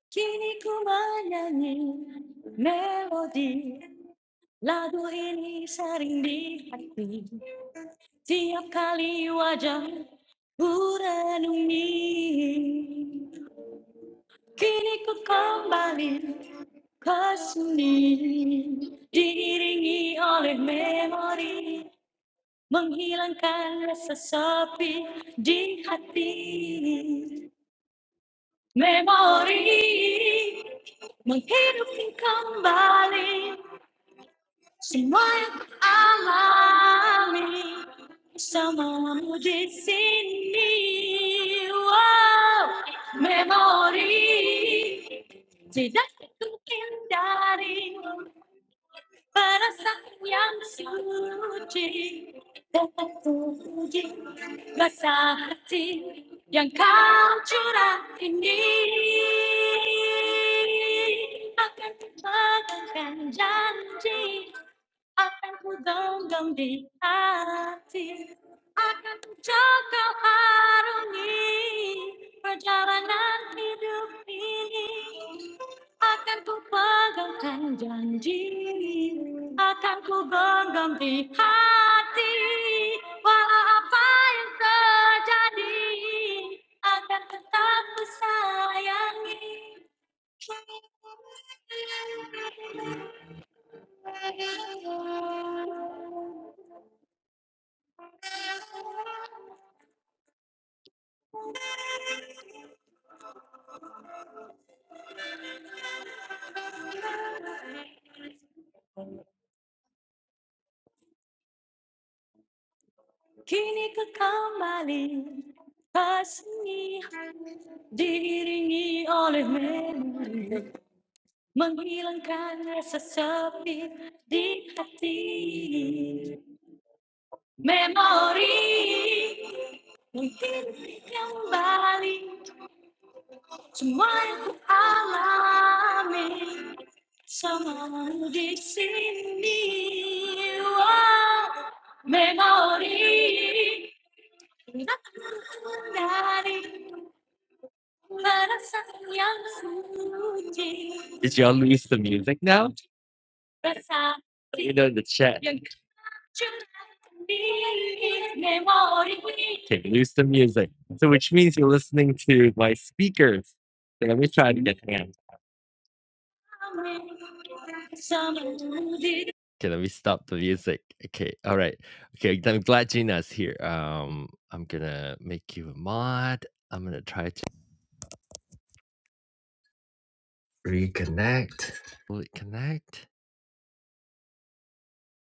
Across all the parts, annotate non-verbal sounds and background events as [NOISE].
時にkumanya ni melodi Lagu ini sering di hati Tiap kali wajah ku renungi Kini ku kembali ke sini Diiringi oleh memori Menghilangkan rasa sepi di hati Memory, menghidup kembali semua yang ku alami bersamamu di sini. Wow, memory, tidak ku hindari para sayang suci terpuji rasa hati yang kau curah ini akan mengangkat janji akan ku genggam di hati Akan kau arungi perjalanan hidup ini. Akan ku pegangkan janji, akan ku genggam di hati. Walau apa yang terjadi, akan tetap ku sayangi. Kini ku kembali Kasih diiringi oleh melodi. Menghilang karena sesepi di hati Memori Mungkin kembali Semua yang ku alami Samamu di sini Wow, Memori Tak menghindari Perasaan yang suci Did y'all lose the music now? You know the chat. Okay, lose the music. So which means you're listening to my speakers. So let me try it again. Hang Okay, let me stop the music. Okay, all right. Okay, I'm glad Gina's here. Um, I'm gonna make you a mod. I'm gonna try to reconnect. Will it connect?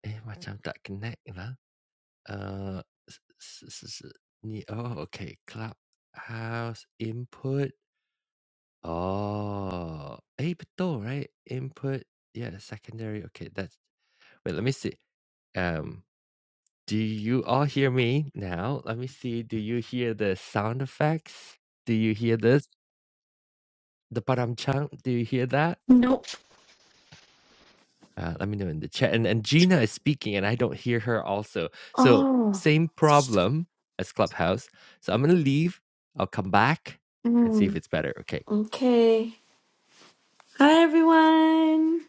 Eh, macam tak connect lah. Uh, s s s s 你哦，okay, Clubhouse input. Oh, input, right? Input. Yeah, secondary. Okay, that's. Wait, let me see. Um, do you all hear me now? Let me see. Do you hear the sound effects? Do you hear this? The param chang? Do you hear that? Nope. Uh, let me know in the chat. And and Gina is speaking, and I don't hear her also. So Oh. same problem as Clubhouse. So I'm gonna leave. I'll come back and see if Mm. it's better. Okay. Okay. Hi everyone.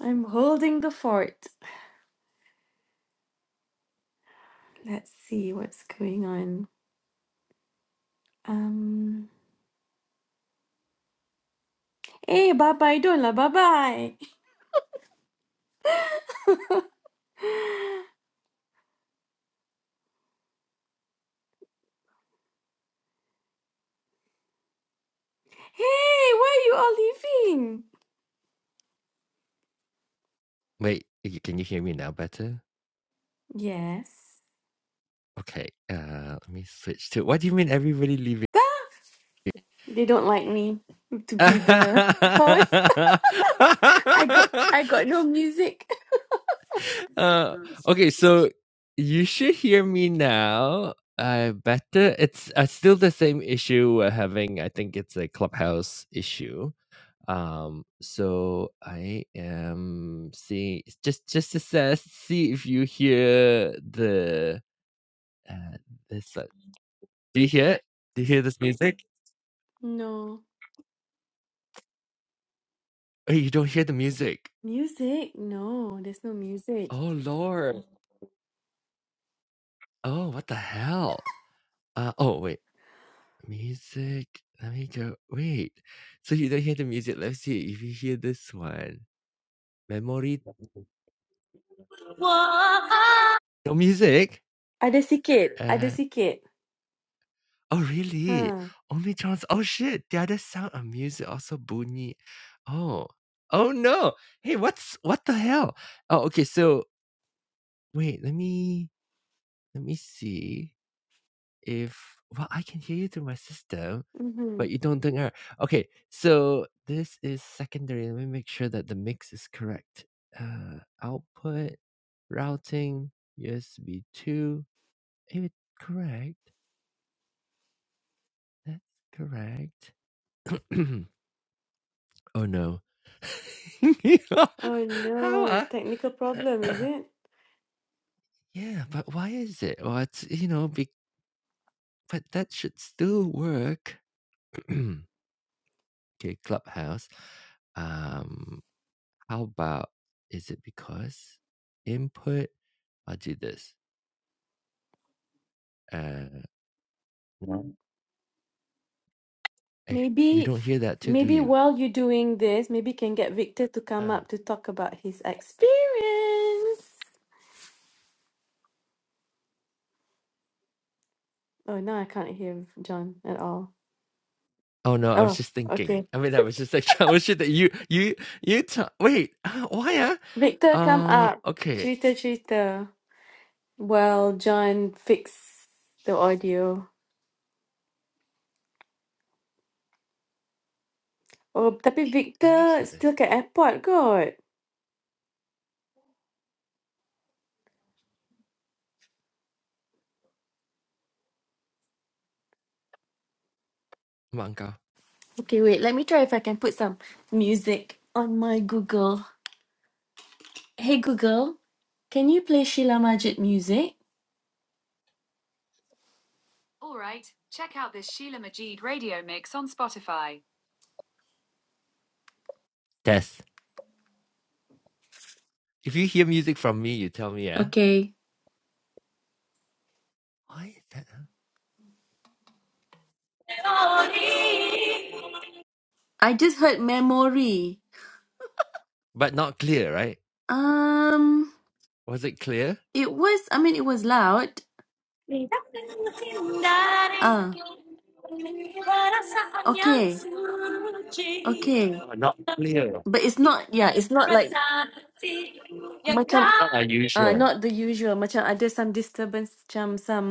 I'm holding the fort. Let's see what's going on. Um. Hey, bye bye, don't Dola. Bye bye. [LAUGHS] hey, why are you all leaving? Wait. y- Can you hear me now? Better. Yes. Okay. Uh, let me switch to. What do you mean everybody leaving? They don't like me to [LAUGHS] be the host. uh, [LAUGHS] I got. I got no music. okay. So you should hear me now. Uh, better. It's uh, still the same issue we're having. I think it's a Clubhouse issue um so i am seeing just just to say, see if you hear the uh, this uh, do you hear it do you hear this music No oh you don't hear the music music. No, there's no music. oh lord oh what the hell uh oh wait music let me go wait so you don't hear the music let's see if you hear this one memory no music Ada sikit. Ada uh sikit. Oh, really? Huh. Omid John's oh, shit, the other sound of music also bunyi. Oh. Oh, no. Hey, what's what the hell? Oh, okay, so wait, let me let me see if well, I can hear you through my system, mm-hmm. but you don't dengar. Okay, so this is secondary. Let me make sure that the mix is correct. Uh, output, routing, USB 2. Is it correct? That's correct. [CLEARS THROAT] oh, no. Oh [LAUGHS] How? no, Uh, technical problem, [CLEARS THROAT] is it? yeah, but why is it? Or it's you know, be, but that should still work. [CLEARS THROAT] okay, Clubhouse. Um, how about is it because input? I'll do this. Uh, hey, you Maybe, don't hear that too, do maybe you? while you're doing this, maybe can get Victor to come Uh. up to talk about his experience. Oh, no, I can't hear John at all. Oh no, I was Oh, just thinking. okay. I mean, I was just like [LAUGHS] trying to shit that you, you, you. T- wait, [GASPS] uh, why? Uh, Victor, come uh, up. okay, Cerita cerita. Well, John fix the audio. Oh, tapi Victor still kat interesting. airport kot. Come on, go. Okay, wait. Let me try if I can put some music on my Google. Hey Google. Can you play Sheila Majid music? Test. If you hear music from me, you tell me, yeah. Okay. Why is that? huh? I just heard memory. But not clear, right? Um Was it clear? it was I mean it was loud. Oh, Ah, okay. Okay. not clear. But it's not yeah, it's not like macam Not uh unusual. not the usual macam ada some disturbance macam some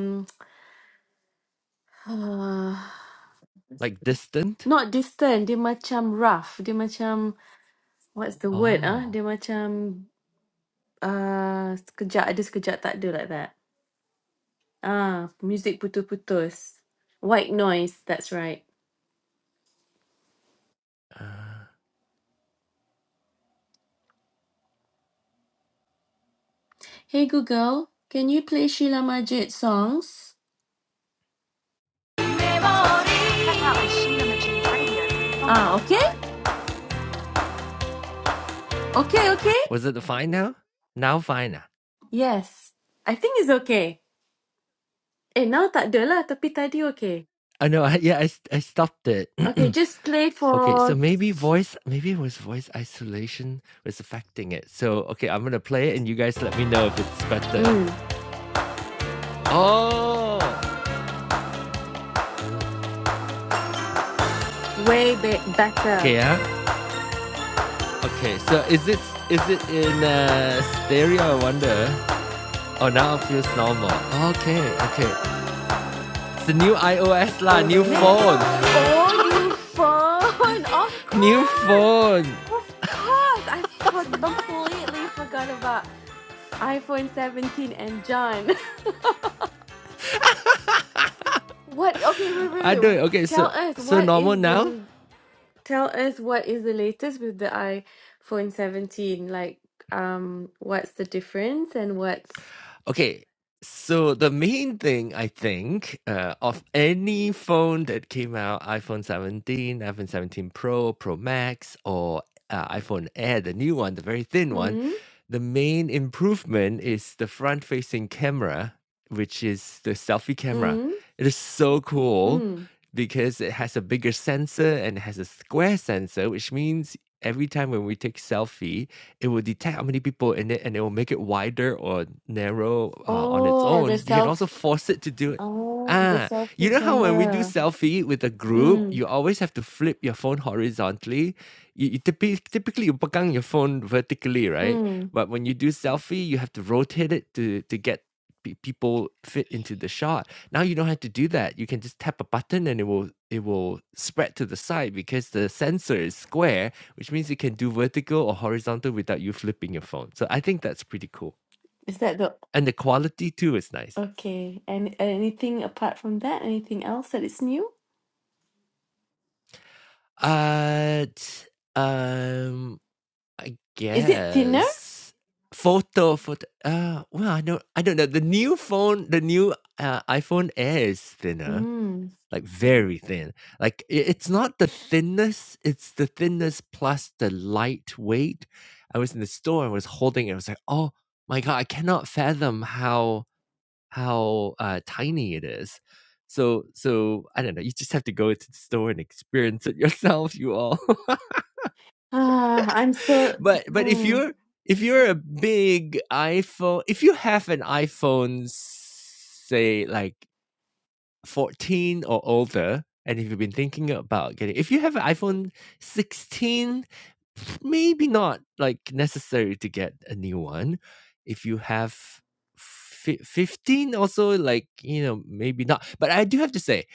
[SIGHS] uh, Like distant? not distant dia macam rough dia macam what's the word ah Oh. dia macam uh, sekejap ada sekejap tak ada like that ah music putus-putus white noise that's right Uh, Hey Google, can you play Sheila Majid songs? Okay, okay, okay. was it fine now? Now fine. ah. Yes. I think it's okay. Eh, now tak ada lah. Tapi tadi okay. I know. I, yeah, I s- I stopped it. Okay, [CLEARS THROAT] just play okay, so for maybe voice, maybe it was voice isolation was affecting it. So okay, I'm gonna play it, and you guys let me know if it's better. mm, Oh, way be- better. okay, yeah. Okay, so is it is it in uh, stereo? I wonder. Oh, now it feels normal. Okay, okay. It's the new iOS lah, new phone, Oh, new phone. [LAUGHS] Of new course. phone. Of course. I for- completely forgot about f- iPhone 17 and John. [LAUGHS] What? Okay, wait, I wait, do. it. wait. Okay, so Tell us, so what normal is now. the Tell us what is the latest with the iPhone 17? Like, um, what's the difference and what's Okay. So the main thing I think uh, of any phone that came out, iPhone 17, iPhone 17 Pro, Pro Max, or uh, iPhone Air, the new one, the very thin one, hmm the main improvement is the front-facing camera, which is the selfie camera. hmm It is so cool hmm. because it has a bigger sensor and it has a square sensor, which means every time when we take selfie, it will detect how many people in it and it will make it wider or narrow uh, on its Oh, the own. You can self also force it to do it. oh the Ah, you selfie know how when we do camera. selfie with a group, Mm, you always have to flip your phone horizontally. You, you typically, typically you pegang your phone vertically, right? mm. But when you do selfie, you have to rotate it to to get pe- people fit into the shot. Now you don't have to do that. You can just tap a button and it will it will spread to the side because the sensor is square which means you can do vertical or horizontal without you flipping your phone. So I think that's pretty cool. Is that the And the quality too is nice. okay? And anything apart from that? Anything else that is new? Uh, um, I Is it thinner? guess photo photo. Uh, well, I don't, I don't know. The new phone, the new uh, iPhone Air is thinner, Mm. like very thin. Like i- it's not the thinness, it's the thinness plus the lightweight. I was in the store, I was holding it, I was like, oh my god, I cannot fathom how how uh, tiny it is. So so I don't know. You just have to go to the store and experience it [LAUGHS] yourself, you all. Ah, I'm so [LAUGHS] but but if mm, you're if you're a big iPhone, if you have an iPhone, say like 14 or older, and if you've been thinking about getting, if you have an iPhone 16 Maybe not like necessary to get a new one. If you have fi 15 also like, you know, maybe not. But I do have to say,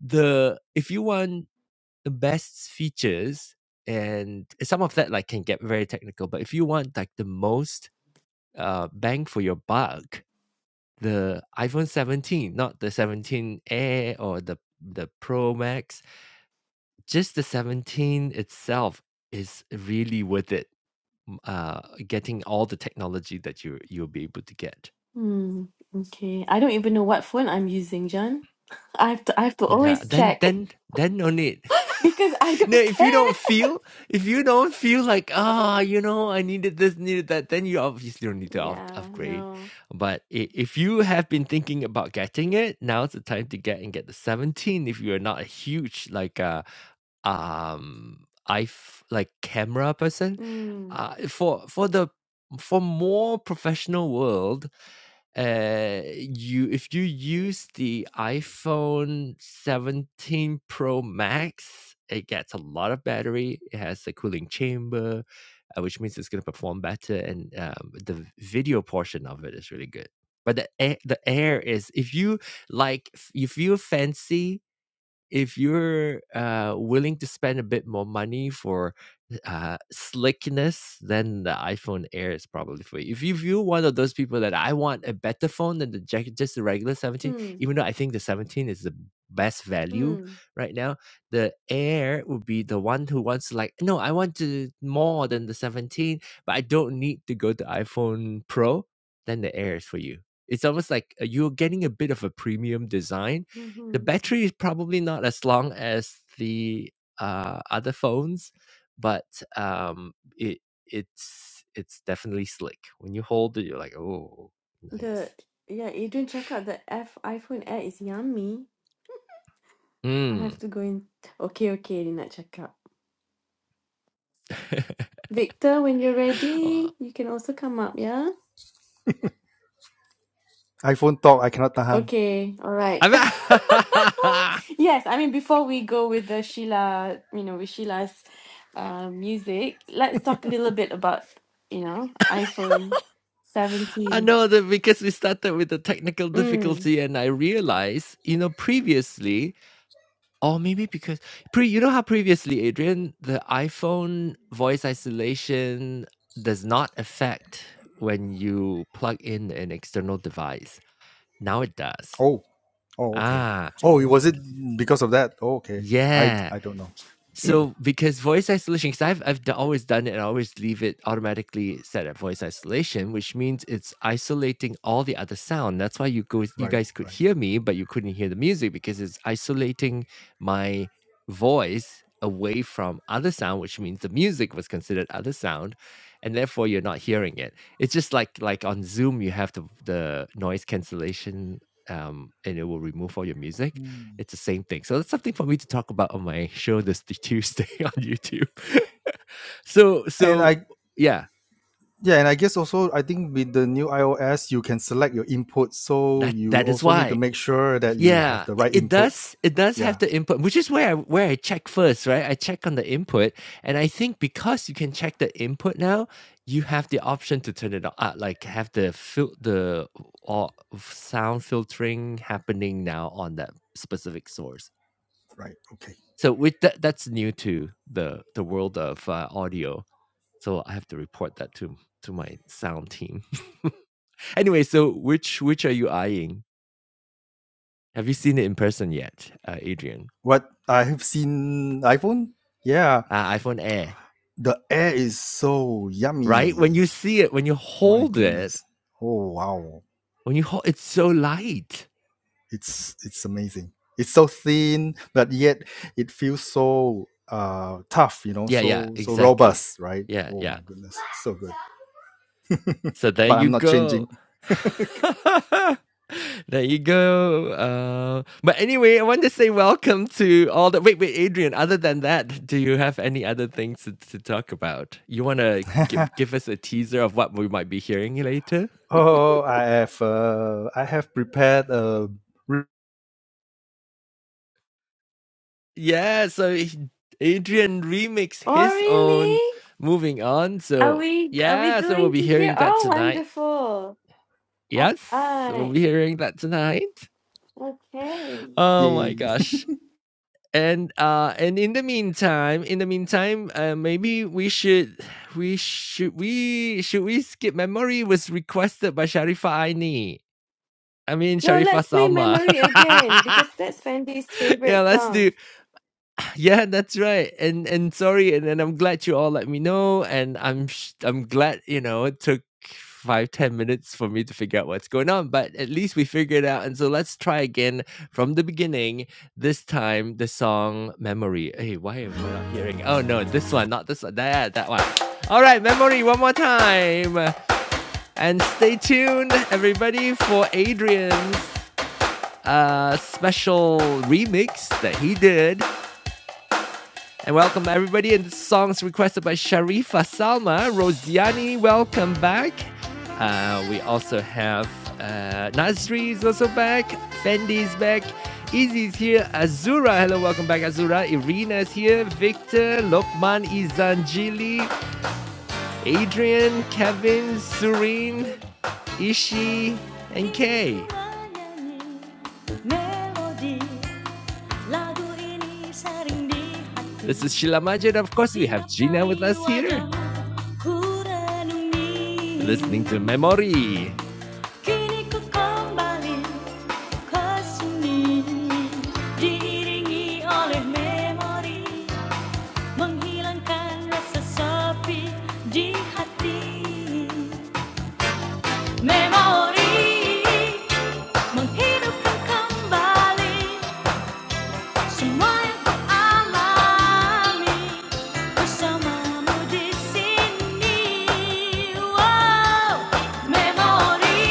the if you want the best features and some of that like can get very technical, but if you want like the most uh bang for your buck, the iPhone 17, not the 17 Air or the the Pro Max, just the 17 itself is really worth it m- uh, getting all the technology that you you'll be able to get. mm. Okay. I don't even know what phone I'm using, John. [LAUGHS] I have to I have to Yeah, always then check. then then no need. [LAUGHS] [LAUGHS] because I No, don't if you care. don't feel if you don't feel like ah, you know, I needed this, needed that, then you obviously don't need to up- Yeah, upgrade. no. But i- if you have been thinking about getting it, now's the time to get and get the seventeen. If you are not a huge like uh um I f- like camera person, Mm, uh for for the for more professional world uh you if you use the iphone 17 pro max it gets a lot of battery it has a cooling chamber uh, which means it's going to perform better and um, the video portion of it is really good but the air, the air is if you like if you fancy if you're uh, willing to spend a bit more money for uh, slickness, then the iPhone Air is probably for you. If you- if you're one of those people that I want a better phone than the jack, just the regular 17, mm, even though I think the 17 is the best value mm, right now, the Air would be the one who wants to like, no, I want to more than the 17, but I don't need to go to iPhone Pro. Then the Air is for you. It's almost like uh, you're getting a bit of a premium design the hmm battery is probably not as long as the, uh, other phones, but, um, it it's it's definitely slick. When you hold it, you're like, "Oh, The nice." yeah, Adrian, check out the F iPhone Air is yummy. I Mm. have to go in. Okay, okay, Rina, check out. [LAUGHS] Victor, when you're Uh, ready, you can also come up, yeah? iPhone talk I cannot tahan Okay, all right. I mean [LAUGHS] Yes, I mean before we go with the Sheila, you know, with Sheila's uh, music, let's talk a little bit about, you know, iPhone [LAUGHS] I 17. know that because we started with the technical Mm. difficulty and I realized, you know, previously Or maybe because pre you know how previously, Adrian, the iPhone voice isolation does not affect when you plug in an external device. Now it does. oh oh okay Ah, oh it was it because of that oh, okay I yeah. I don't know So, because voice isolation, because i 'cause I've I've d always done it, and I always leave it automatically set at voice isolation, which means it's isolating all the other sound. That's why you go, you right guys could right hear me, but you couldn't hear the music because it's isolating my voice away from other sound, which means the music was considered other sound, and therefore you're not hearing it. It's just like like on Zoom, you have the the noise cancellation, um, and it will remove all your music. Mm. It's the same thing. So that's something for me to talk about on my show this t- Tuesday [LAUGHS] on YouTube. [LAUGHS] so and I so yeah, Yeah, and I guess also I think with the new iOS you can select your input, so that you that is also need to why. make sure that you have Yeah, the i- right it does inputs. it does have Yeah, the input, which is where I where I check first, right? I check on the input, and I think because you can check the input now, you have the option to turn it on, uh, like have the fil- the or sound filtering happening now on that specific source. right. Okay. So with that, that's new to the the world of uh, audio. So I have to report that to to my sound team. [LAUGHS] anyway, so which which are you eyeing? Have you seen it in person yet, uh, Adrian? What I have seen iPhone, yeah, Uh, iPhone Air, the air is so yummy. right? When you see it, when you My hold it, goodness. Oh wow. when you hold, it's so light. It's it's amazing. It's so thin, but yet it feels so uh tough, you know, Yeah, yeah, so so exactly. robust, right? Yeah, Oh yeah. my goodness. So good. So there But you I'm not go. changing. [LAUGHS] there you go. Uh, but anyway, I want to say welcome to all the. Wait, wait, Adrian. Other than that, do you have any other things to, to talk about? You want to [LAUGHS] give give us a teaser of what we might be hearing later? Oh, I have uh, I have prepared a Yeah. So he- Adrian remixed Oh, his own. really? Moving on. Are So we are we yeah. So we'll going be to hear? hearing that Oh, tonight. wonderful. All Yes, we'll right. be hearing that tonight. Okay. Oh my yay. gosh. and uh and in the meantime in the meantime uh, maybe we should we should we should we skip memory was requested by sharifa aini i mean No, sharifa let's play salma Memory [LAUGHS] again because that's Fendi's favorite yeah let's do song. yeah, that's right. And and sorry, and, and I'm glad you all let me know. And I'm sh- I'm glad you know it took five ten minutes for me to figure out what's going on, but at least we figured it out. And so let's try again from the beginning. This time, the song "Memory." Hey, why am I not hearing? Oh no, this one, not this one. That that one. All right, "Memory" one more time, and stay tuned, everybody, for Adrian's uh special remix that he did and welcome everybody. And this song's requested by Sharifa Salma. Rosiani, welcome back. Uh, we also have uh, Nasri is also back. Fendi's back. Izzy's here. Azura, hello, welcome back, Azura. Irina's here. Victor, Lokman, Izanjili, Adrian, Kevin, Surin, Ishi, and Kay. Melody. This is Sheila Majid. Of course, we have Gina with us here. Listening to Memory. Kini Menghidupkan kembali Semua yang alami bersamamu di sini. Wow, memori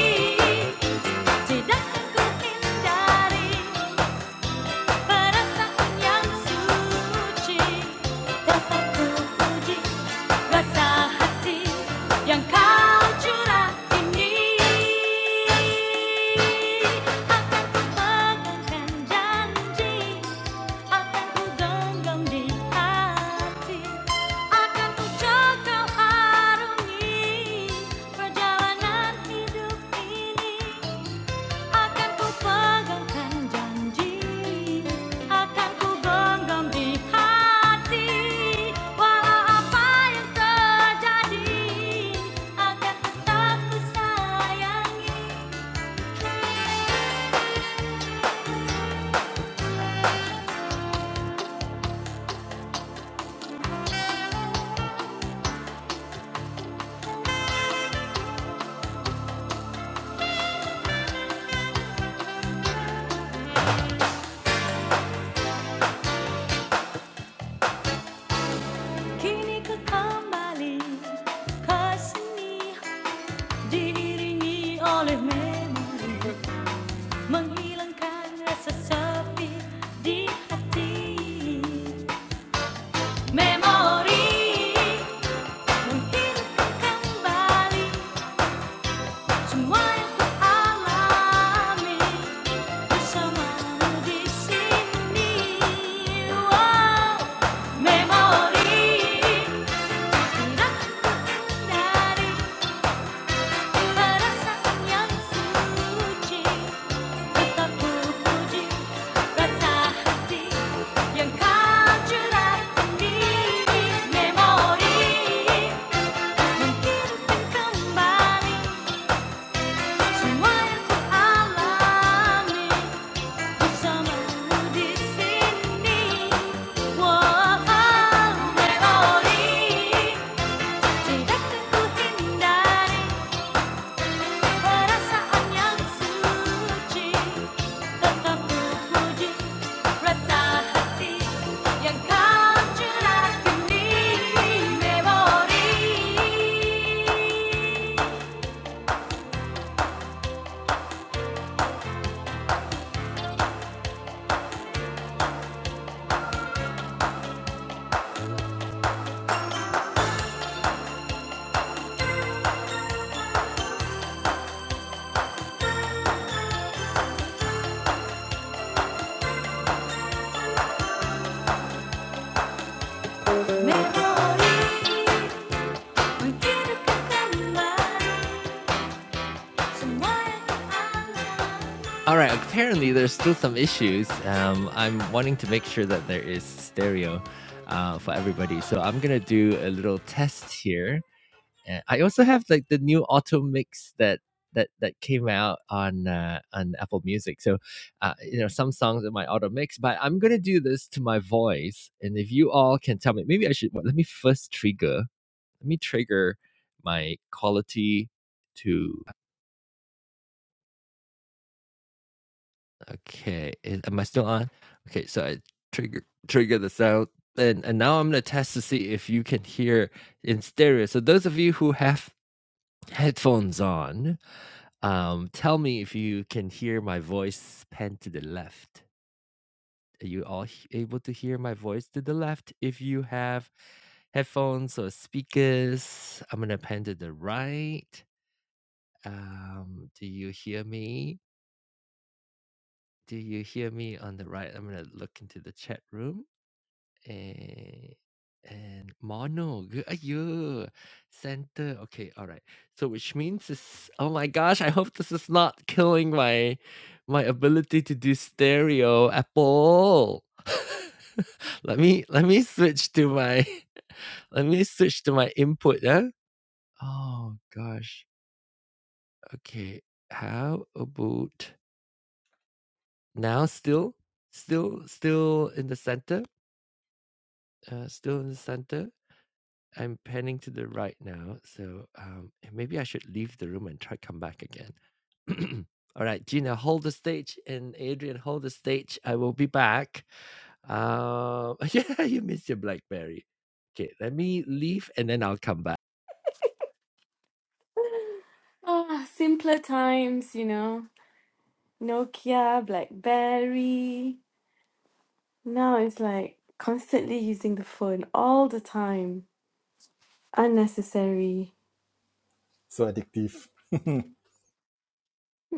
tidak akan ku Perasaan yang suci tetap ku puji. Rasa hati yang kau curah ini. Bagaikan janji akan ku genggam di hati, akan ku coba harungi perjalanan hidup ini. Akan ku pegangkan janji Akan ku genggam di hati Walau apa yang terjadi Akan tetap ku sayangi Kini ku kembali ke sini diiringi oleh memori menghilangkan rasa sepi di hati memori menghidupkan kembali semua yang ku alami bersamamu di sini wow memori tidak ku hindari Para sa kanyang suci Tetap Rasa hati Yang kau curah di memori Mungkin kembali Semua yang alami Bersamamu di sini Wow, memori Tidak ku hindari All right. Apparently, there's still some issues. Um, I'm wanting to make sure that there is stereo uh, for everybody. So I'm gonna do a little test here. And I also have like the new auto mix that that that came out on uh, on Apple Music. So uh, you know some songs in my auto mix, but I'm gonna do this to my voice. And if you all can tell me, maybe I should. Well, let me first trigger. Let me trigger my quality to. Okay, is, am I still on? Okay, so I trigger trigger the sound. And, and now I'm gonna test to see if you can hear in stereo. So those of you who have headphones on, um, tell me if you can hear my voice pan to the left. Are you all h- able to hear my voice to the left? If you have headphones or speakers, I'm gonna pan to the right. Um, do you hear me? Do you hear me on the right? I'm gonna look into the chat room. eh, and mono. Good. Ayo. Center. Okay. All right. So which means is oh my gosh, I hope this is not killing my my ability to do stereo Apple. [LAUGHS] let me let me switch to my [LAUGHS] let me switch to my input, huh? Oh gosh. Okay. How about now still? Still still in the center? Uh still in the center. I'm panning to the right now, so um, and maybe I should leave the room and try come back again. [CLEARS THROAT] All right, Gina, hold the stage, and Adrian, hold the stage. I will be back. Uh, [LAUGHS] yeah, you missed your BlackBerry. Okay, let me leave, and then I'll come back. Ah, simpler times, you know. Nokia, BlackBerry. Now it's like constantly using the phone all the time. Unnecessary. [LAUGHS] so addictive. [LAUGHS]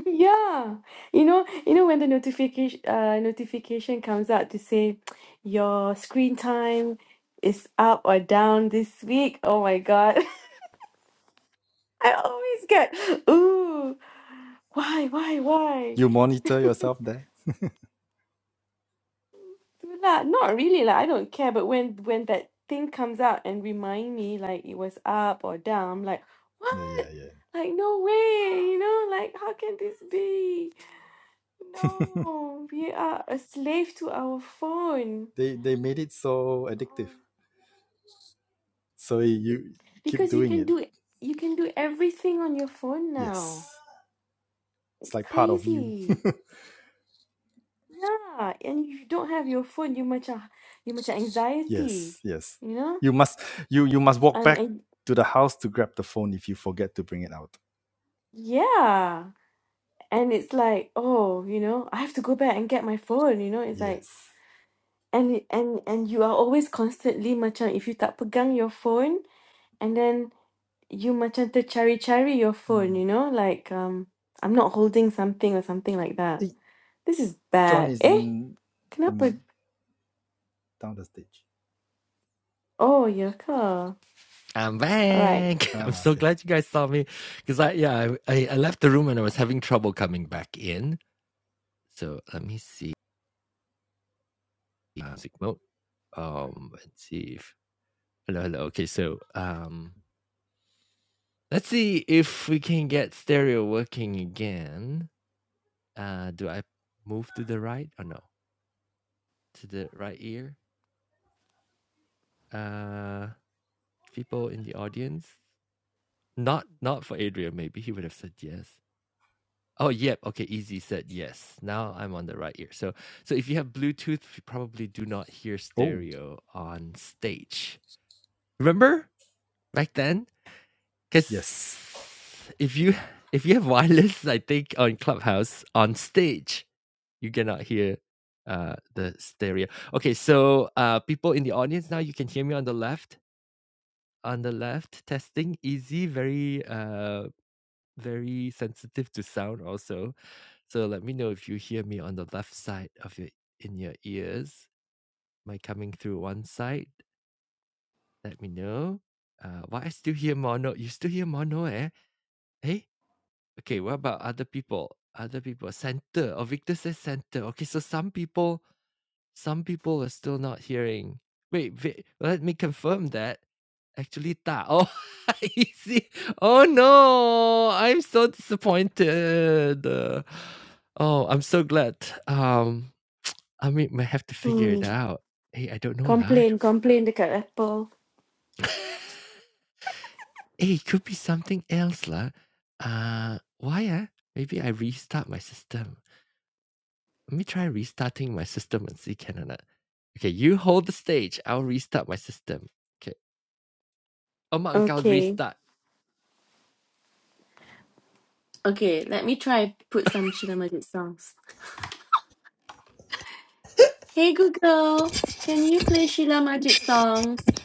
Yeah, you know, you know when the notification uh, notification comes out to say your screen time is up or down this week. Oh my God, [LAUGHS] I always get ooh, why, why, why? you monitor yourself there. Not, not really. Like I don't care. But when when that thing comes out and remind me like it was up or down, I'm like Yeah, what? yeah, yeah. Like no way, you know? Like how can this be? No, we are a slave to our phone. They they made it so addictive. Oh, So you keep Because you doing can it. do you can do everything on your phone Yes, now. it's It's like part of you. crazy. Yeah, and if you don't have your phone, you much you much anxiety, Yes, yes. you know? You must you you must walk Um, back and to the house to grab the phone if you forget to bring it out. yeah, and it's like, oh, you know, I have to go back and get my phone, you know? It's like Yes. and and and you are always constantly macam if you tak pegang your phone and then you macam tercari-cari your phone, Mm. you know? Like um I'm not holding something or something like that. Eh, This is John bad. is Eh? in Can the I put? down the stage. Oh, your car. I'm All right. back. [LAUGHS] I'm Ah, so okay. glad you guys saw me, because I yeah I, I I left the room and I was having trouble coming back in. So let me see uh, music mode. Um, let's see if hello hello. Okay, so um. Let's see if we can get stereo working again. Uh, do I move to the right or no? To the right ear? Uh, people in the audience? Not not for Adrian, maybe he would have said yes. Oh, yep. Okay, Easy said yes. Now I'm on the right ear. So so if you have Bluetooth, you probably do not hear Oh, stereo on stage. Remember back then? Because yes. if you if you have wireless, I think on Clubhouse on stage you cannot hear uh the stereo. Okay, so uh people in the audience now you can hear me on the left. On the left, testing easy, very uh very sensitive to sound also. So let me know if you hear me on the left side of your in your ears. Am I coming through one side? Let me know. Uh why I still hear mono. You still hear mono, eh? Hey? Okay, what about other people? Other people. Center. Oh Victor says center. Okay, so some people some people are still not hearing. Wait, wait, let me confirm that. Actually, ta. Oh, [LAUGHS] easy. Oh no, I'm so disappointed. Uh, Oh, I'm so glad. Um, I mean, might have to figure Hmm. it out. Hey, I don't know lah. Complain, complain dekat Apple. [LAUGHS] hey, it could be something else lah. Uh, why ah? Maybe I restart my system. Let me try restarting my system and see can or not. Okay, you hold the stage. I'll restart my system. Okay. Among Boundary Okay. Start. Okay, let me try put some Sheila Majid songs. Hey Google, can you play Sheila Majid songs?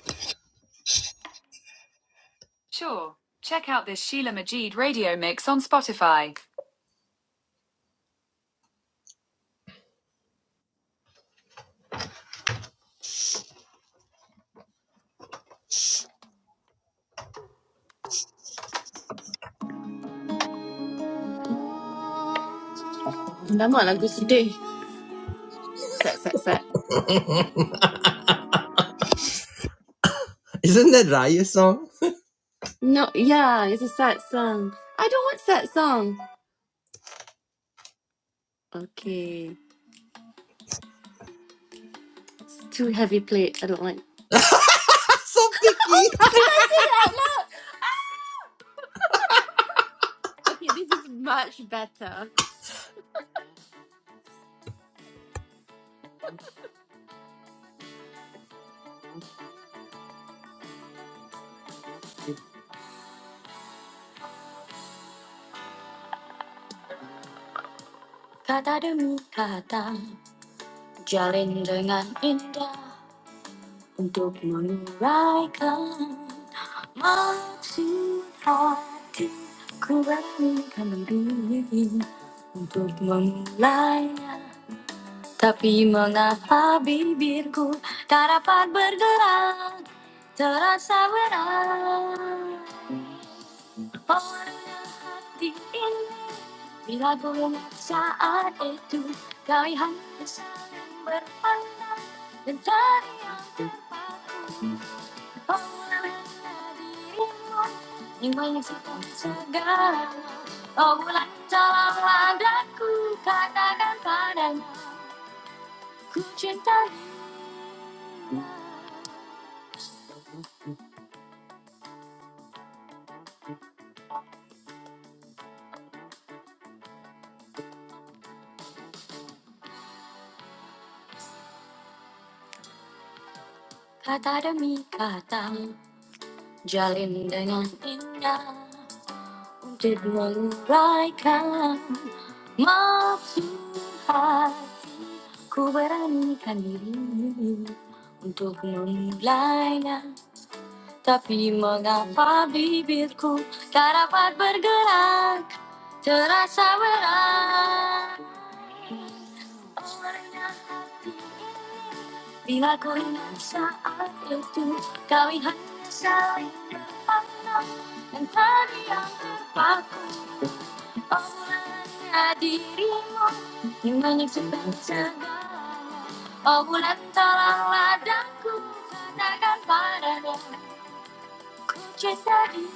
Lama lagu sedih. Sad, sad, sad. Isn't that Raya's song? No, yeah, it's a sad song. I don't want sad song. Okay, it's too heavy plate. I don't like. [LAUGHS] [LAUGHS] so picky. Oh, did I say it out loud? Ah! Okay, this is much better. Kata demi kata Jalin dengan indah Meraih Menggantikan diri Untuk memulainya Tapi mengapa bibirku Tak dapat bergerak Terasa berat Orangnya hati ini Bila ku saat itu Kau yang sering berpandang Dan cari yang terpaku dirimu Menciptakan segala Oh bulan dalam ladaku Katakan padanya Ku cinta dia Kata demi kata Jalin dengan indah Untuk menguraikan Maksud hati Ku beranikan diri Untuk memulainya Tapi mengapa bibirku tak dapat bergerak Terasa berat Bila ku ingat saat itu Kami hanya saling berpandang Dan tadi yang terpaku Oh bulannya dirimu Yang menyebutkan segalanya Oh bulan tolong ladaku Katakan padanya Ku cinta dia.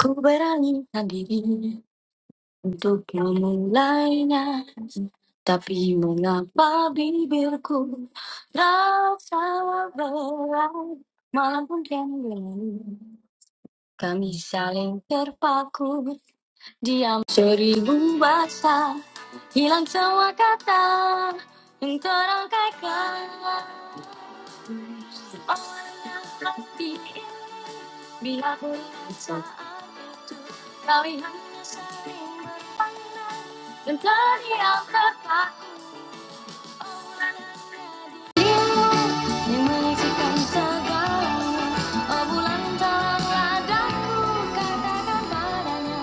Ku berani sendiri untuk memulainya Tapi mengapa bibirku terasa berat Malam pun kembali kami saling terpaku Diam seribu bahasa hilang semua kata Yang terangkai kelam Biarpun saat itu kau hanya sering berpandang dan terngiang terpaku oleh dirimu yang menyaksikan segalanya. Oh bulan dalam ladaku katakan padanya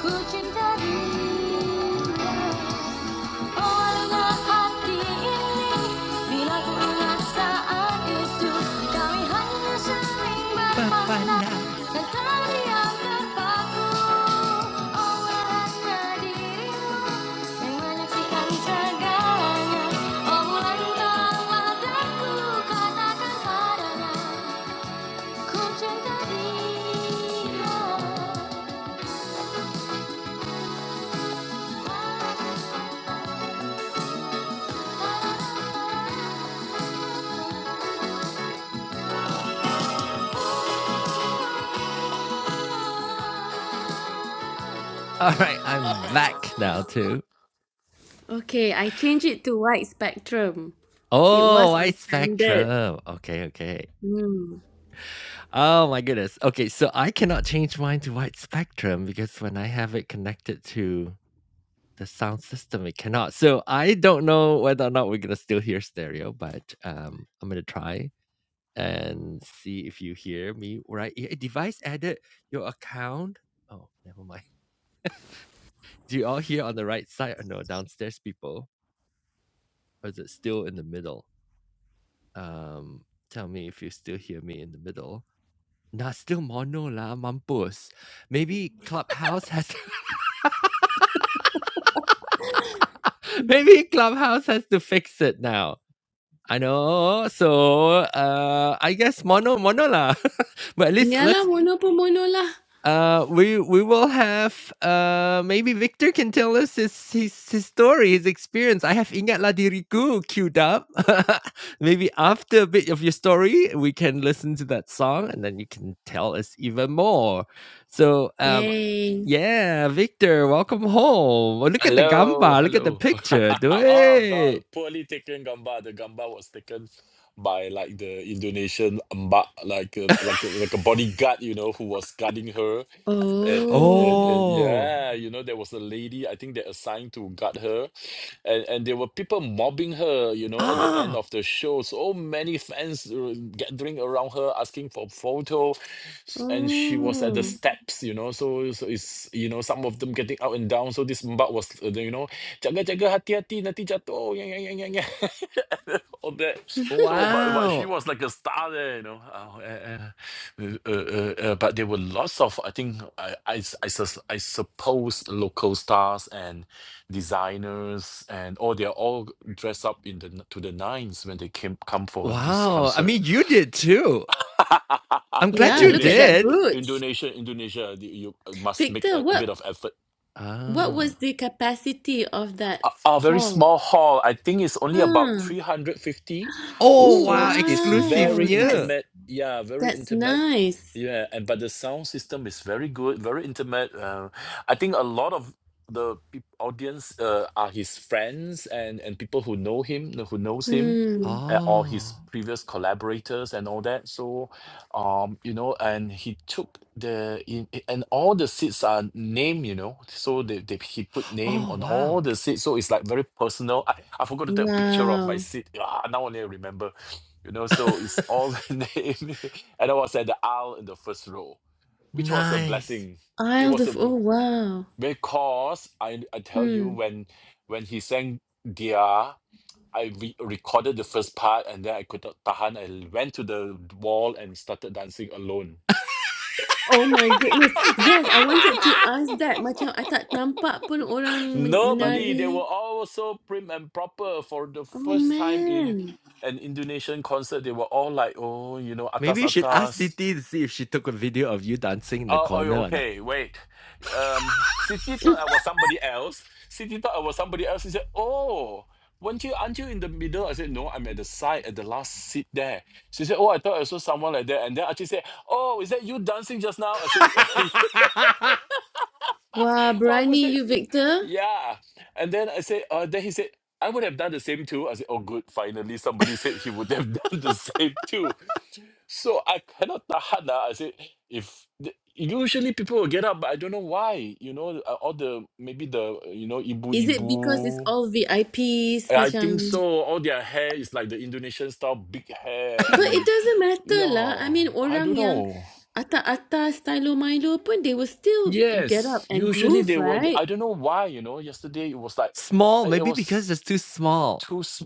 ku cinta dia. [LAUGHS] ba Oh Oh right, I'm back now too. Okay, I changed it to wide spectrum. It Oh, was on white standard. spectrum. Okay, okay. Hmm. Oh my goodness. Okay, so I cannot change mine to white spectrum because when I have it connected to the sound system, it cannot. So I don't know whether or not we're gonna still hear stereo, but um, I'm gonna try and see if you hear me right. Eh, Device added your account. Oh, never mind. Do you all hear on the right side or no downstairs people? Or is it still in the middle? Um, tell me if you still hear me in the middle. Nah, still mono lah, mampus. Maybe Clubhouse has [LAUGHS] maybe Clubhouse has to fix it now. I know. So uh I guess mono mono lah. [LAUGHS] but at least Nga let's lang, uno po lah. Uh, we we will have, uh, maybe Victor can tell us his his his story, his experience. I have Ingatlah Diriku queued up. [LAUGHS] Maybe after a bit of your story, we can listen to that song, and then you can tell us even more. So, um, Yay. yeah, Victor, welcome home. Oh, look at the Hello, gamba. Look at the hello. picture. [LAUGHS] Do oh it. god, poorly taken gamba. The gamba was taken by like the Indonesian mba- like a, [LAUGHS] like a, like a bodyguard, you know, who was guarding her. And, and, Oh. and, and oh, yeah, you know, there was a lady I think they assigned to guard her, and and there were people mobbing her, you know, at the end ah, of the show. So many fans uh, gathering around her asking for photo, s- and she was at the Oh. steps, you know. So, so it's you know some of the them getting up and down. So this mbak was, uh, you know, jaga-jaga hati-hati nanti jatuh. Oh, Yeah, yeah, yeah, yeah. yeah." [LAUGHS] All that. So, but, but she wow, was like a star there, you know. Uh, uh, uh, uh, uh, uh, uh, but there were lots of, I think, I, I, s- I, sus- I suppose local stars and designers and oh, they're all dressed up in the n- to the nines when they came come for this wow. I concert. mean, you did too. I'm [LAUGHS] glad Yeah, you look at Indonesian. that did. brooch. Indonesian, Indonesia, the- you uh, must make Victor, a, a bit what of effort what Ah. was the capacity of that a, a very hall? small hall. I think it's only about Huh. 350. Oh, Oh, wow, So it's very wow. exclusivnya. That's intimate. Yeah, very that's intimate. nice. Yeah, and but the sound system is very good, very intimate. Uh, I think a lot of the peop audience uh, are his friends and and people who know him, who knows him, Hmm. uh, or his Oh. previous collaborators and all that. So um you know and he took the in, i- and all the seats are name you know so they, they he put name Oh, on all wow. the seats so it's like very personal i, I forgot to take a picture of my Wow. seat ah, now only I remember [SNIFFS] you know so [LAUGHS] it's all [LAUGHS] name and i was at the aisle in the first row which was a Nice. blessing it Isle was a of bl- Oh, wow. because i i tell you Hmm. when when he sang dia I re- recorded the first part and then I could not tahan. I went to the wall and started dancing alone Oh my goodness. Yes, I wanted to ask that. Macam I tak nampak pun orang men- Nobody. They were menari. all so prim and proper for the Oh first time in man. an Indonesian concert. They were all like, oh, you know, Maybe atas you should ask atas. Siti to see if she took a video of you dancing in the Oh, oh, yeah, corner or not. okay, wait. Um, Siti thought I was somebody else. Siti thought I was somebody else. He said, oh, weren't you, aren't you in the middle? I said, no, I'm at the side, at the last seat there. She said, oh, I thought I saw someone like that. And then Archie said, oh, is that you dancing just now? I said, [LAUGHS] [LAUGHS] Wah, [LAUGHS] what was berani that? you, Victor. Yeah. And then I said, uh, then he said, I would have done the same too. I said, oh, good. Finally, somebody said he would have [LAUGHS] done the same too. So I cannot tahan. ah. I said, if the, usually people will get up, but I don't know why. You know, uh, all the maybe the uh, you know ibu Is it because it's ibu. all VIPs I I think macam? so. All their hair is like the Indonesian style, big hair, But it and doesn't matter lah. I yeah, mean, I orang don't yang know. atas-atas stylo Milo pun, they will still get up Yes, and usually groove, they were. right? I don't know why, you know. Yesterday it was like small, I- it maybe because was it's too small. too. s-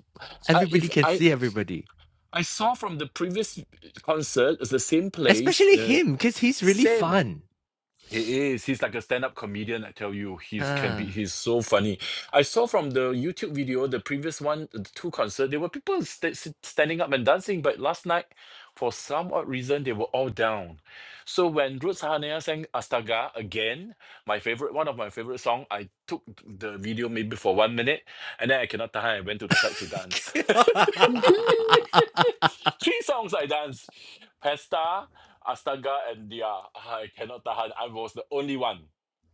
I if Everybody can I see everybody. I saw from the previous concert, it's the same place, Especially uh, him, because he's really same. fun. He is. He's like a stand-up comedian. I tell you, he's can Huh. be. He's so funny. I saw from the YouTube video, the previous one, the two concert, there were people sta- sit- standing up and dancing. But last night, for some odd reason, they were all down. So when Ruth Sahanaya sang Astaga again, my favorite, one of my favorite song, I took the video maybe for one minute, and then I cannot tahan. I went to the side to dance. [LAUGHS] [LAUGHS] [LAUGHS] Three songs I danced. Pesta. Astaga and Dia. Ah, I cannot tahan. I was the only one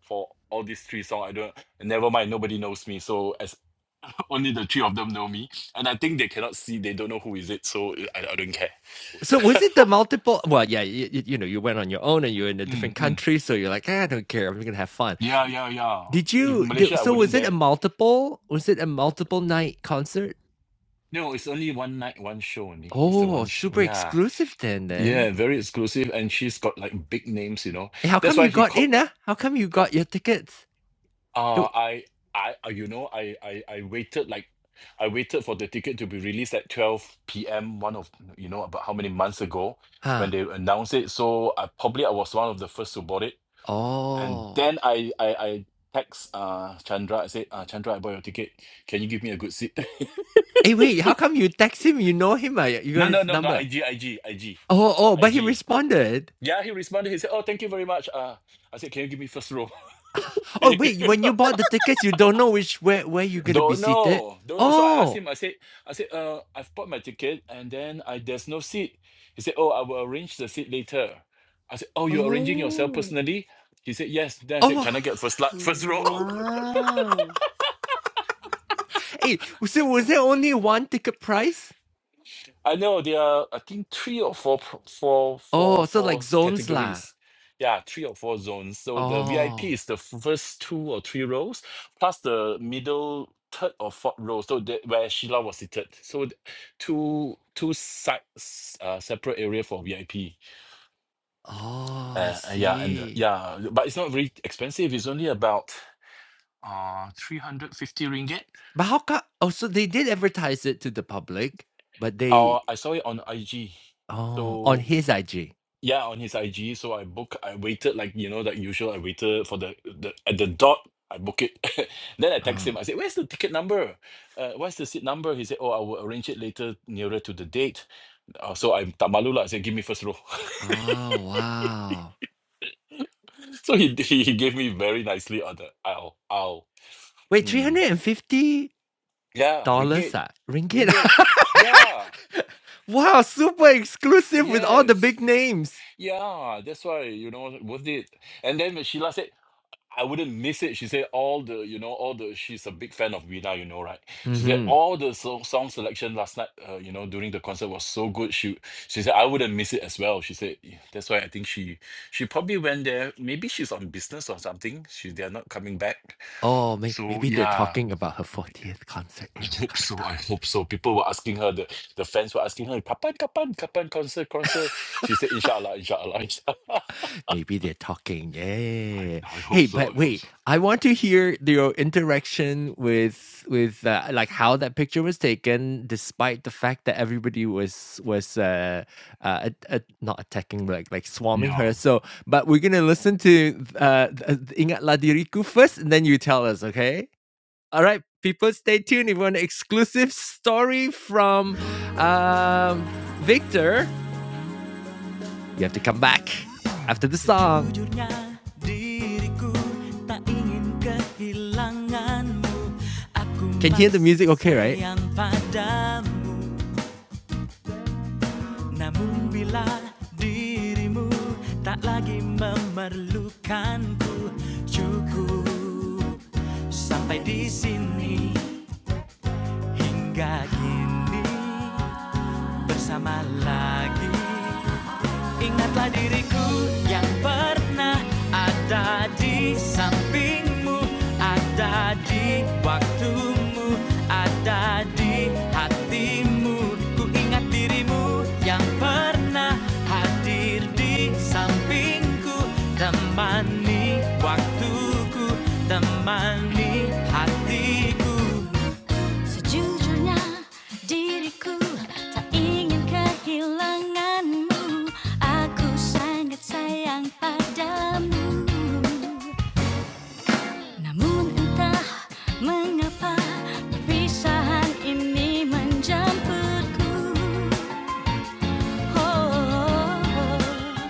for all these three songs. I don't never mind, nobody knows me. So as [LAUGHS] only the three of them know me. And I think they cannot see, they don't know who is it, so I, I don't care. so was it the multiple well yeah you, you know you went on your own and you're in a different Mm, mm. country so you're like "Ah, i don't care i'm gonna have fun Yeah, yeah, yeah. Did If you do Malaysia I so was wouldn't it a dare. multiple was it a multiple night concert? No, it's only one night, one show only. It's the Oh, one show. super Yeah. exclusive then then. Yeah, very exclusive. And she's got like big names, you know. Eh, how That's come why you he got called. in, ah? How come you got your tickets? It Uh, w I, I, uh, you know, I, I, I waited like, I waited for the ticket to be released at 12 p.m. One of, you know, about how many months ago huh. when they announced it. So I probably I was one of the first to board it. And Oh. then I, I, I text uh Chandra. I said, uh, Chandra, I bought your ticket. Can you give me a good seat? Hey, wait, how come you text him? You know him, ah? You you [LAUGHS] got no, no, his no, no. number. IG, IG, IG, Oh, oh, but he IG. responded. Yeah, he responded. He said, "Oh, thank you very much." Uh, I said, "Can you give me first row? [LAUGHS] Can Oh, you?" wait, when you bought the tickets, you don't know which where where you're gonna be Don't seated? know, don't know. So I asked Oh. him. I said, I said, uh, I've bought my ticket, and then I there's no seat. He said, Oh, I will arrange the seat later. I said, Oh, you're arranging yourself Oh, personally? He said, Yes. Then I said, Oh. Can [LAUGHS] I get first la- [LAUGHS] first row? wow. Hey, so was there only one ticket price? I know there are, I think, three or four, pro- four, four, Oh, so four like zones lah. categories. Yeah, three or four zones. So the VIP Oh. is the first two or three rows, plus the middle third or fourth row. So that where Sheila was seated. So th- two two sides, uh, separate area for VIP. Oh, I Uh, uh, yeah, and uh, see. yeah, but it's not very expensive. It's only about uh 350 ringgit. But how come? Oh, so they did advertise it to the public, but they Uh, I saw it on IG. oh on So. his IG. Yeah, on his IG. So I book. I waited like you know that usual. I waited for the the at the dot. I book it. [LAUGHS] then I text him. Oh, I said, "Where's the ticket number? Uh, what's the seat number?" He said, "Oh, I will arrange it later nearer to the date." Uh, so I'm tak malu lah. I said, "Give me first row." [LAUGHS] oh wow. so he, he he gave me very nicely on the aisle aisle. Wait, three Hmm. hundred and fifty Yeah, dollars ringgit, ah ringgit. ringgit. Yeah. [LAUGHS] wow, super exclusive with all the Yes. big names. Yeah. That's why you know worth it. And then when Sheila said. I wouldn't miss it. She said all the, you know, all the. She's a big fan of Vida, you know, right? She said Mm-hmm. all the so- song selection last night, uh, you know, during the concert was so good. She she said I wouldn't miss it as well. She said "Yeah, that's why I think she she probably went there. Maybe she's on business or something. She they're not coming back. Oh, may- So maybe they're yeah, talking about her fortieth concert I in hope so. Jakarta. I hope so. People were asking her. The the fans were asking her, kapan kapan kapan concert concert. She said inshallah inshallah. [LAUGHS] inshallah. Maybe they're talking. I Yeah. I hope Hey, so. but I hope wait, so. I want to hear your interaction with with uh, like how that picture was taken, despite the fact that everybody was was uh, uh at- at- not attacking, like like swarming her. Yeah. So, but we're gonna listen to uh th- Ingatlah Diriku first, and then you tell us, okay? All right, people, stay tuned. if you want an exclusive story from um Victor you have to come back after the song. Can you hear the music okay, right? sampai di sini hingga kini bersama lagi. Ingatlah diriku yang pernah ada di sampingmu Ada di waktumu, ada di hatimu Ku ingat dirimu yang pernah hadir di sampingku Temani waktuku, temani hatiku Sejujurnya diriku tak ingin kehilanganmu Aku sangat sayang padamu Namun entah mengapa perpisahan ini menjemputku Oh, oh, oh. oh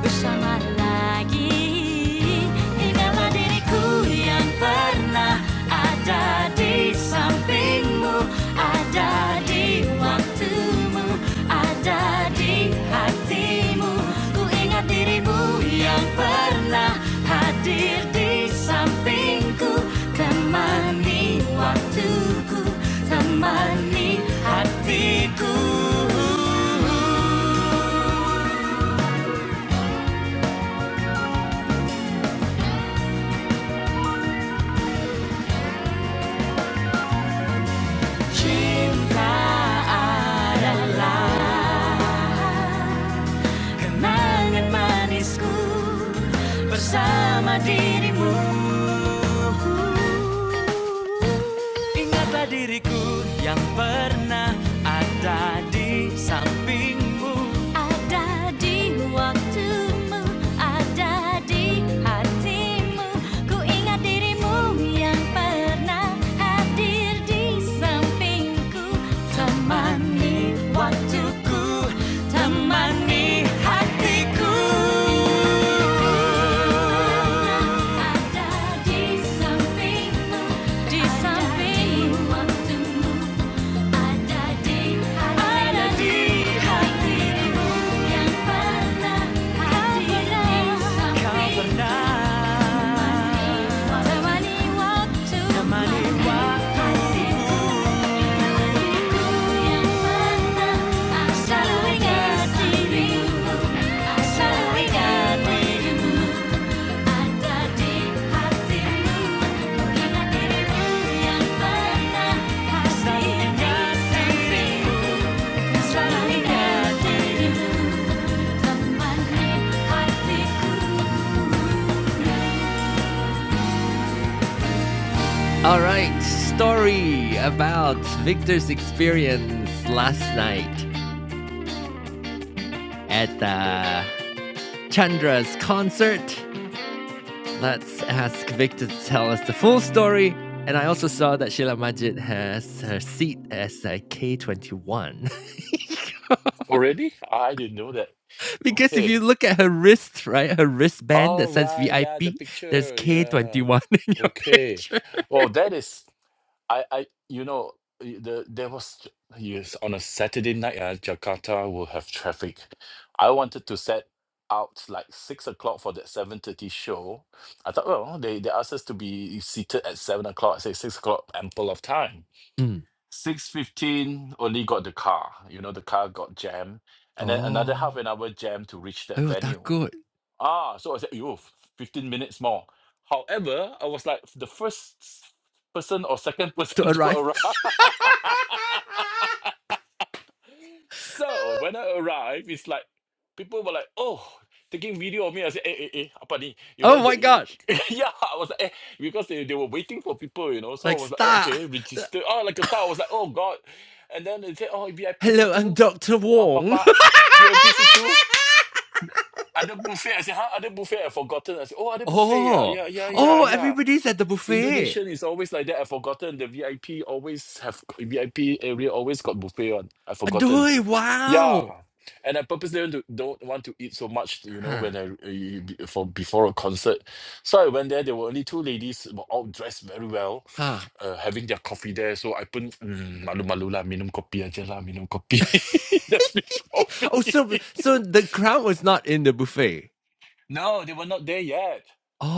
bersama lagi. Hingga diriku yang pernah ada di sampingmu Ada di waktumu, ada di hatimu Ku ingat dirimu yang pernah hadir di sampingku Temani waktuku, temani hatiku. Cinta adalah kenangan manisku bersama dirimu. Ingatlah diriku yang pernah ada di sampingmu Ada di waktumu, ada di hatimu. Ku ingat dirimu yang pernah hadir di sampingku. Temani waktuku, temani hatiku Ada di sampingmu, di samping ada di ada di hatiku yang pernah kau samping pernah temani waktu temani waktuku hatiku yang pernah aku selalu ingat all right, story about Victor's experience last night at uh, Chandra's concert. Let's ask Victor to tell us the full story. And I also saw that Sheila Majid has her seat as a K21. [LAUGHS] Already? I didn't know that. because if Okay. you look at her wrist, right, her wristband that All says right, yeah, the VIP, there's picture, yeah. K21 [LAUGHS] in your Okay. picture. Well, that is I I you know y- the there was yes on a Saturday night uh, Jakarta will have traffic. I wanted to set out like six o'clock for that seven thirty show. I thought, well, they they asked us to be seated at seven o'clock. I say six o'clock, ample of time. Mm. Six fifteen only got the car. You know, the car got jammed, and then another half Oh, an hour jam to reach I that was that venue. good Ah, so I said, yo, f- 15 minutes more. However, I was like the first s- person or second to person [LAUGHS] to arrive. arrive. [LAUGHS] so when I arrived, it's like people were like, oh, taking video of me. I said, eh, eh, eh, apa ni? You know, Oh the, my you- gosh, [LAUGHS] yeah, I was like, eh, because they, they were waiting for people, you know. So like I was like, oh, star. okay, register. Oh, like a star. I was like, oh, God. And then they said, oh, VIP Hello, I'm C2, Dr. uh, Wong. [LAUGHS] Papa, VIP C2. Adebufe. I said, huh? Adebufe, I've forgotten. I said, oh, Adebufe, yeah, oh, yeah, yeah, yeah, oh, yeah. everybody's at the buffet. Indonesian is always like that. I've forgotten. The VIP always have, VIP area always got buffet on. I've forgotten. Adoy, Yeah. wow. And I purposely don't, to- don't want to eat so much, you know, Huh. when I eh, be- for before a concert. So I went there. There were only two ladies, were all dressed very well, Huh. uh, having their coffee there. So I pun mm, malu malu lah, minum kopi aja lah, minum kopi. [LAUGHS] That's me, [LAUGHS] coffee. Oh, so [LAUGHS] so the crowd was not in the buffet. No, they were not there yet.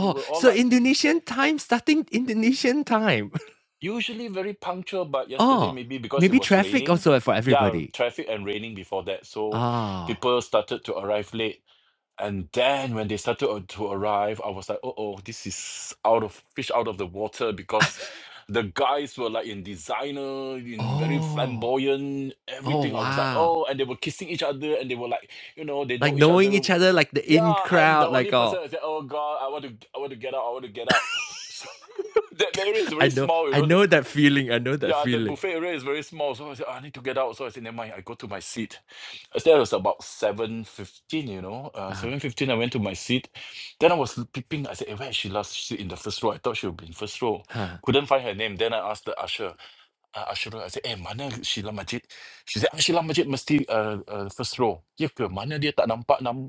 They were all so like Indonesian time starting Indonesian time. [LAUGHS] usually very punctual, but yesterday Oh, maybe because it maybe was traffic raining. also for Yeah, everybody. traffic and raining before that. So Ah. people started to arrive late. And then when they started to to arrive, I was like, oh, oh, this is out of fish out of the water because the guys were like in designer, in very Oh. flamboyant, Oh everything. I was like, wow. oh, and they were kissing each other and they were like, you know, they Like know each knowing other each other, like the in Yeah, I'm the crowd, like only person oh, that said, "Oh God, I want to, I want to get out, I want to get out." [LAUGHS] So that area is I very know, small, you I know. the- know that feeling. I know that Yeah, the feeling. buffet area is very small, so I said, "Oh, "I need to get out." So I said, "Never mind, I go to my seat." I said, It was about seven fifteen, you know, uh, Ah. seven fifteen. I went to my seat. Then I was peeping. I said, eh, "Where is she last seat in the first row?" I thought she would be in first row. Huh. Couldn't find her name. Then I asked the usher, uh, usher. I said, "Eh, mana Sheila Majid?" She said, ah, "Sheila Majid mesti uh, uh, first row." Ya ke? Mana dia tak nampak nam?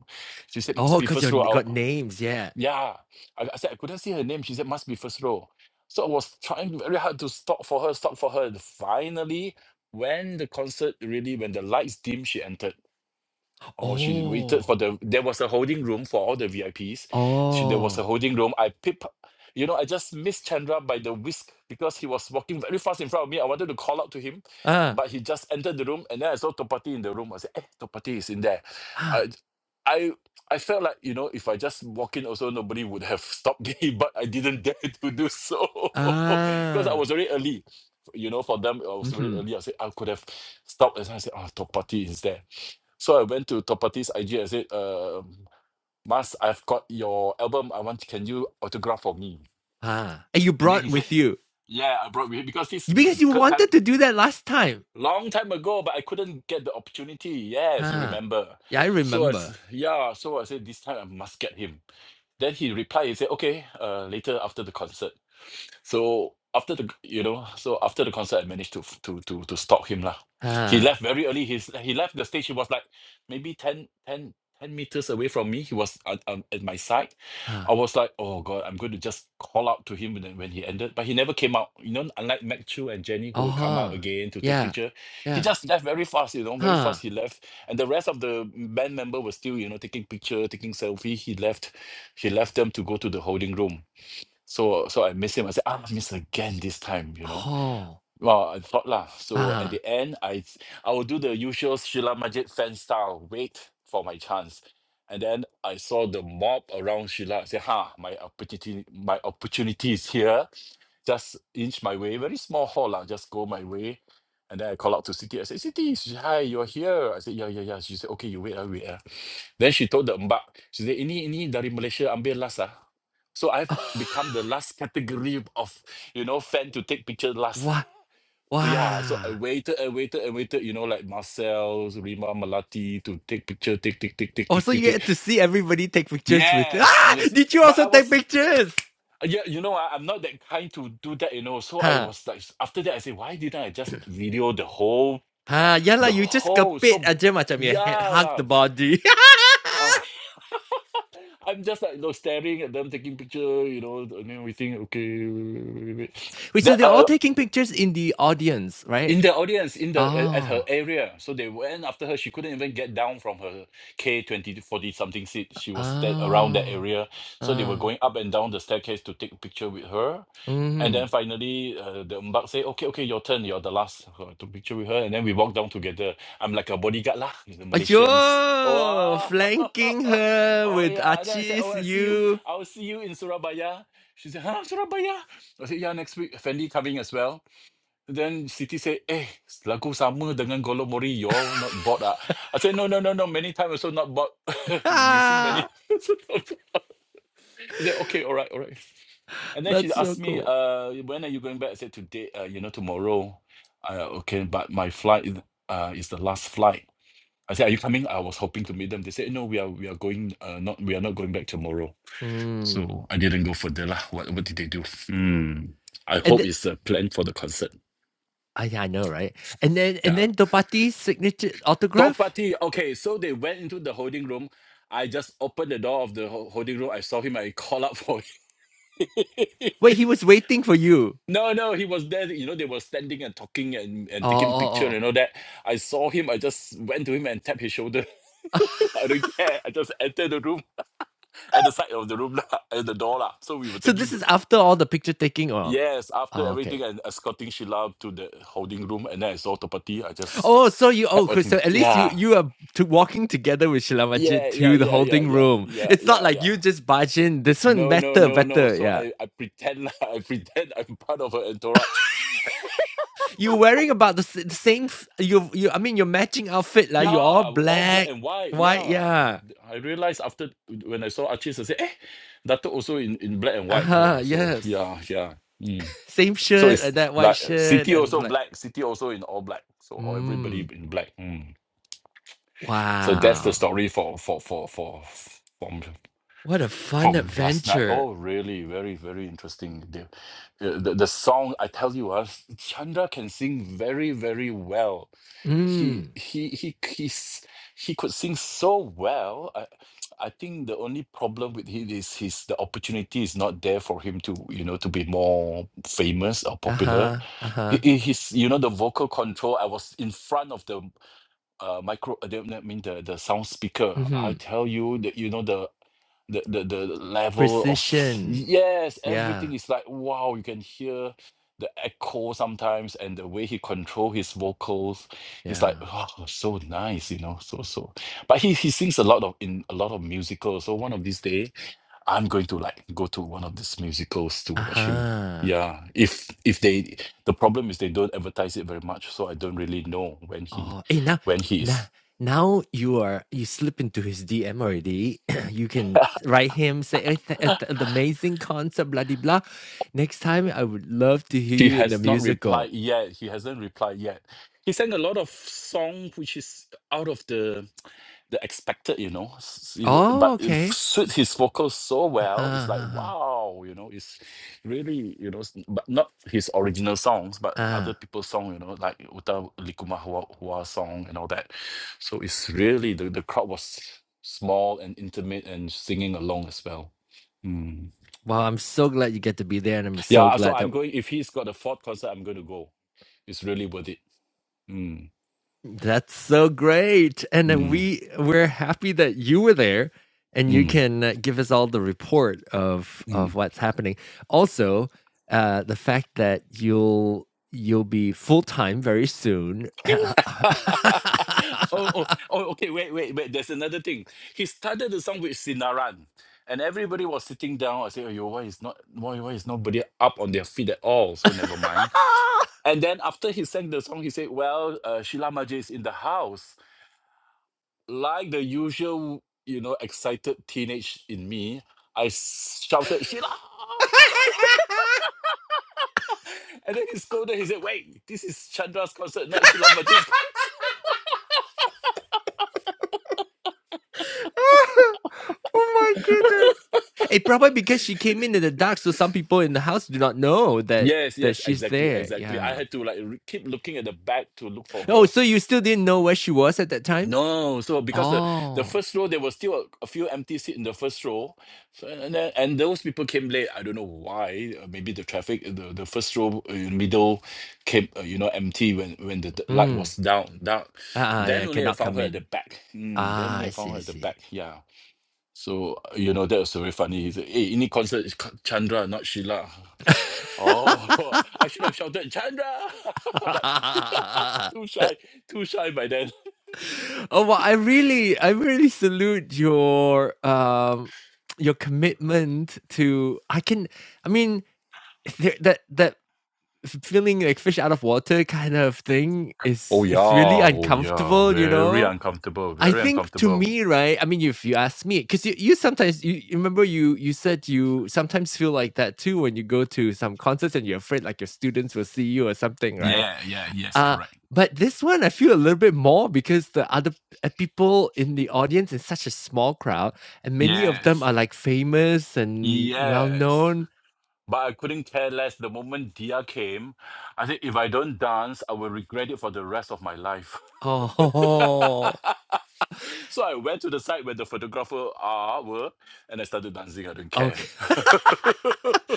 She said, "Must Oh, be cause you first row." got names, yeah. Yeah. I, I said, I couldn't see her name. She said, must be first row. So I was trying very hard to stop for her, stop for her. And finally, when the concert really, when the lights dim, she entered. Oh, she waited for Oh. the. There was a holding room for all the VIPs. She, there was a Oh. holding room. I pip, you know, I just missed Chandra by the whisk because he was walking very fast in front of me. I wanted to call out to him, Ah. but he just entered the room, and then I saw Topati in the room. I said, "Eh, Topati is in there." Ah. I, I, I felt like you know, if I just walk in, also nobody would have stopped me, [LAUGHS] but I didn't [LAUGHS] dare to do so [LAUGHS] because I Ah. was very early. You know, for them, I was very Mm-hmm. early. I said I could have stopped, and I said, "Oh, Topati is there." So I went to Topati's IG. I said, "Uh, Mas, I've got your album. I want, can you autograph for me? Ah. And you And then brought he said, with you. Yeah, I brought with you because this is m- Because you third time, wanted to do that last time. long time ago, but I couldn't get the opportunity. Yes, you Huh. remember. Yeah, I So I, remember. s- yeah, so I said, This time I must get him. Then he replied, he said, okay, uh, later after the concert. So after the, you know, so after the concert, I managed to to to to stalk him lah. He Huh. left very early. He's he left the stage. He was like maybe 10 10 10 meters away from me. He was at, um, at my side. Huh. I was like, oh god, I'm going to just call out to him when, when he ended. But he never came out. You know, unlike Mac Chu and Jenny who Oh, would come out huh. again to take Yeah. picture, he Yeah. just left very fast. You know, very Huh. fast. He left, and the rest of the band member was still you know taking picture, taking selfie. He left he left them to go to the holding room. So so I miss him. I said, I miss again this time, you know. Oh. Well, I thought lah. So at Huh. the end, I s- I will do the usual Sheila Majid fan style, wait for my chance. And then I saw the mob around Sheila. I said, ha, my opportunity, my opportunity is here. Just inch my way. Very small hall, lah. just go my way. And then I call out to Siti. I said, Siti, she- hi, you're here. I said, yeah, yeah, yeah. She said, okay, you wait, I wait. ah." Then she told the mbak, she said, ini, ini dari Malaysia, ambil last ah. So I've [LAUGHS] become the last category of, you know, fan to take picture last. Wow! So Yeah, so I Wow. waited and waited and waited, you know, like Marcel, Rima, Malati to take picture, take, take, take, take, Oh, take, so take, you take. get to see everybody take pictures with [LAUGHS] Yes, Ah! yes. Did you But also I take was, pictures? yeah, you know, I, I'm not that kind to do that, you know. So I Huh. was like, after that, I said, why didn't I just video the whole, Huh. Yeah, the lah. you just whole? kepit So, aja macam you yeah, hug lah. the body. Ah, [LAUGHS] [LAUGHS] I'm just like, you know, staring at them, taking picture, you know, and everything. Okay, wait, wait, wait. [SNIFFS] Wait, so they're all That, taking pictures in the audience, right? in the audience in the at her Oh. area so they went after her she couldn't even get down from her k 20 40 something seat she was sta- around that Oh. area so they were Oh. going up and down the staircase to take a picture with her and Mm-hmm. then finally uh, the umbak say okay okay your turn you're the last uh, to picture with her and then we walk down together i'm like a bodyguard lah with the malaysians Yo, Wow. flanking [LAUGHS] her oh with yeah and then i said Archie's oh i'll see you you. i'll see you in surabaya she said huh surabaya i said yeah next week fendi coming as well then Siti said, eh, lagu sama dengan Golok Mori, you all not [LAUGHS] bored ah. I said, no, no, no, no, many times also not bored. [LAUGHS] you sing many That's times. [LAUGHS] I said, okay, all right, all right. And then she so asked me, cool. uh, when are you going back? I said, today, uh, you know, tomorrow. Uh, okay, but my flight is- uh, is the last flight. I said, are you coming? I was hoping to meet them. They said, no, we are we are going, uh, not we are not going back tomorrow. Mm. So I didn't go further, lah. What, what did they do? Hmm. I And hope then, it's a plan for the concert. I, I know, right? And then and Yeah. then Dobati's signature Top autograph. party. Okay, so they went into the holding room. I just opened the door of the ho- holding room. I saw him. I [LAUGHS] called out for him. Wait, he was waiting for you. [LAUGHS] no, no, he was there. You know, they were standing and talking and, and Oh, taking picture oh, and all that. I saw him. I just went to him and tapped his shoulder. oh. [LAUGHS] I don't care. I just entered the room [LAUGHS] at the side of the room, lah, [LAUGHS] at the door. lah. So we [LAUGHS] were so taking this to. is after all the picture taking, or Yes, after oh, okay. everything and escorting Sheila to the holding room. And then I saw Topati. I just Oh, so you oh, tapped on him. so at least you Yeah. you are to walking together with Shilamajit Yeah, yeah, to the yeah, yeah, holding yeah, room. yeah, It's not yeah, like yeah. you just barge in. This one No, no, better, no, no. better. So yeah. I, I pretend lah, [LAUGHS] I pretend I'm part of an entourage. you wearing about the, s- the same. f- You you. I mean, your matching outfit like You're all Yeah, all black black, and white. white. Yeah. Yeah. I realized after when I saw Archie, I said, eh, Dato also in, in black and Uh white. You know, huh. so Yes. yeah, yeah. Mm. Same So shirt it's like that white like uh, shirt city and also like. black, city also in all black. So all everybody Mmm. in black. Mm. So that's the Wow. story for for for for from What a fun from last night. adventure. Oh, really? Very, very interesting. The, uh, the, the song, I tell you, uh, Chandra can sing very, very well. He Mmm. he he he, s- he could sing so well. I, I think the only problem with him is his the opportunity is not there for him to you know to be more famous or Uh popular. huh. Uh huh. He, he- his you know the vocal control. I was in front of the uh, micro. uh, the- I mean the the sound speaker. Mm Hmm. I tell you that you know the the the the level of s- Precision. yes everything Yeah. is like wow you can hear the echo sometimes and the way he control his vocals it's like Yeah. oh so nice you know so so but he he sings a lot of in a lot of musicals so one of these days i'm going to like go to one of these musicals to Uh watch him huh. yeah if if they the problem is they don't advertise it very much so i don't really know when he Oh, hey now, when he is now, now you are you slip into his DM already. [CLEARS THROAT] you can write him say "Eh, th- eh, th- the amazing concert, blah de blah. Next time, I would love to hear He you in the has not replied musical. yet. He hasn't replied yet. He sang a lot of song which is out of the the expected, you know. s- s- Oh, But it okay. suits his vocals so Uh-huh, well. It's uh-huh. like uh-huh. wow, you know. It's really you know, s- but not his original songs, but other Ah, people's song, you know, like Uta Likuma Hua, Hua song and all that. So it's really the the crowd was small and intimate and singing along as well. Hmm. well, I'm so glad you get to be there, and I'm Yeah, so uh, so glad I'm that going. If he's got a fourth concert, I'm going to go. It's really worth it. Mm, That's so great. And then mm, we we're happy that you were there and you mm, can uh, give us all the report of mm. of what's happening. Also, uh the fact that you'll you'll be full-time very soon. [LAUGHS] oh [LAUGHS] oh, oh, oh, okay. Wait, wait, wait. There's another thing. He started the song with Sinaran, and everybody was sitting down. I said, "Oh, yo, why is not why why is nobody up on their feet at all?" So never mind. And then after he sang the song, he said, "Well, uh, Sheila Majid is in the house." Like the usual, you know, excited teenage in me, I shouted, "Sheila!" [LAUGHS] [LAUGHS] And then he scolded. He said, "Wait, this is Chandra's concert, not Sheila Majid's [LAUGHS] concert." my goodness. It probably because she came in in the dark so some people in the house do not know that Yes, that yes, she's exactly, there. exactly. I Yeah. had to like re- keep looking at the back to look for Oh, her. so you still didn't know where she was at that time? No, so because the the Oh. first row there was still a, a few empty seats in the first row, so and then, and those people came late. I don't know why. uh, Maybe the traffic, uh, the the first row uh, in middle came, uh, you know, empty when when the, the light Hmm. was down down. Uh-uh, yeah, Then only I cannot found come her at in. the back. Mm, then Ah, only I I found see, I her at the see. back. Yeah. So you know that was very funny. He said, "Hey, any concert is Ka- Chandra, not Sheila." [LAUGHS] Oh, [LAUGHS] I should have shouted Chandra, [LAUGHS] but [LAUGHS] too shy, too shy by then. oh well, I really, I really salute your um [TSK] your commitment to. I can, I mean, th- that that f- feeling like fish out of water kind of thing Oh is yeah, it's really oh yeah, uncomfortable, you very know. uncomfortable, I very think to uncomfortable. me, right? I mean, if you ask me, because you, you sometimes you you remember you you said you sometimes feel like that too when you go to some concerts and you're afraid like your students will see you or something, right? Yeah, yeah, yes, Uh correct. but this one I feel a little bit more because the other uh, people in the audience is such a small crowd, and many of them Yes, are like famous and well yes. known. But I couldn't care less. The moment Dia came, I said, if I don't dance, I will regret it for the rest of my life. Oh, [LAUGHS] So I went to the side where the photographer are were, and I started dancing. I don't [LAUGHS] care. okay. [LAUGHS] [LAUGHS]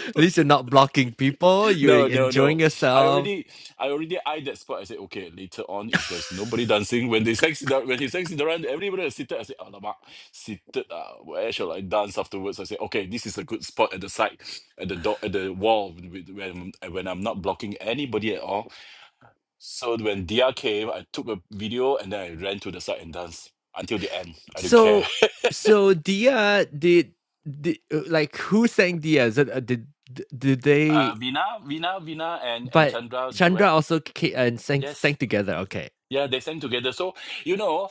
At least you're not blocking people. You're no, no, enjoying no. I yourself. already, I already eyed that spot. I said, okay, later on, if there's [LAUGHS] nobody dancing, when they sexy, when he sexy the run, everybody is seated. I said, alamak, seated. Uh, where shall I dance afterwards? I said, okay, this is a good spot at the side, at the door, at the wall, with- when when I'm not blocking anybody at all. So when Dia came, I took a video and then I ran to the side and danced until the end. I don't care. So so Dia did, did uh, like who sang Dia? Is it, uh, did did did they? Uh, Vina, Vina, Vina, and and But Chandra Chandra duet. also ca- and sang Yes, sang together. Okay. yeah, they sang together. So, you know,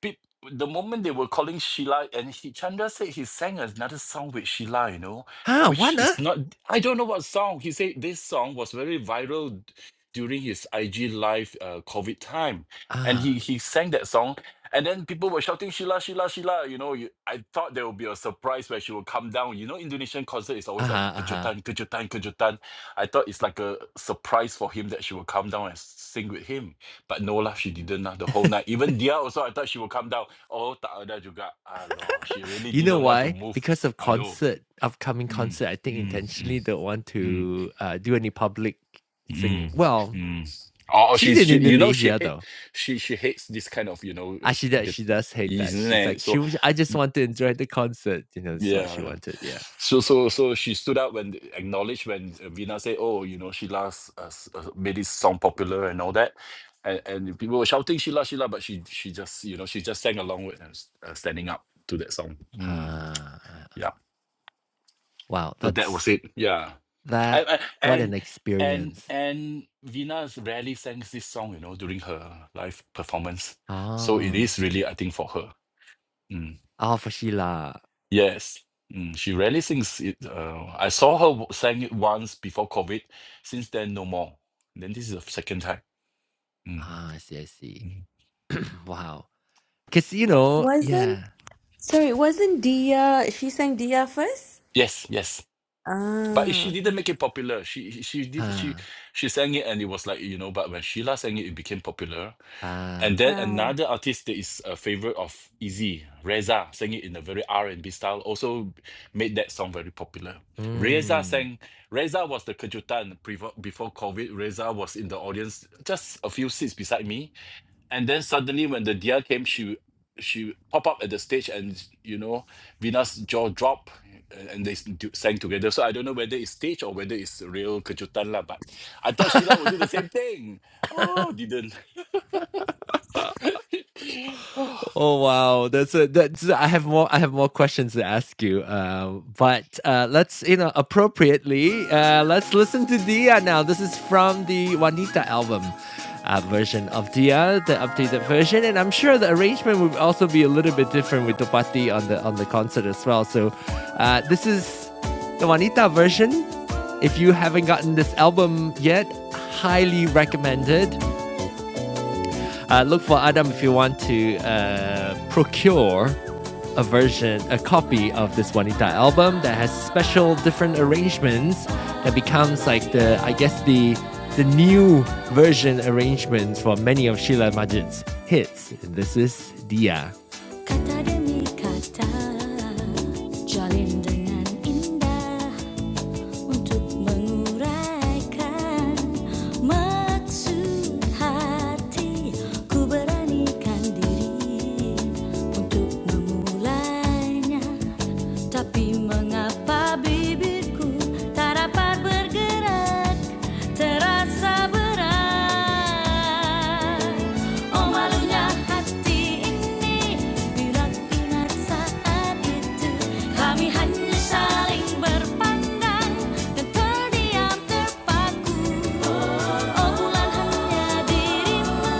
peop- the moment they were calling Sheila, and he, Chandra said he sang another song with Sheila, you know, Huh? which What? Huh? is not, I don't know what song. He said this song was very viral d- during his IG live uh, COVID time. And he, Ah. he sang that song. And then people were shouting, Sheila, Sheila, Sheila. You know, you, I thought there would be a surprise where she would come down. You know, Indonesian concert is Uh always like, huh. Uh huh. kejutan, kejutan, kejutan. I thought it's like a surprise for him that she will come down and sing with him but no lah, she didn't lah the whole night. Even Dia also, I thought she would come down. Oh, tak ada juga. Aloh, she really You know didn't want to why? move. Because of I know. concert, upcoming Mm, concert. I think mm, mm, intentionally don't want mm, to uh, do any public mm, singing. Well, mm. Oh, oh, she's she's in she, you know she Indonesia hate though. she she hates this kind of you know uh, Actually, that g- she does hate that. isn't She's it? like, So she. was- I just want to enjoy the concert. You know, this is what she Yeah. wanted. Yeah. So so so she stood out when acknowledged when Vina said, "Oh, you know, Sheila's uh, s- uh, made this song popular and all that," and and people were shouting Sheila Sheila, but she she just you know she just sang along with and s- uh, standing up to that song. Mm, Ah. yeah. Wow, So that was that's it. Yeah. that And what and an and experience. and Vina rarely sang this song, you know, during her live performance. So it Ah. is really, I think, for her. Mm. Oh, for Sheila. Yes, mm, she rarely sings it. Uh, I saw her w- sang it once before COVID. Since then, no more. Then this is the second time. Mm, Ah, I see, I see. mm, [CLEARS THROAT] wow. Cause you Yup. know, Wasn't, yeah. sorry, wasn't Dia, she sang Dia first? Yes, yes. But Ah, she didn't okay. make it popular. She she did she Huh. she sang it and it was like you know. But when Sheila sang it, it became popular. And Ah. then Right. another artist that is a favorite of Izzy, Reza, sang it in a very R and B style. Also made that song very popular. Reza Mm. sang. Reza was the kejutan before before COVID. Reza was in the audience, just a few seats beside me and then suddenly when the deer came she she pop up at the stage and you know Vina's jaw drop and, and they s- do- sang together so i don't know whether it's stage or whether it's real kejutan lah but i thought sheila would do the same thing oh didn't [LAUGHS] [LAUGHS] oh, Oh wow, that's a that's I have more I have more questions to ask you. Uh, but uh, let's you know appropriately uh, let's listen to Dia now. This is from the Juanita album. Uh, version of Dia, the updated version, and I'm sure the arrangement will also be a little bit different with Topati on the on the concert as well. So, uh, this is the Juanita version. If you haven't gotten this album yet, highly recommended uh, look for Adam if you want to uh, procure a version, a copy of this Juanita album that has special different arrangements that becomes like the, I guess the the new version arrangements for many of Sheila Majid's hits. This is Dia. Kata demi kata Jalin dengan indah untuk menguraikan maksud hati beranikan diri untuk memulainya tapi mengapa bibirku tak dapat bergerak terasa berat Omalnya hati ini bila ingat saat itu kami hanya saling berpandang dan terdiam terpaku. Oh bulan hanya dirimu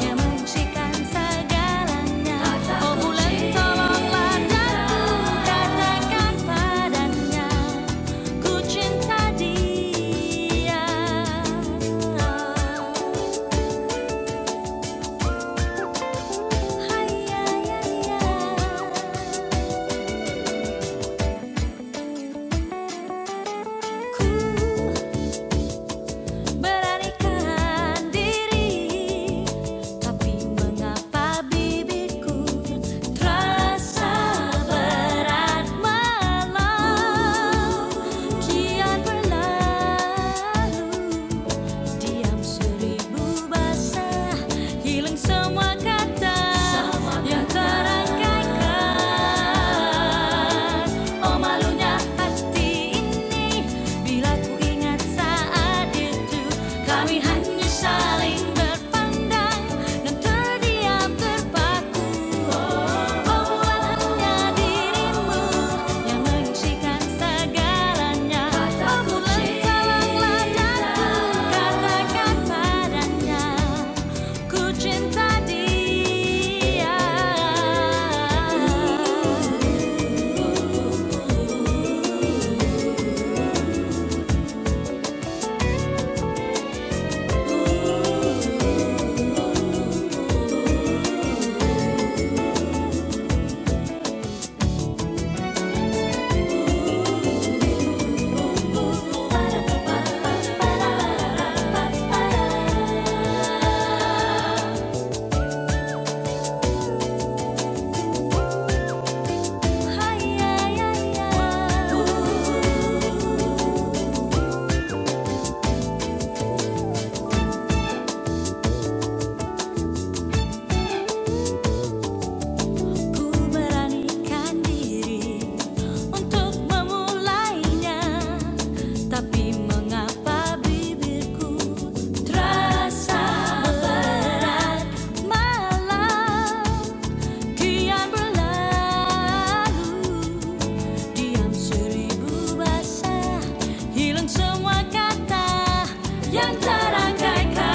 yang mencikan segalanya. Oh bulan tolonglah daku katakan padanya ku cinta dia. Ku beranikan diri, tapi mengapa bibirku terasa berat malam kian berlalu? Diam seribu basah, hilang semua kata yang terangkaikan. Oh malunya hati ini, bila ku ingat saat itu, kami hanya Paling berpandang dan terdiam terpaku. Oh, buat hanya dirimu yang menyaksikan segalanya. Aku lancarlah jatuh katakan padanya, ku cinta dia. Ku beranikan diri untuk memulainya, tapi mengapa bibirku terasa berat? Malam kian berlalu, diam seribu bahasa hilang semua kata yang terangkaikan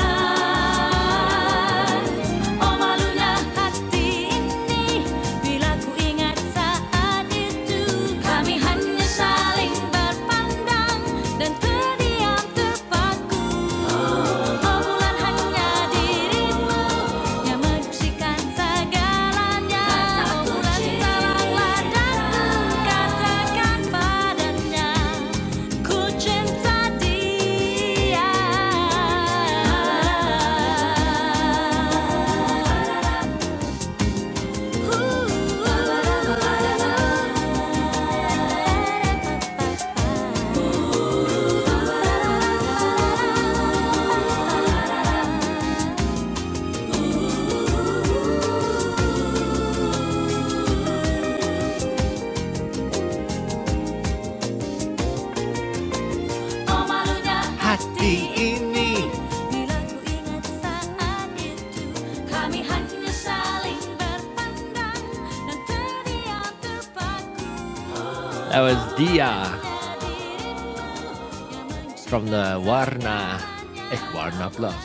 oh malunya hati ini bila ku ingat saat itu kami hanya saling berpandang dan terdiam terpaku Obongan hanya dirimu yang membersihkan segalanya. Obongan salah datang katakan padanya, ku cinta dia. Ooh. hati ini Bila ku ingat saat itu Kami hanya saling berpandang Dan terdiam terpaku That was Dia from the Warna, eh Warna Club,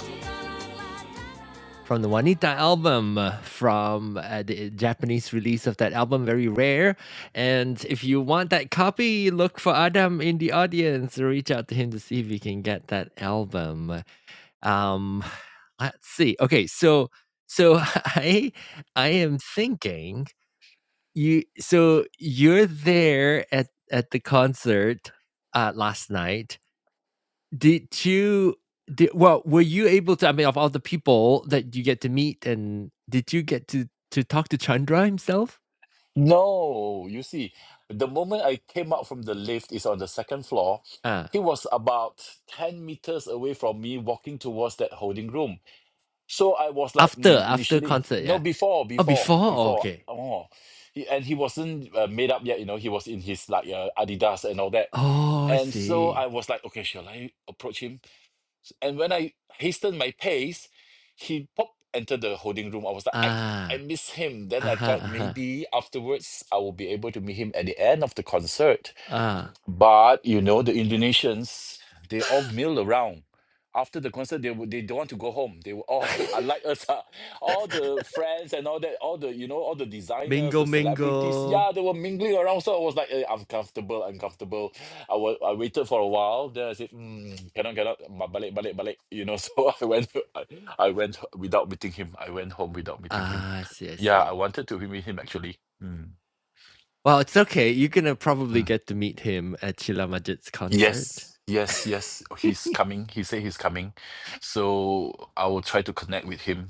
From the Wanita album, uh, from uh, the Japanese release of that album, very rare. And if you want that copy, look for Adam in the audience. Reach out to him to see if he can get that album. Um, let's see. Okay, so so [LAUGHS] I I am thinking you. So you're there at at the concert uh, last night. Did you? Did, well, were you able to? I mean, of all the people that you get to meet, and did you get to to talk to Chandra himself? no you see the moment i came out from the lift is on the second floor Uh, he was about 10 meters away from me walking towards that holding room So I was like, After mm, after initially, concert, no, yeah. before, Oh, before, before? Oh, before. okay. Oh, he, and he wasn't uh, made up yet. You know, he was in his like uh, Adidas and all that. Oh, I And so I see. was like, okay, shall I approach him? And when I hastened my pace, he popped entered the holding room. I was like, I, I Ah, miss him. Then I aha, thought aha, maybe afterwards I will be able to meet him at the end of the concert. ah. But you know, the Indonesians, they all mill around. After the concert, they would- they don't want to go home. They were all [LAUGHS] [LAUGHS] unlike us, ah, all the friends and all that, all the you know, all the designers, mingle, the celebrities. mingle. Yeah, they were mingling around. So I was like, eh, uncomfortable, uncomfortable. I wa- I waited for a while. Then I said, mm, cannot, cannot, ma- balik, balik, balik. You know, [LAUGHS] so I went, I, I went without meeting him. I went home without meeting him. Ah, I see, I Yeah, I see. wanted to meet him actually. Mm. Well, it's okay. You're gonna probably get to meet him at Chila Majid's concert. Yes, yes, yes. He's coming. He said he's coming. So I will try to connect with him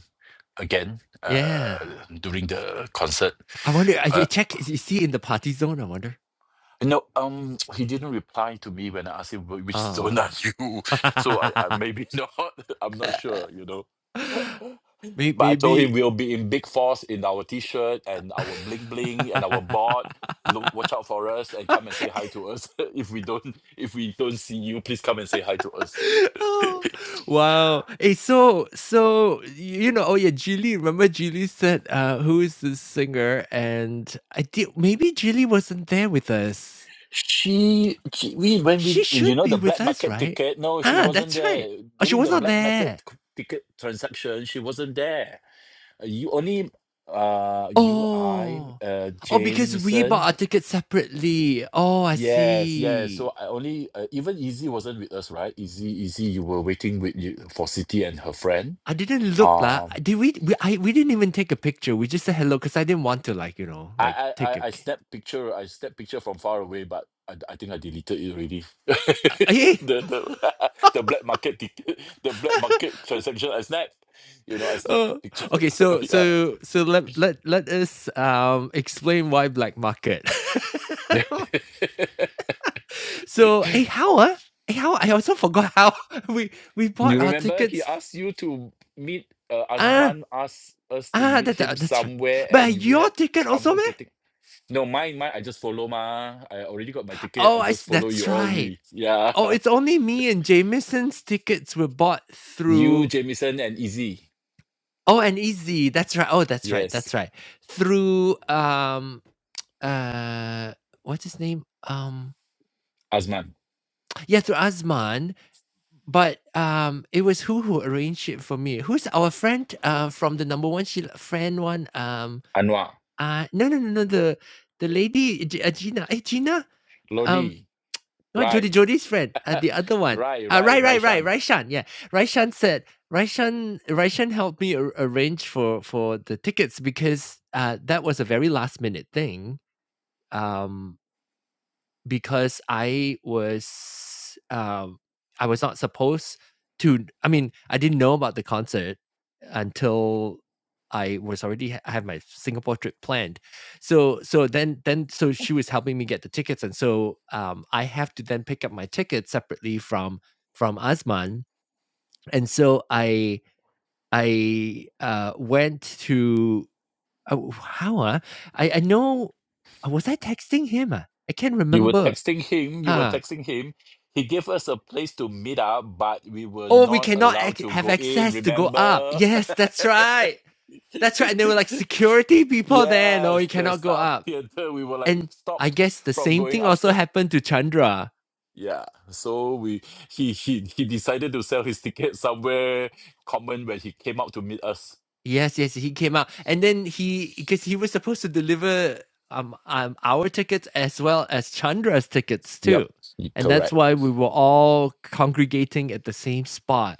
again Yeah. uh, during the concert. I wonder. I I Uh, check. Is he in the party zone? I wonder. no, um, [TSK] he didn't reply to me when I asked him "Wh- which zone are Ah. you. [LAUGHS] So I, I [LAUGHS] maybe [LAUGHS] not. I'm not sure, you know. May- But I told him maybe. we'll be in big force in our t-shirt and our bling bling and our board. Look, watch out for us and come [LAUGHS] and say hi to us. [LAUGHS] if we don't, if we don't see you, please come and say hi to us. [LAUGHS] Oh, wow. Hey, so so you know, oh yeah, Geely. Remember Geely said, uh, "Who is this singer?" And I did. Maybe Geely wasn't there with us. She, she we when we She you should know the be with black us, market right? ticket. No, she Ah, wasn't that's right. there Oh, she during was the not black there. market c- ticket transaction. She wasn't there. Uh, You only uh you I Oh, uh oh, because we bought Jameson. our tickets separately. Oh, I Yes, yes. see. So I only uh, even Easy wasn't with us, right? Easy, Easy. You were waiting with you for City and her friend. I didn't look lah. Um, Did we? We I we didn't even take a picture. We just said hello because I didn't want to like you know I like I I take I snapped picture. I snapped picture from far away, but I, I think I deleted it already. [LAUGHS] a. [LAUGHS] the the [LAUGHS] the black market tic- [LAUGHS] the black market transaction I snapped. You know, I snapped Uh, picture. okay, [LAUGHS] so yeah. so so let let let us um explain why black market. [LAUGHS] [LAUGHS] so hey, how uh, hey, how I also forgot how [LAUGHS] we we bought you our remember he tickets. asked you to meet uh, Ah Azman asked us to ah, meet that, him that- that's right. somewhere But and we your had ticket also, trouble man. getting no mine mine I just follow ma I already got my ticket Oh, I I s- just follow that's you all right. me yeah Oh, [LAUGHS] it's only me and Jameson's tickets were bought you through. Jamison and Easy Oh, and Easy. That's right. Oh, that's right. yes That's right. Through um uh, what's his name? Um Azman. Yeah, through Azman, but, um, it was who who arranged it for me. Who's our friend, uh, from the number one Sheila friend one, um, Anwar, uh, no, no, no, no, the the lady, G uh, Gina. Hey, Gina? Um, Lodi, not Jody, Rai, Jody's friend, uh, [LAUGHS] the other one. Rai, Uh, Rai, right, right, right, Raishan. Raishan, yeah. Raishan said Raishan Raishan helped me ar arrange for for the tickets because, uh, that was a very last minute thing. Um because I was um I was not supposed to I mean, I didn't know about the concert until I was already ha- I had my Singapore trip planned. So so then then so she was helping me get the tickets and so um I have to then pick up my ticket separately from from Asman and so I I uh went to oh, how uh, I I know uh, was I texting him? Uh? I can't You were remember. texting him, you were Huh texting him. He gave us a place to meet up, but we were oh, we not cannot allowed ac- to have go in, access to go up. remember? Yes, that's right. That's right. And they were [LAUGHS] like, security people there. No, yes, you the cannot go Star up. Theatre, we were like And I stopped guess the from same going thing also upstairs. happened to Chandra. Yeah, so we he he he decided to sell his ticket somewhere common when he came out to meet us. Yes, yes, he came out, and then he because he was supposed to deliver um, um our tickets as well as Chandra's tickets Yep, too, y- and that's correct. why we were all congregating at the same spot.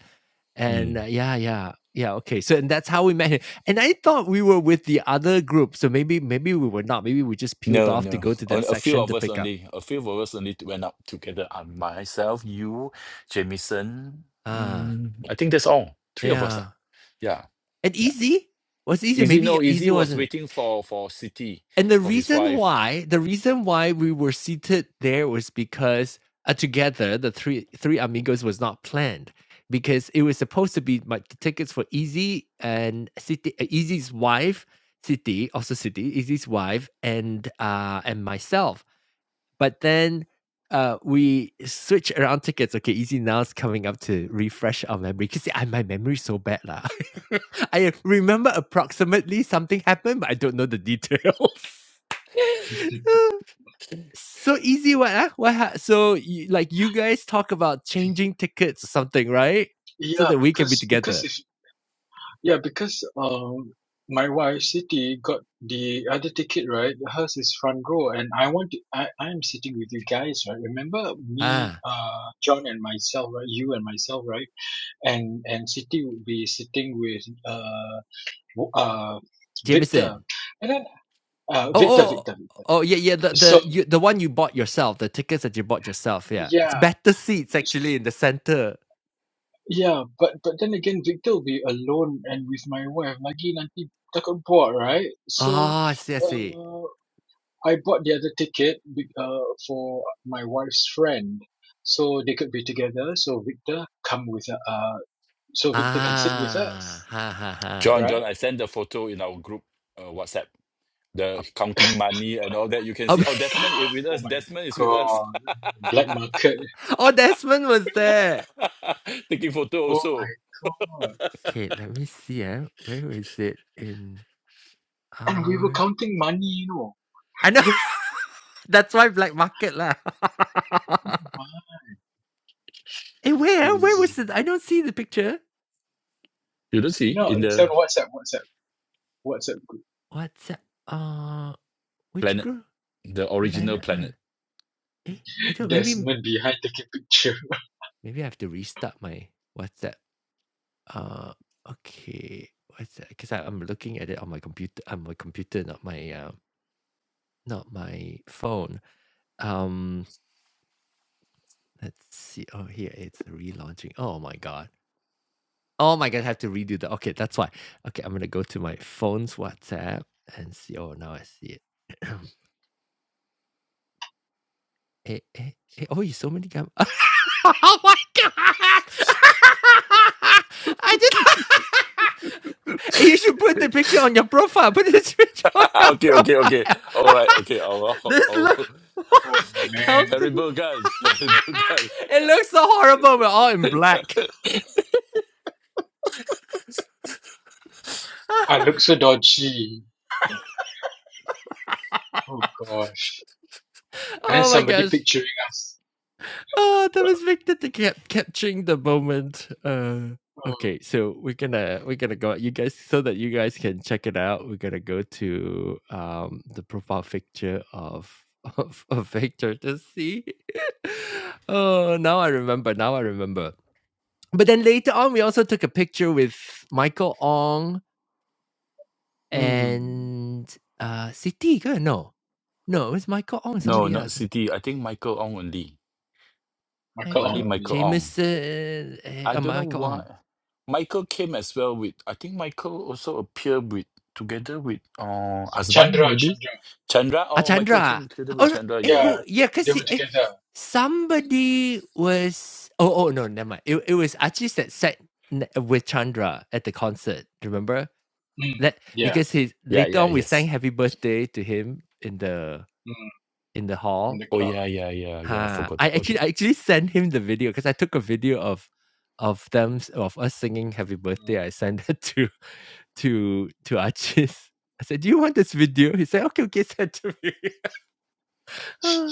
Mm. And uh, yeah, yeah, yeah. Okay, so and that's how we met him. And I thought we were with the other group, so maybe maybe we were not. Maybe we just peeled No, off to no. go to that On, a few section of to us pick up. only. A few of us only went up together. Uh, myself, you, Jamison. Ah, Mm, I think that's all. Three of us. ah. yeah. Yeah, And yeah. Easy was Easy. Easy, Maybe no. Easy Easy was wasn't. waiting for for City And the for his reason wife. why, the reason why we were seated there was because uh, together the three three amigos was not planned because it was supposed to be my tickets for Easy and City uh, Easy's wife, City also City Easy's wife and uh and myself. But then uh we switch around tickets. Okay, Easy now is coming up to refresh our memory because I my memory is so bad lah. [LAUGHS] I remember approximately something happened, but I don't know the detail. [LAUGHS] So easy what, ah? What ha so you like, you guys talk about changing tickets or something, right? So Yeah, that we can be because because together. if yeah, because um my wife Siti got the other ticket, right? Hers is front row and I want to I, I'm sitting with you guys, right? Remember me, Ah, uh John and myself, right? You and myself, right? And and Siti would be sitting with uh w- uh Victor. Jameson. And then uh Oh, Victor, oh, Victor, Victor. oh, yeah, yeah, the the So you the one you bought yourself, the tickets that you bought yourself, yeah. It's yeah. better seats actually in the center. Yeah, but but then again, Victor will be alone and with my wife. Lagi nanti takut bored, right? So, Oh, I see, I see. uh, I bought the other ticket be- uh, for my wife's friend, so they could be together. So Victor come with uh, so Victor can sit with Ah, us, ha, ha, ha. John, John. right? I sent the photo in our group uh, WhatsApp. The counting money and all that. You can Oh, see. Oh, Desmond is with Oh us. my Desmond is with us. God, black market. [LAUGHS] oh, Desmond was there. [LAUGHS] Taking photo Oh my also. God, Okay, let me see, eh? Where is it in and we were our counting money, you know. I know. [LAUGHS] [LAUGHS] That's why black market lah. [LAUGHS] eh, where? ah? Where was Crazy. it? I don't see the picture. You don't see No, in it's the on WhatsApp, WhatsApp, WhatsApp group. What's that? Uh, which planet, group? the original Landed planet. one. Eh, I don't. Maybe, Desmond behind taking picture. maybe I have to restart my WhatsApp. Uh, okay. What's that? Because I'm looking at it on my computer. On my computer, not my uh, not my phone. Um, let's see. Oh, here it's relaunching. Oh my god. Oh my god, I have to redo that. Okay, that's why. Okay, I'm gonna go to my phone's WhatsApp and see. Oh, now I see it. [CLEARS THROAT] eh, eh, eh. Oh, you so many gum. [LAUGHS] oh my god! [LAUGHS] I did. [LAUGHS] Eh, you should put the picture on your profile. Put this [LAUGHS] picture on your [LAUGHS] okay, okay, okay. All profile. right, okay. Oh, [LAUGHS] oh, this oh. [LAUGHS] look Oh [LAUGHS] man, counting. terrible guys, terrible guys. [LAUGHS] it looks so horrible. We're all in black. [LAUGHS] I look so dodgy. Oh gosh. And then Oh my somebody gosh. picturing us. Oh, that was Victor kept catching the moment. Uh, Oh, okay, so we're gonna we're gonna go. You guys, so that you guys can check it out, we're gonna go to um the profile picture of [LAUGHS] of, of Victor to see. [LAUGHS] oh, now I remember. Now I remember. But then later on, we also took a picture with Michael Ong hmm. and uh City. No, no, it was Michael Ong. No, Somebody not else. City. I think Michael Ong only. I call Only on Michael yeah. Michael Ong. Jameson. eh, I Uh, don't know Michael Ong. why. Michael came as well with. I think Michael also appeared with together with uh Azman Chandra, maybe Chandra. Chandra. Ah, Oh, Michael Chandra, came together Oh, with no, Chandra. eh, Yeah, Yeah, yeah, who? Yeah, they because were eh, together. somebody was. Oh, oh, no, never mind. It, it was Achis that sat n- with Chandra at the concert. Remember Hmm. that? Yeah. Because he yeah, later yeah. on we sang Yes. "Happy Birthday" to him in the Hmm. in the In hall. the Oh crowd. yeah, yeah, yeah, yeah. I Ha! forgot I about actually it. I actually sent him the video because I took a video of of them s- of us singing "Happy Birthday." I sent it [LAUGHS] to to to Achis. I said, "Do you want this video?" He said, "Okay, okay, send it to me." [LAUGHS]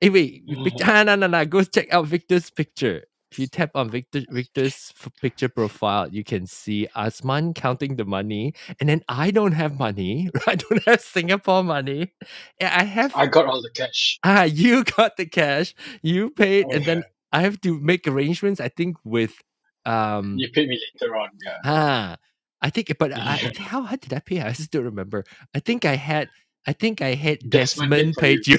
Hey, wait, you pic- Hmm. ah, no, no, no. Go check out Victor's picture. If you tap on Victor Victor's f- picture profile, you can see Asman counting the money, and then I don't have money. [LAUGHS] I don't have Singapore money. And I [LAUGHS] have I got all the cash. [LAUGHS] [LAUGHS] ah, you got the cash, you paid, Oh, and yeah. then I have to make arrangements. I think with um you pay me later on, Ah, I think but I yeah. think how high did I pay? I just don't remember. I think I had I think I had [LAUGHS] Desmond paid Desmond for you. paid you.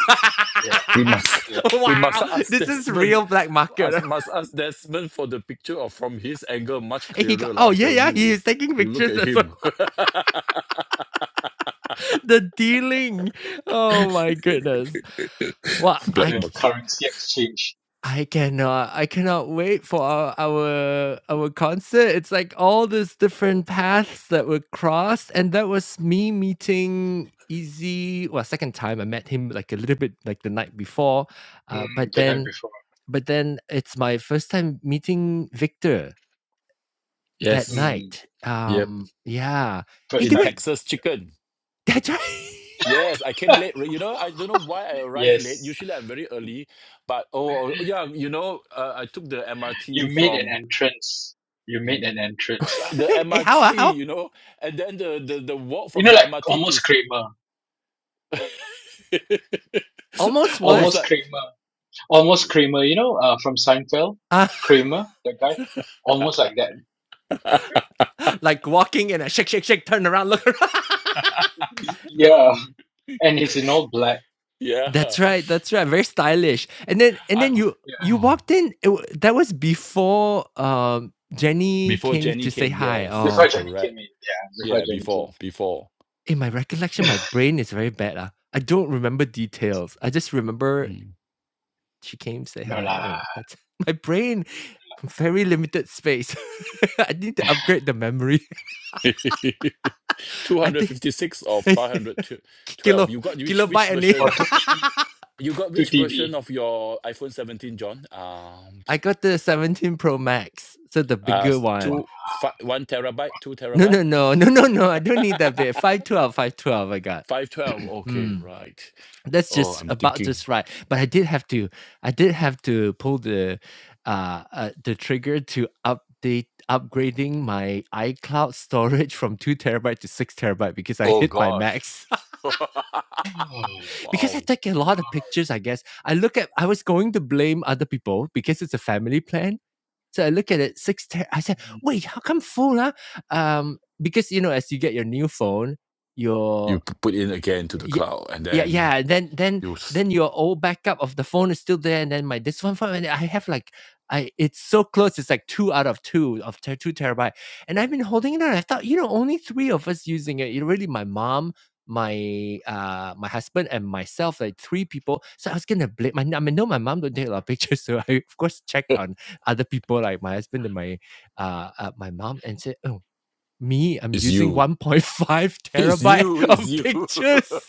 Yeah, We must yes. [LAUGHS] [LAUGHS] we must wow, ask this is Desmond real black us market. [LAUGHS] must ask Desmond for the picture of from his angle much And he got clearer, [LAUGHS] oh lah. I yeah tell Mhm. yeah he you. is taking You look pictures at as well. him. [LAUGHS] the dealing. Oh my goodness. Well, [LAUGHS] Black I The market. currency exchange. I cannot I cannot wait for our our our concert. It's like all these different paths that were crossed, and that was me meeting Easy. Well, second time I met him like a little bit like the night before, Hmm. uh, but The night then before. but then it's my first time meeting Victor that Yes. Hmm. night. Yep. Um, yeah. Hey, First In do it. time. Texas chicken. That's right. Yes, I came [LAUGHS] late. You know, I don't know why I arrived late. Yes. Usually I'm very early, but oh oh, oh, yeah, you know, uh, I took the You MRT made an from entrance. You made an entrance. Uh. the [LAUGHS] hey, how MRT, ah, how? you know, and then the the, the walk You from know, the like MRT to almost Kramer. [LAUGHS] Almost I what? was Almost like Kramer. Almost Kramer. You know, uh, from Seinfeld? Uh, Kramer, that guy? Almost like that. [LAUGHS] [LAUGHS] like walking and a shake shake shake, turn around, look around. [LAUGHS] [LAUGHS] no. Yeah. And he's in all black. Yeah. That's right, that's right, very stylish. And then and I then you Yeah. you oh walked in, it wa that was before, um, Jenny Before came Jenny to say came, hi. yes, Oh, Before Johnny okay. came correct. in. Yeah, before Yeah, Johnny came in. before, before. In my recollection, my brain is very bad, ah. I don't remember details. I just remember Mm. she came, say No hi, and lah. then that's [LAUGHS] my brain, very limited space. [LAUGHS] I need to upgrade the memory. [LAUGHS] [LAUGHS] I think 256 or [LAUGHS] 512. kilo You got which which kilobyte only. [LAUGHS] Or version? 2TV. You got which version 2TV. of your iPhone 17, John? Um, I got the 17 Pro Max, so the uh, bigger one. two, fi one terabyte, two No, no, no. [LAUGHS] terabytes? No, no, no. I [LAUGHS] don't need that bit. 512. Five twelve, five twelve. 512 I got. [CLEARS THROAT] Okay, Mm, right. that's Oh, just I'm about thinking. just right. But I did have to I did have to pull the uh, uh the trigger to update upgrading my iCloud storage from 2 terabyte to 6 terabyte because I Oh, hit my gosh. max. [LAUGHS] Oh, [LAUGHS] because I wow. take a lot of wow. pictures, I guess. I look at I was going to blame other people because it's a family plan, so I look at it, six ten. I said, Mm. "Wait, how come full? Huh? Um, because you know, as you get your new phone, your you p- put in again to the yeah, cloud and yeah, then yeah, then then you s- then your old backup of the phone is still there, and then my this one phone, and I have like I it's so close, it's like 2 out of 2 of ter 2 terabyte, and I've been holding it on, I thought, you know, only 3 of us using it, you really my mom, my, uh, my husband, and myself, like 3 people, so I was gonna blame my I know my mom don't take a lot of pictures, [LAUGHS] so I, of course, check [LAUGHS] on other people, like my husband and my, uh, uh, my mom, and said, "Oh, me, I'm it's using you 1.5 [LAUGHS] it's you terabyte it's of you [LAUGHS] pictures."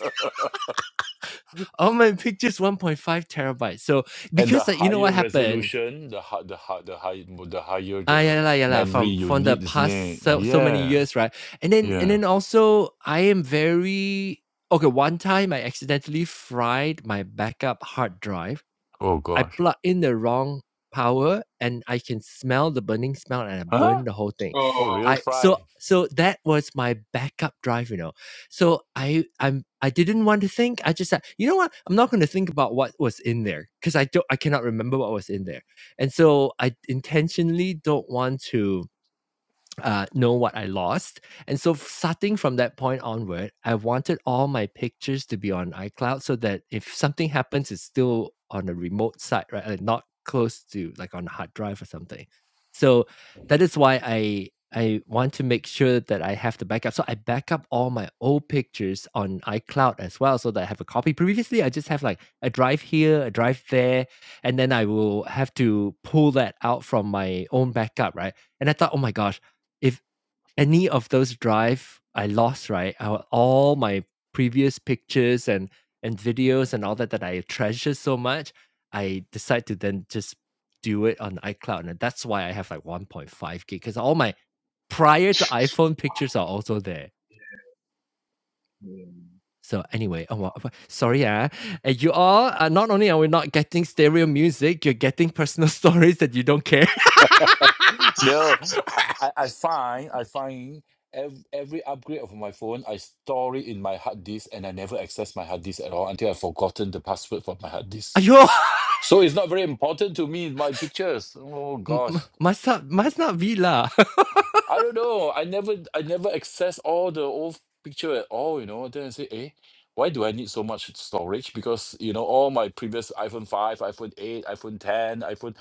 Oh my pictures 1.5 terabytes. So and the because like, you know what higher happened? resolution the hi- the hi- the high the higher Ah, the yeah, lah, yeah, lah, memory from you from the need isn't past it so, so many yeah years, right? And then and yeah then also I am very okay. One time I accidentally fried my backup hard drive oh I gosh plug in the wrong power and I can smell the burning smell and I huh burn the whole thing. oh Oh, real I fry so so that was my backup drive, you know. So I I'm I didn't want to think. I just said, you know what? I'm not going to think about what was in there because I don't I cannot remember what was in there. And so I intentionally don't want to uh, know what I lost. And so, starting from that point onward, I wanted all my pictures to be on iCloud so that if something happens, it's still on a remote site, right? Like not close to like on a hard drive or something. So that is why I I want to make sure that I have the backup. So I back up all my old pictures on iCloud as well, so that I have a copy. Previously, I just have like a drive here, a drive there, and then I will have to pull that out from my own backup, right? And I thought, oh my gosh if any of those drive I lost, right, I will- all my previous pictures and and videos and all that that I treasure so much, I decide to then just do it on iCloud, and that's why I have like 1.5 gig because all my prior to iPhone wow. pictures are also there. Yeah. Mm. So anyway, oh, wa- wa- sorry, ah, uh, you all uh, not only are we not getting stereo music, you're getting personal [LAUGHS] stories that you don't care. [LAUGHS] [LAUGHS] no i i, I find i find ev- Every upgrade of my phone, I store it in my hard disk, and I never access my hard disk at all until I've forgotten the password for my hard disk. Ayo, So it's not very important to me my pictures. Oh [LAUGHS] m- m- gosh, must not must not be lah. [LAUGHS] I don't know. I never I never access all the old picture at all. You know. Then I say, eh, why do I need so much storage? Because you know all my previous iPhone five, iPhone eight, iPhone ten, iPhone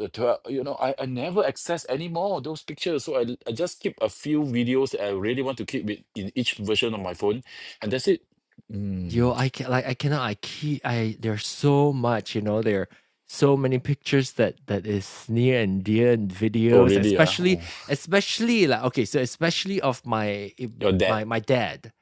uh, twelve. You know, I, I never access any more of those pictures. So I I just keep a few videos that I really want to keep with in each version of my phone, and that's it. Yo, Mm. I can like I cannot. I keep I there's so much, you know, there are so many pictures that that is near and dear and Oh videos, really? Ah. especially Oh, especially like okay, so especially of my eh, your dad. my my dad.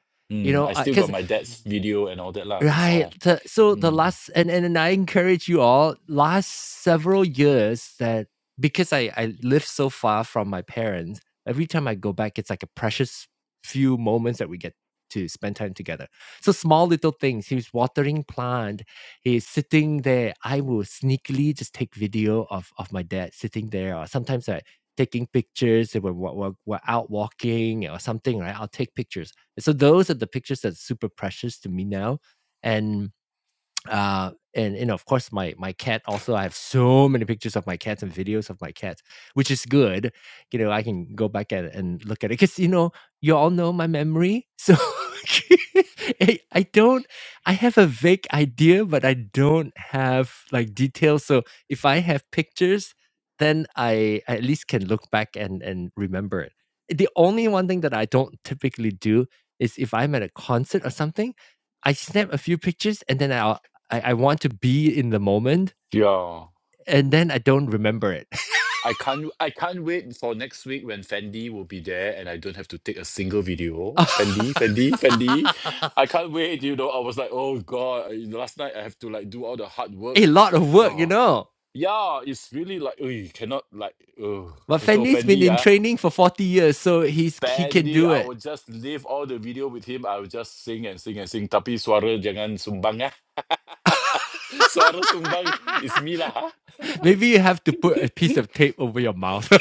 You Mm. know, I still got because my dad's video and all that lah. That's Right. all. The, so the Mm. last and, and and I encourage you all last several years that because I I live so far from my parents, every time I go back, it's like a precious few moments that we get to spend time together. So small little things. He was watering plant. He's sitting there. I will sneakily just take video of of my dad sitting there, or sometimes I taking pictures when we're, we're, we're out walking or something. Right, I'll take pictures. So those are the pictures that's super precious to me now and uh and and of course my my cat also i have so many pictures of my cats and videos of my cats which is good you know i can go back and, and look at it because you know you all know my memory so [LAUGHS] I, I don't i have a vague idea but i don't have like details so if i have pictures then i I at least can look back and and remember it the only one thing that i don't typically do is if i'm at a concert or something I snap a few pictures and then I'll I, I want to be in the moment Yeah. and then I don't remember it. I can't I can't wait for next week when Fendi will be there and I don't have to take a single [LAUGHS] video. a Fendi, Fendi, Fendi. I can't wait, you know. I was like, oh God, you know, last night I have to like do all the hard work. lot of work, you Oh know. yeah, it's really like oh you cannot like oh But so Fanny's been Fendi, in ah. training for 40 years, so he's he can Fendi, do I it. will just leave all the video with him. I will just sing and sing and sing. Tapi suara jangan sumbang ah. [LAUGHS] [LAUGHS] Suara sumbang is me lah. Maybe you have to put a piece of tape over your mouth. [LAUGHS]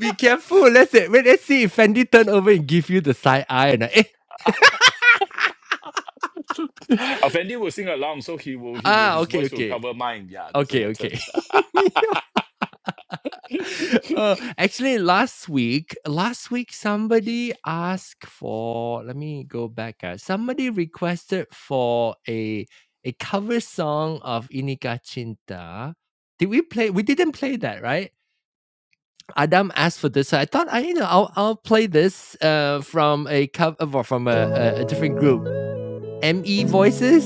Be careful. Let's see. Wait, let's see if Fendi turn over and give you the side eye and I, eh. ah. [LAUGHS] [LAUGHS] Effendi will sing along, so he will he will Ah, his okay, voice will okay. cover mine. Yeah, doesn't Okay, matter. okay. [LAUGHS] [LAUGHS] Uh, [LAUGHS] actually, last week, last week somebody asked for. Let me go back. Uh, somebody requested for a a cover song of Inika Cinta. Did we play? We didn't play that, right? Adam asked for this. So I thought I, you know, I'll I'll play this uh, from a cover uh, well, from a, a, a different group, Me Voices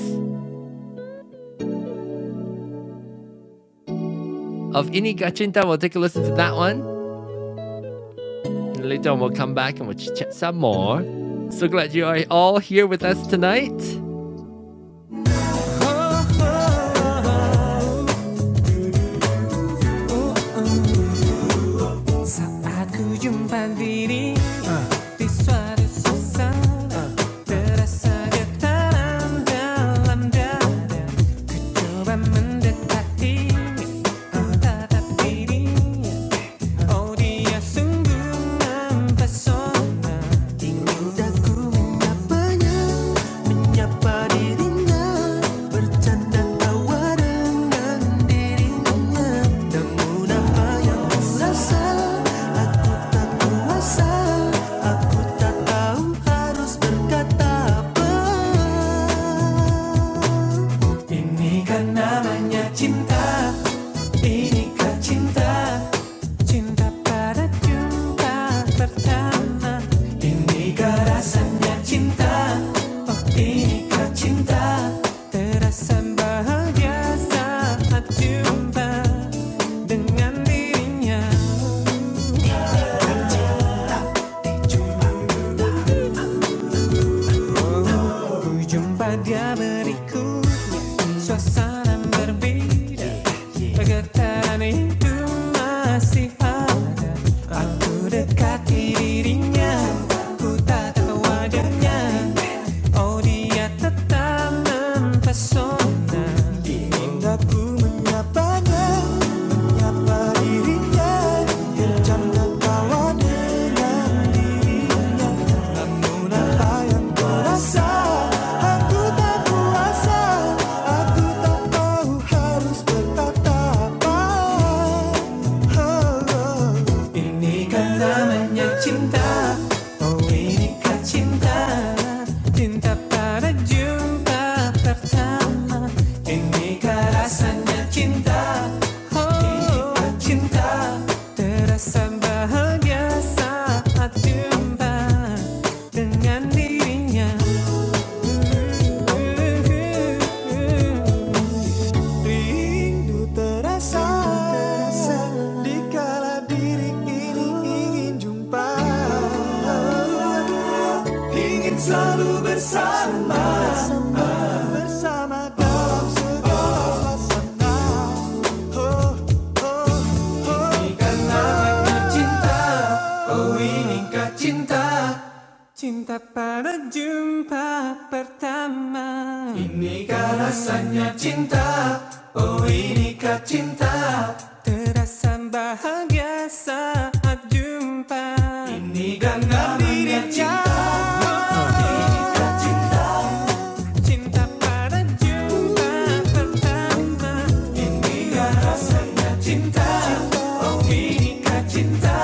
of Inika Cinta. We'll take a listen to that one. And later on, we'll come back and we'll chit chat some more. So glad you are all here with us tonight. 어디야 sungguhan pesona Indahku menyapanya, menyapa dirinya, bercanda tawa dengan dirinya. Namun apa yang rasa aku tak kuasa, aku tak tahu harus berkata apa. Ini kan namanya cinta Ini kan cinta Cinta pada jumpa pertama Ini kan rasanya cinta Oh ini kan cinta Terasa bahagia saat jumpa Dengan dirinya Cuma Berjumpa dia berikutnya Suasana berbeda yeah, yeah. Getaran itu masih ada Aku dekati dirinya Ku tak tahu wajahnya Oh dia tetap mempesona Indah ku menyapanya Menyapa dirinya Bercanda tawa dengan dirinya Namun apa yang kau rasa Aku tak kuasa Aku tak tahu harus berkata apa Oh, oh. Ini kan namanya cinta Oh inikah cinta Cinta pada jumpa pertama Inikah rasanya cinta Oh inikah cinta Terasa bahagia saat jumpa Dengan dirinya uh, uh, uh, uh. Rindu terasa, terasa dikala diri ini ingin jumpa, ingin selalu bersama, bersama dalam segala suasana. Oh, oh, namanya cinta, oh inikah cinta? Cinta pada jumpa pertama Ini Cinta Terasa bahagia saat jumpa ini genggamannya cinta Cinta pada jumpa pertama Inilah rasanya cinta Oh inikah cinta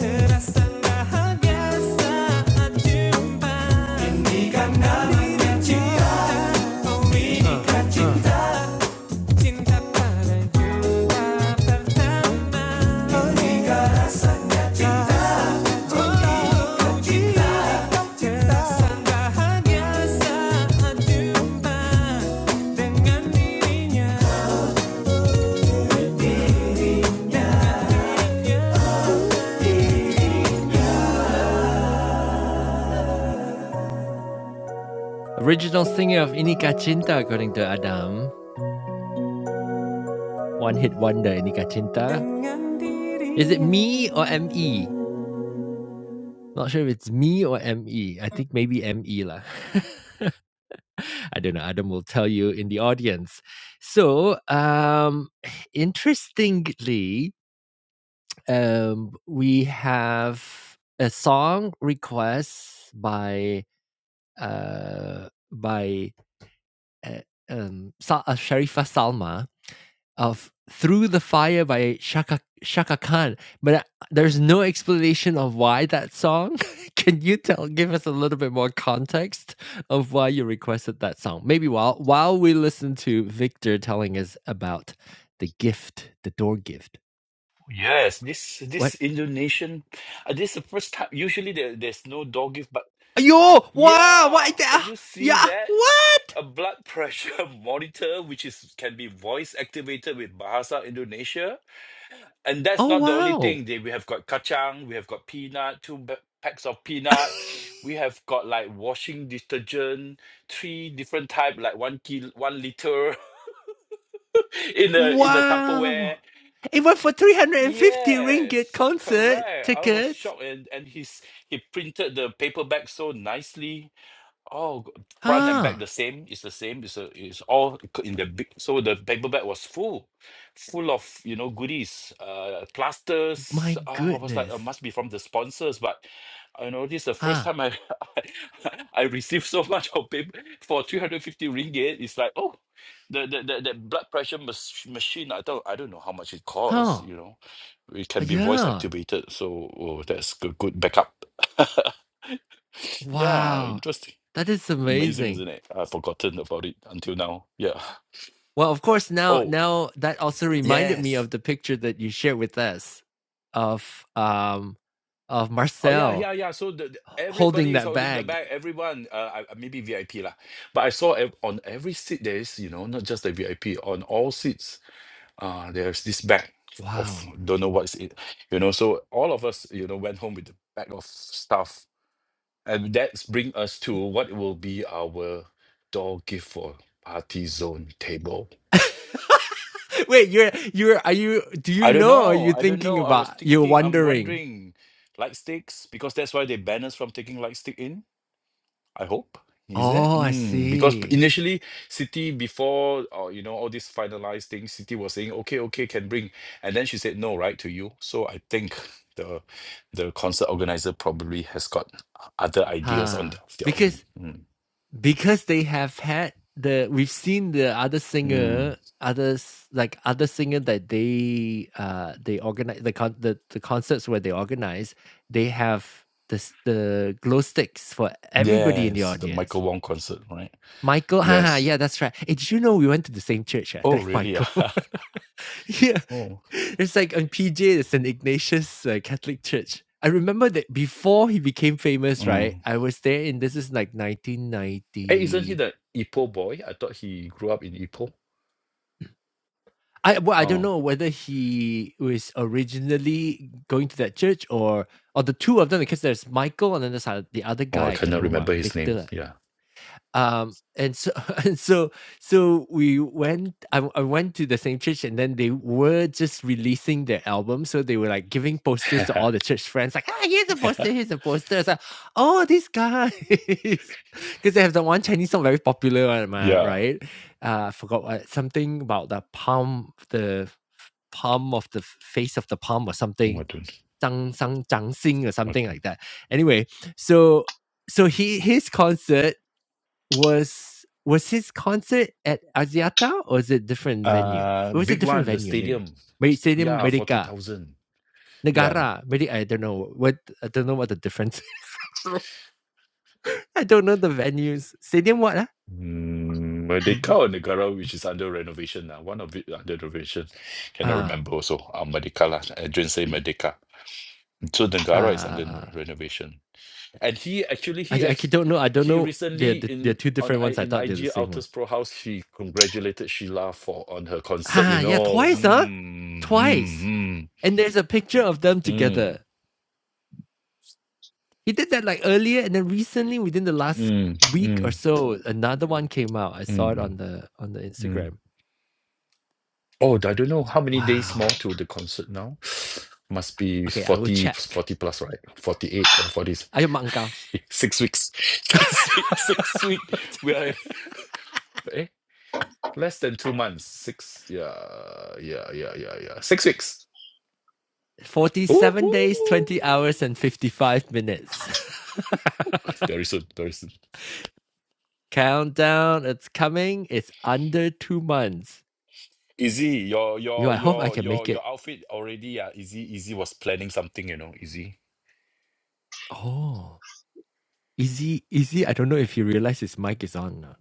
Terasa bahagia saat oh, cinta Terasa bahagia saat jumpa dengan dirinya Original singer of Inika Cinta, according to Adam. One hit wonder, Nika Cinta. Is it me or ME? Not sure if it's me or ME. I think maybe ME lah. [LAUGHS] I don't know. Adam will tell you in the audience. So, um, interestingly, um, we have a song request by uh, by uh, um, Sa- uh, Sharifa Salma of Through the Fire by Shaka Shaka Khan, but I- there's no explanation of why that song. [LAUGHS] Can you tell give us a little bit more context of why you requested that song? Maybe while while we listen to Victor telling us about the gift, the door gift. yes, this What? this Indonesian, uh, this is the first time. Usually there, there's no dog gift, but Yo, wow, what yeah, the, can ah, you see yeah, that? what? A blood pressure [LAUGHS] monitor, which is can be voice activated with Bahasa Indonesia. And that's Oh not the only wow. thing. They, we have got kacang, we have got peanut, two ba- packs of peanut. We have got like washing detergent, three different type, like one kilo, one liter [LAUGHS] in [LAUGHS] a in a Tupperware. wow. It went for 350 ringgit Yes, concert correct. I was tickets. shocked, and and he's he printed the paperback so nicely. Oh, g- front and Ah. back the same. It's the same. It's a, it's all c- in the big. So the paper bag was full, full of you know goodies, uh, plasters. My Oh, I was like, uh goodness. must be from the sponsors. But you know, this is the first Huh. time I [LAUGHS] I received so much of paper for three hundred fifty ringgit. It's like oh, the the the, the blood pressure mach- machine. I don't I don't know how much it costs. Huh. You know, it can be voice Yeah. activated. So oh, that's good good backup. [LAUGHS] yeah, Wow. interesting. That is Amazing, amazing. isn't it? I've forgotten about it until now. Yeah. Well, of course, now Oh, now that also reminded me yes. of the picture that you shared with us of um of Oh, yeah, Marcel yeah, yeah. So the, the- holding everybody is that holding the bag. bag. Everyone, uh, I- maybe VIP lah. But I saw ev- on every seat there is, you know, not just the VIP. On all seats, uh, there's this bag of Wow. don't know what's it, you know. So all of us, you know, went home with the bag of stuff, and that's bring us to what will be our door gift for party zone table [LAUGHS] Wait, you're you're are you do you I don't know or are know. you I don't thinking know. I was about you're thinking, I'm wondering? wondering, light sticks, because that's why they ban us from taking light stick in, I hope. Is it? Oh, I Mm, because p- see. initially, City before, uh, you know, all these finalized things, City was saying, okay, okay, can bring. And then she said no, right, to you. So I think [LAUGHS] the the concert organizer probably has got other ideas on Huh. their, of their Because own. Mm, because they have had the we've seen the other mm. singer others like other singer that they uh they organize the con- the, the concerts where they organize they have the the glow sticks for everybody in the Yes, the audience Michael Wong concert, right? michael [LAUGHS] haha Yes. yeah that's right hey, did you know we went to the same church yeah Oh, that really? [LAUGHS] michael ah? [LAUGHS] yeah oh. it's like on pj the st ignatius uh, catholic church i remember that before he became famous right mm. i was there in this is like Hey, isn't he 1990 the Ipoh boy? I thought he grew up in Ipoh. I well, I don't Oh, know whether he was originally going to that church or or the two of them because there's Michael and then there's uh, the other oh, I guy I can not cannot remember remember what his name. Victor. Yeah, Um, and so [LAUGHS] and so so we went I, w- I went to the same church and then they were just releasing their album so they were like giving posters to all the church friends like ah here's a poster here's a poster it's like oh these guys [LAUGHS] because they have the one chinese song very popular one [LAUGHS] ma, yeah. right uh I forgot what something about the palm the f- palm of the f- face of the palm or something What Zhang Zhang Zhang Xing or something like that anyway so so he his concert was was his concert at Axiata or is it different venue? Uh, It was a big different one, the venue, maybe. stadium. Maybe St- Stadium Yeah, forty Merdeka, thousand. Yeah, Negara. Maybe I don't know what I don't know what the difference. is. [LAUGHS] I don't know the venues. Stadium what? Ah, mm, Mm, mm. Merdeka or Negara, which is under renovation now. One of it under renovation. Cannot ah, remember also. Uh, Merdeka lah. Adrian say Merdeka. So ah. Negara is ah, under ah. renovation. and he actually I he I ca- ex- don't know. I don't he know. They're recently they're they're in two on different I ones. I in thought they're the IG same one. Altus Pro House he congratulated Sheila for on her concert. You Ah, yeah, know, twice, huh? mm, Twice. mm, mm, And there's a picture of them mm, together. He did that like earlier, and then recently, within the last mm, week or mm, so, another one came out. I saw it mm, on the on the mm. Instagram. Oh, I don't know how many days Wow. more to the concert now. [SIGHS] Must be Okay, I will 40 check. 40 plus, right? 48 or 40, Are you mangao? [LAUGHS] six weeks. [LAUGHS] six six six weeks, weeks. [LAUGHS] We are eh, less than two months. Six, yeah, yeah, yeah, yeah, yeah. Six weeks Forty-seven days, Woohoo! twenty hours, and fifty-five minutes. [LAUGHS] Very soon, very soon. Countdown, it's coming. It's under two months. Izzy, your You, your I hope I your can your make it. your outfit already. Uh, Izzy, Izzy was planning something, you know. Izzy, Oh, Izzy, Izzy, I don't know if you realize his mic is on. or not.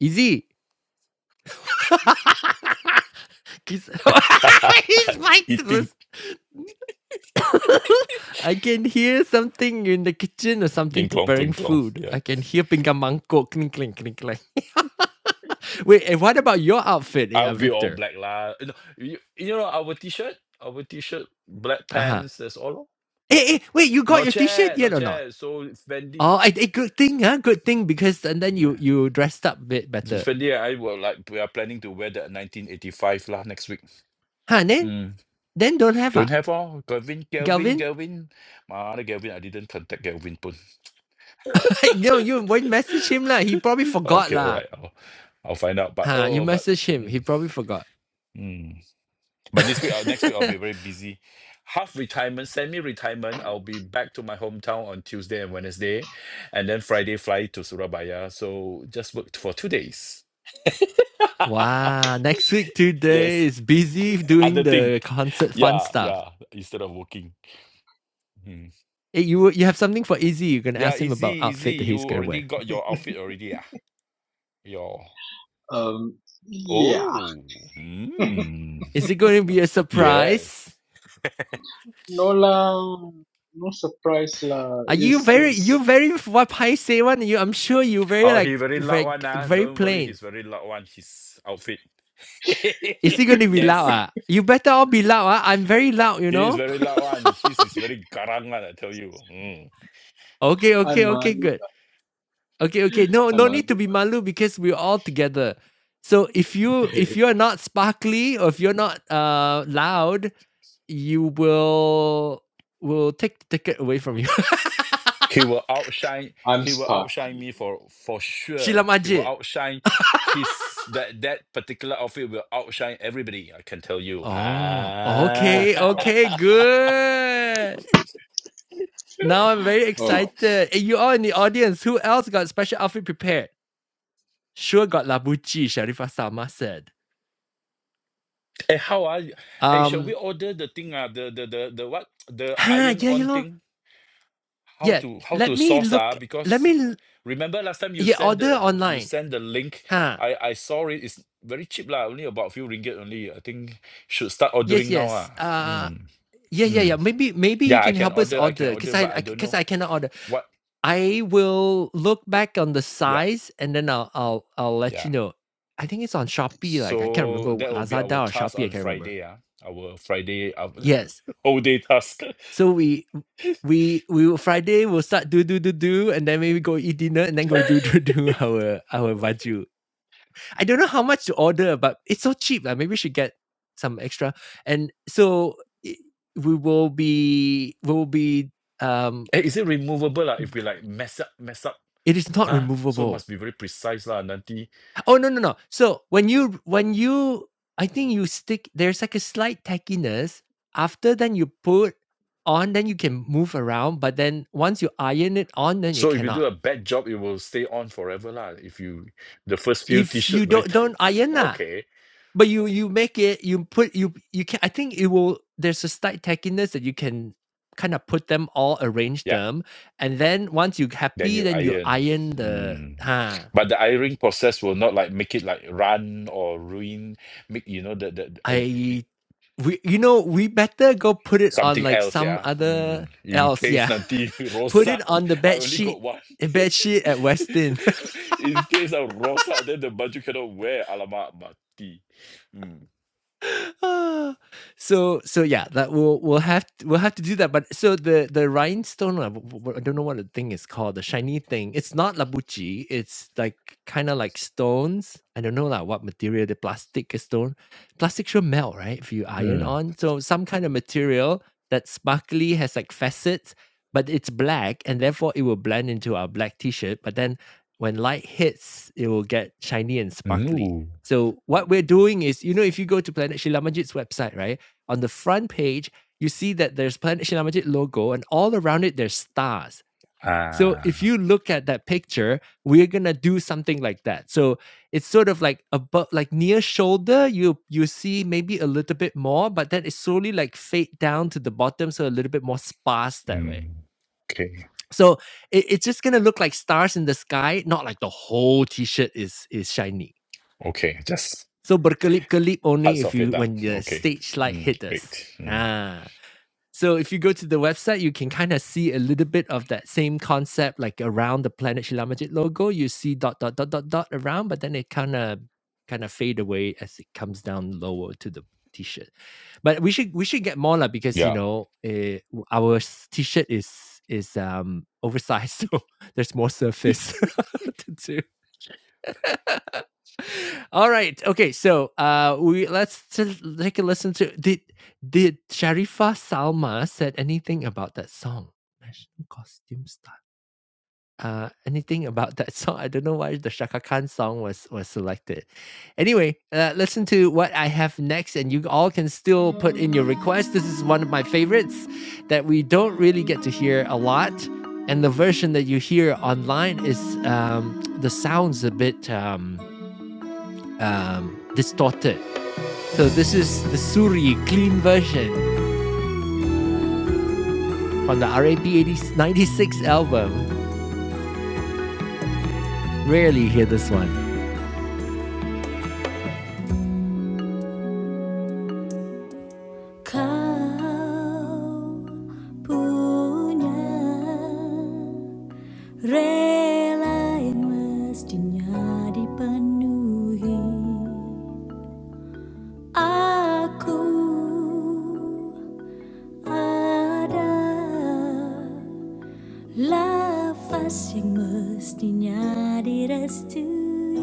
Izzy. [LAUGHS] He's, [LAUGHS] he's [LAUGHS] mic'd to the eating [COUGHS] [LAUGHS] I can hear something in the kitchen or something cling clong, preparing cling clong. food. Yeah, I can hear pinggan mangkok clink clink clink clink. [LAUGHS] wait, and what about your outfit, eh, uh, I'll be all Victor? black lah. You know, you, you know our t-shirt, our t-shirt, black Uh-huh. pants. That's all. lor. Hey, hey, wait, you got No your t-shirt chair, no yet or not? chair. So Fendi, Oh, I, eh, good thing, huh? Good thing because and then you yeah, you dressed up a bit better. Fendi. I will like. We are planning to wear the 1985 lah next week. Huh, then Mm. then don't have Don't ah. have all. Gavin, Galvin, Galvin? [LAUGHS] Galvin. My other Galvin, I didn't contact Galvin Poon. Like, no, you won't message him lah. He probably [LAUGHS] forgot okay, all lah. right. I'll, I'll find out. But Huh, you oh, but message him. He mm, probably forgot. mm. but this week, uh, next week, [LAUGHS] I'll be very busy. Half retirement, semi-retirement. I'll be back to my hometown on Tuesday and Wednesday, and then Friday fly to Surabaya. So just worked for two days. [LAUGHS] Wow, next week two yes, days busy doing other thing. the concert fun Yeah, stuff. yeah. Instead of working. Mm. Hey, you you have something for Izzy. You're gonna Yeah, ask him easy, about easy. outfit that You he's gonna already wear. got your outfit already, ah. Your Um, yeah. Oh, mm, Is it going to be a surprise? yes. No lah, no surprise lah. Are you It's very it's. you it's very what Pai say one? You I'm sure you very Oh, like he very loud very one ah. very Don't worry, plain. he's very loud one. His outfit. Is he going to [LAUGHS] be loud? yes, Ah, you better all be loud. Ah, I'm very loud. You he is know. very loud one. His is very garang one. I tell you. Mm. [LAUGHS] okay, I'm okay, okay, Malu. good. Okay, okay. No, I'm no need to Malu. be malu because we're all together. So if you [LAUGHS] if you're not sparkly or if you're not uh loud, You will will take the ticket away from you. He will outshine. I'm He will sparkly. outshine me for for [LAUGHS] sure. Sheila He will Majid. outshine his that that particular outfit will outshine everybody. I can tell you. Oh, Ah. Oh okay, okay, gosh. good. Now I'm very Oh. excited. And you all in the audience, who else got special outfit prepared? Sure got Labuchi, Sharifah Sama said. [LAUGHS] hey, how are you? Hey, shall we Um, order the thing? Ah, the the the the what? [TSK] The huh, iron yeah, you on know, thing how yeah, to how let to me source ah look, let because me, remember last time you yeah, send order the you online. send the link Huh, i i saw it it's very cheap lah only about few ringgit only i think should start yes, ordering now yes, ah uh, mm, yeah, yeah, mm. yeah, maybe, maybe you yeah i can can help us order i can order, because order I, but because i I, don't 'cause know I cannot order. what I will look back on the yeah size and then I'll I'll I'll let you yeah know. I think it's on Shopee, like I can't so remember what that will be our Lazada or task Shopee, I on can't remember. friday ah our friday our Yes. [LAUGHS] whole day task [LAUGHS] So we we we will Friday we'll start do do do do and then maybe go eat dinner and then go do [LAUGHS] do do our our baju. I don't know how much to order, but it's so cheap. Like maybe we should get some extra. And so i- we will be we will be um eh, is it removable lah if we like mess up mess up it is not huh so removable. must be very precise lah nanti Oh no no no. So when you when you I think you stick there's like a slight tackiness. After then you put on, then you can move around. But then once you iron it on, then you So if you do cannot. a bad job, it will stay on forever lah. If you the first few If you t-shirt very don't t- don't iron [LAUGHS] lah. okay, But you you make it you put you you can I think it will there's a slight tackiness that you can kind of put them all arrange yeah, them and then once you then happy you then you iron. iron the Mm. huh But the ironing process will not like make it like run or ruin, make you know the the uh, y- y- I we you know we better go put it on something like else, some yeah. Mm. other In else. case Yeah, nanti [LAUGHS] [LAUGHS] put rosak, it on the I bed only sheet got one. bed sheet at Westin. [LAUGHS] In case I rosak, then the baju cannot wear. Alamak mati. Mm. [SIGHS] Ah, so so yeah that we'll we'll have to, we'll have to do that but so the the rhinestone uh, w- w- i don't know what the thing is called the shiny thing it's not labuchi it's like kind of like stones i don't know lah what material the plastic is stone plastic should melt right if you iron Mm. on so some kind of material that sparkly has like facets but it's black and therefore it will blend into our black t-shirt but then when light hits it will get shiny and sparkly Ooh. so what we're doing is, you know, if you go to Planet Shilajit's website, right, on the front page, you see that there's Planet Shilajit logo, and all around it there's stars. So Ah. if you look at that picture, we're gonna do something like that. So it's sort of like above, like near shoulder, you you see maybe a little bit more, but then it slowly like fade down to the bottom, so a little bit more sparse that way. Mm. Okay. So it, it's just gonna look like stars in the sky, not like the whole t-shirt is is shiny. Okay. Just So berkelip-kelip only parts if of it you lah. when the Okay. stage light Mm. hit us. Great. Mm. Ah. So if you go to the website, you can kind of see a little bit of that same concept, like around the Planet Shila logo. You see dot dot dot dot dot around, but then it kind of kind of fade away as it comes down lower to the t-shirt. But we should we should get more lah because you Yeah. know eh, w our s- t-shirt is is um oversized, [LAUGHS] so there's more surface [LAUGHS] to do. [LAUGHS] All right. Okay. So uh we let's just take a listen to did did Sharifa Salma said anything about that song? National costume style. Uh anything about that song? I don't know why the Shaka Khan song was was selected. Anyway, uh, listen to what I have next and you all can still put in your request. This is one of my favorites that we don't really get to hear a lot. And the version that you hear online is um, the sounds a bit um, um, distorted. So this is the Suri clean version from the RAP 80, 96 album. Rarely hear this one. Aku ada La yang mestinya direstui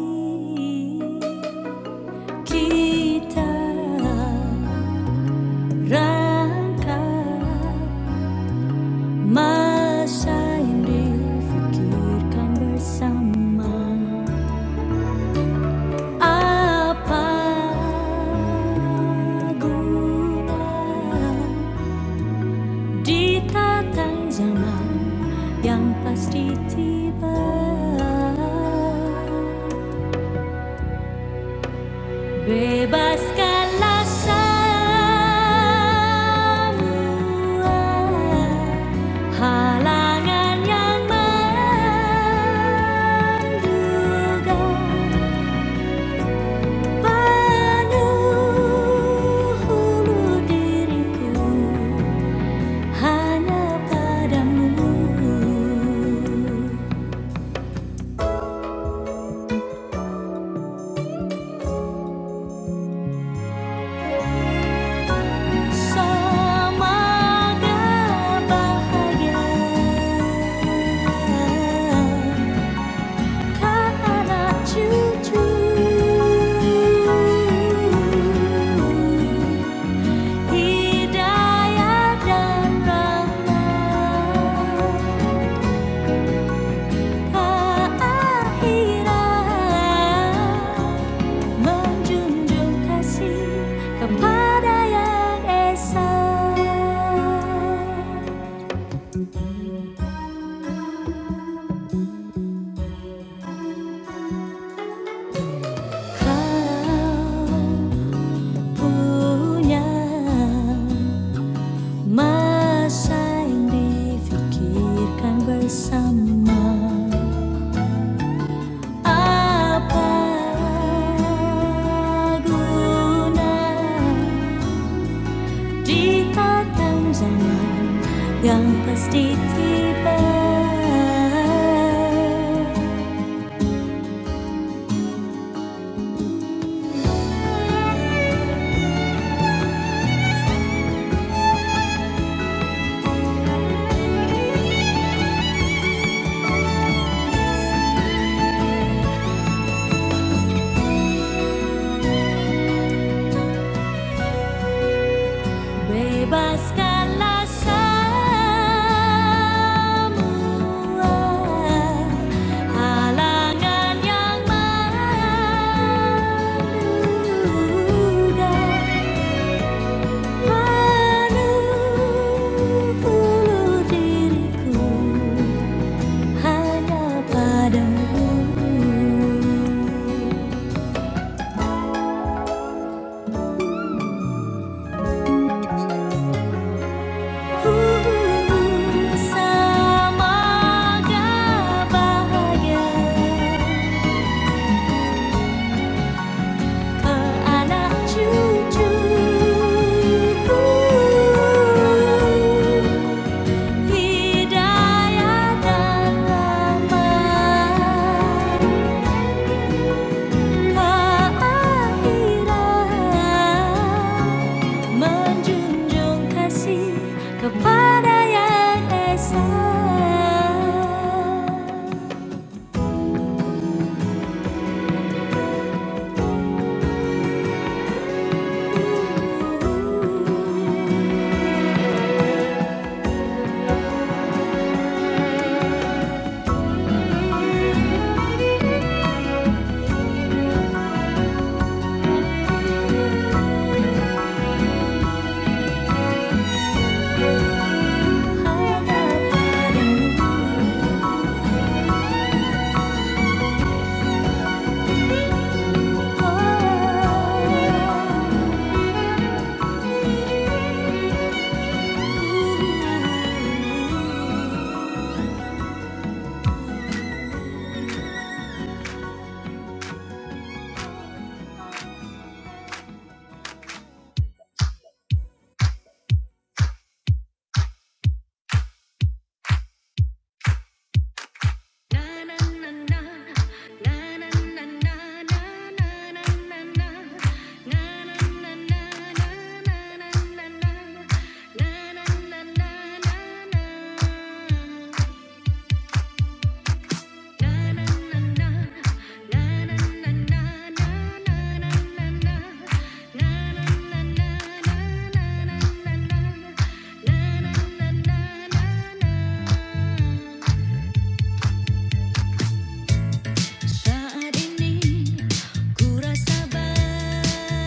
Kita rangkap Masa yang difikirkan bersama Apa guna Di tatang zaman yang pasti tiba Bebaskanlah semua Halangan yang menduga Penuh hulu diriku hanya padamu Sama bahagia karena cucu hidayah dan rahmat. Hairan Menjunjung kasih kepada yang esa Kau punya masa yang difikirkan bersama Apa guna Jita Tanjana yang pasti tiba Bebaskanlah semua Halangan yang menduga Penuh diriku hanya padamu Ku samaga bahagia ke anak cucuku Hidayah dan rahmat Menjunjung kasih kepada yang esa.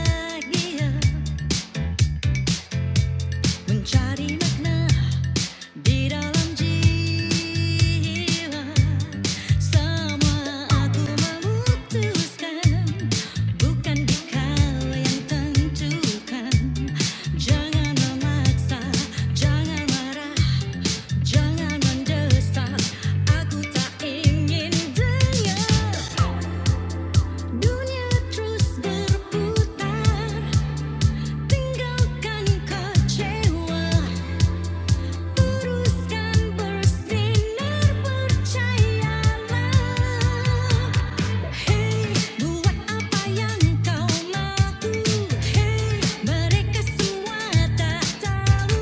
bahagia mencari makna dalam jiwa semua aku memutuskan bukan dikau yang tentukan jangan memaksa jangan marah jangan mendesak aku tak ingin dengar dunia terus berputar tinggalkan kecewa Teruskan Hey buat apa yang kau mahu Hey mereka semua tak tahu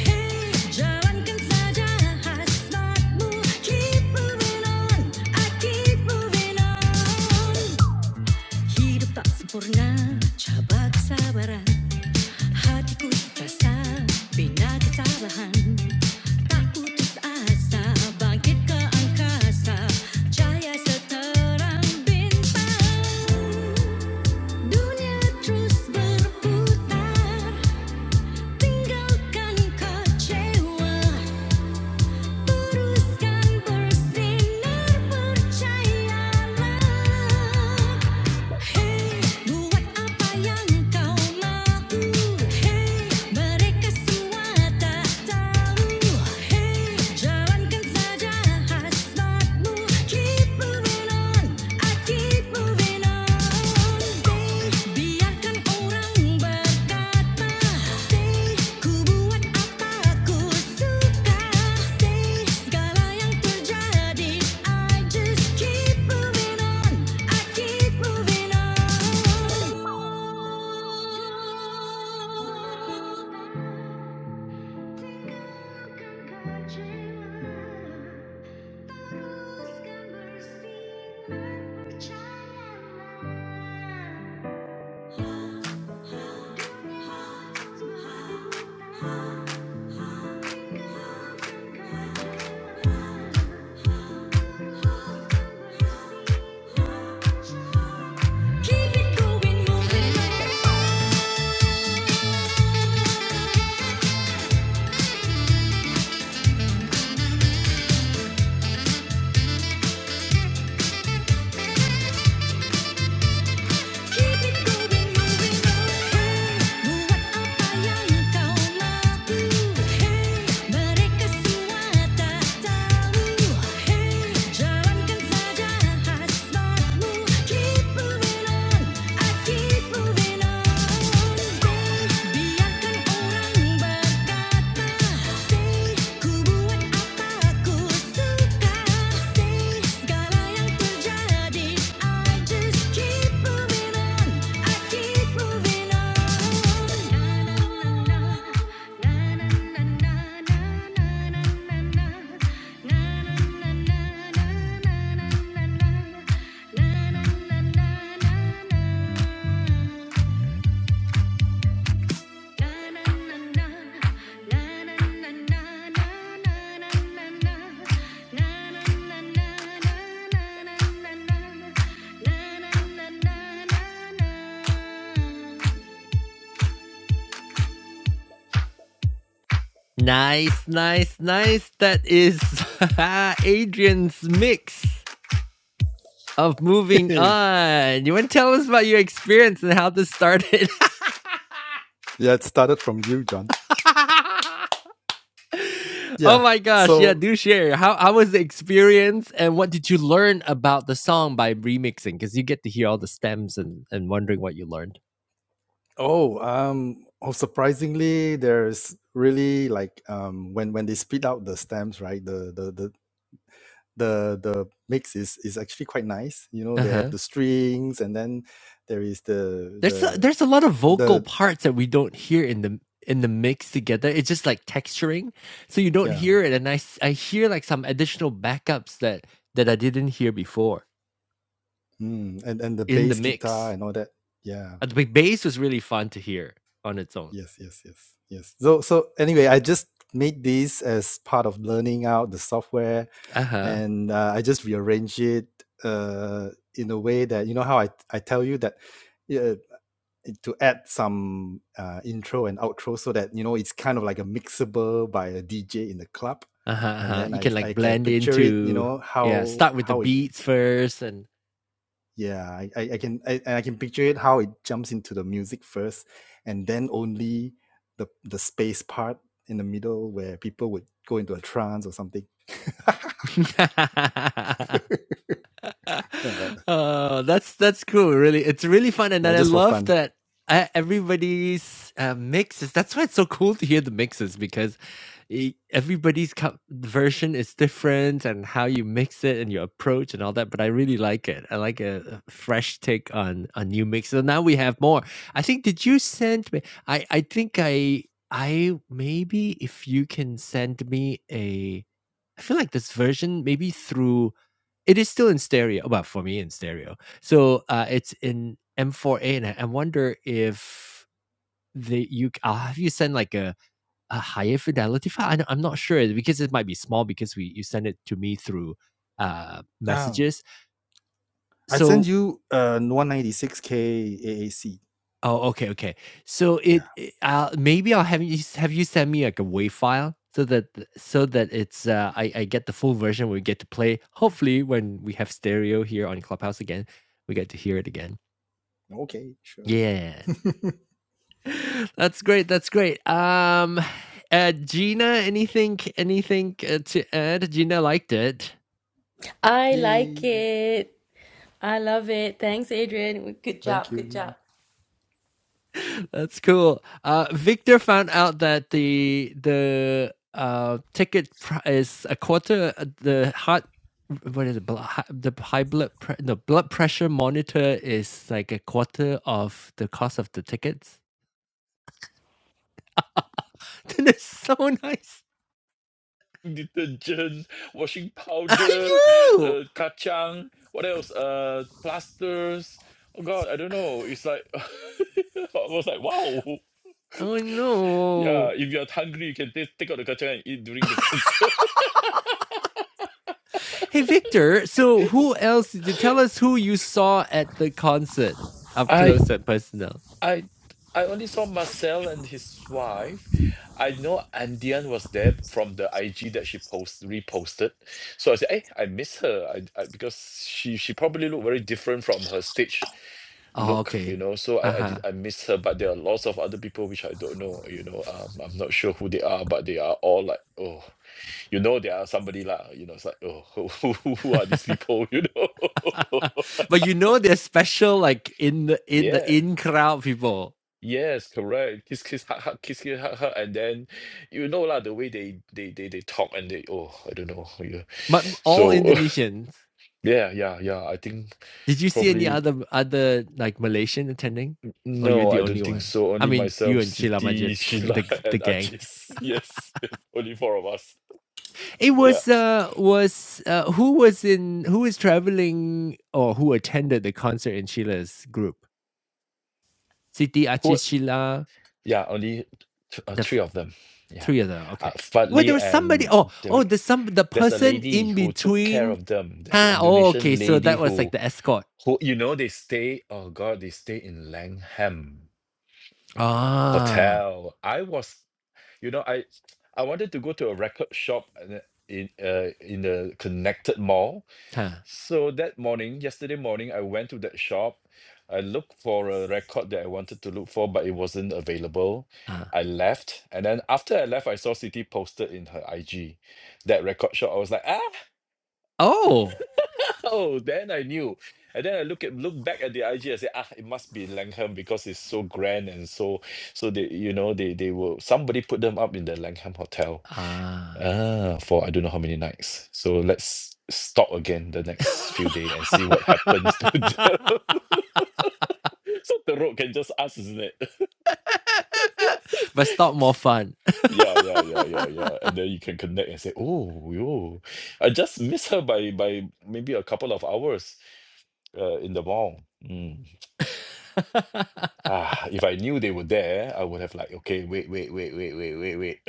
Hey jalankan saja hasratmu Keep moving on, I keep moving on Hidup tak sempurna, cabak sabaran Hatiku terasa bina kecerahan, tak putus asa bangkit ke angkasa, cahaya seterang bintang. Dunia terus berputar, tinggalkan kecewa teruskan bersinar percayalah Hey, buat apa yang kau mahu Hey, mereka semua tak tahu Hey, jalankan saja hasratmu Keep moving on. I keep moving on. Biarkan orang berkata, ku buat apa aku suka. Segala yang terjadi, I just keep moving on. I keep moving on. Biarkan orang berkata Say, ku buat apa aku suka? Say, segala yang terjadi, I just keep moving on, I keep moving on. Nice, nice, nice. That is [LAUGHS] Adrian's mix of moving [LAUGHS] on. You want to tell us about your experience and how this started? Yeah, it started from you, John. [LAUGHS] Oh Yeah. my gosh, yeah, So, do share. How how was the experience and what did you learn about the song by remixing? Because you get to hear all the stems and, and wondering what you learned. oh, um, oh, surprisingly, there's really like um, when when they spit out the stems, right? The the the the the mix is is actually quite nice. You know, they Uh-huh. have the strings, and then there is the There's a, the there's a lot of vocal the parts that we don't hear in the in the mix together. It's just like texturing, so you don't yeah, hear it. And I I hear like some additional backups that that I didn't hear before mm, and and the in the bass guitar mix. and all that. Yeah. Uh, The bass was really fun to hear on its own. Yes. Yes. Yes. Yes. So so anyway, I just made this as part of learning out the software Uh huh. and uh, I just rearrange it uh, in a way that you know how I I tell you that uh, to add some uh, intro and outro so that you know it's kind of like a mixable by a DJ in the club, Uh huh. and Uh-huh. then You I can like I can blend picture it you into know yeah. how Start with the how it beats first and. yeah I I, I can I, I can picture it how it jumps into the music first, and then only the the space part in the middle where people would go into a trance or something. [LAUGHS] [LAUGHS] [LAUGHS] Yeah, oh, that's that's cool. Really, it's really fun, and yeah, I just for love fun. that uh, everybody's uh, mixes. That's why it's so cool to hear the mixes because e- everybody's co- version is different and how you mix it and your approach and all that but i really like it i like a a fresh take on a new mix so now we have more i think did you send me i i think i i maybe if you can send me a i feel like this version maybe through it is still in stereo well for me in stereo so uh it's in m4a and i I wonder if the you i i'll have you send like a a higher fidelity file? I don't- I'm not sure because it might be small because we you send it to me through uh Oh, messages. I send So you uh 196k AAC. oh okay okay. So Yeah. it it- uh maybe I'll have you have you send me like a WAV file so that th- so that it's uh I I get the full version we get to play. Hopefully when we have stereo here on Clubhouse again, we get to hear it again. Okay, sure. Yeah. [LAUGHS] That's great. That's great. Um [SIGHS] uh Gina, anything anything uh, to add? Gina liked it. I like Yay. it. I love it. Thanks, Adrian. Good Thank job. Good you. job. [LAUGHS] That's cool. Uh, Victor found out that the the uh, ticket is a quarter. uh, The heart, what is it? The high blood, pre- the blood pressure monitor is like a quarter of the cost of the tickets. [LAUGHS] That is so nice. [LAUGHS] Detergent, washing [LAUGHS] powder, you. uh, kacang. What else? Uh, plasters. Oh God, I don't know. It's like [LAUGHS] I was like, wow. Oh no. Yeah. If you're hungry, you can take take out the kacang and eat during the concert. Hey Victor. So who else? Did you tell us who you saw at the concert [LAUGHS] up I close and personal? I I only saw Marcel and his wife. I know Andian was there from the IG that she post reposted. So I said, "Hey, I miss her. I, I because she she probably looked very different from her stage Oh look, you okay. know. So Uh I I huh. did I miss her, but there are lots of other people which I don't know. You know, um, I'm not sure who they are, but they are all like, oh, you know, they are somebody lah. You know, it's like, oh, [LAUGHS] who who, who are these people? [LAUGHS] You know, [LAUGHS] but you know they're special like in the [LAUGHS] in the yeah. in crowd people Yes, correct. Kiss, kiss, hug, hug, kiss, kiss, hug, hug, and then you know lah the way they they they they talk and they oh I don't know yeah. but all So indonesians [LAUGHS] yeah yeah yeah I think did you see any probably other other like malaysian attending or you're no the I don't only think one so i only mean you myself and sheila Siti majid [LAUGHS] Sheila the [LAUGHS] the and gang Ajis yes, yes only four of us it yeah was uh was uh who was in who is traveling or who attended the concert in sheila's group siti who achis sheila yeah only th uh, the three of them yeah Three of them. uh, Okay. Wait, Fadli there was somebody. and Oh, oh, Derek the some the there's a person lady in who took care between. of them there's an Huh. Oh, okay. Indonesian So lady that was who like the escort. Who you know they stay oh god, they stay in Langham Ah. Hotel. I was you know, I I wanted to go to a record shop and then in uh in the connected mall. Huh. So that morning, yesterday morning, I went to that shop. I looked for a record that I wanted to look for, but it wasn't available. Uh. I left, and then after I left, I saw City posted in her IG that record shop. I was like, ah, Oh. Oh, then I knew. And then I look at look back at the IG and say, ah, it must be Langham because it's so grand and so so they you know they they will somebody put them up in the Langham Hotel Ah. ah for I don't know how many nights. So let's stop again the next few day and see what happens to them. [LAUGHS] [LAUGHS] So the road can just ask, isn't it? but [LAUGHS] stop more fun. Yeah, yeah, yeah, [LAUGHS] yeah, yeah. And then you can connect and say, oh, yo, I just miss her by by maybe a couple of hours uh, in the mall. Hmm. Ah, if I knew they were there, I would have like, okay, wait, wait, wait, wait, wait, wait,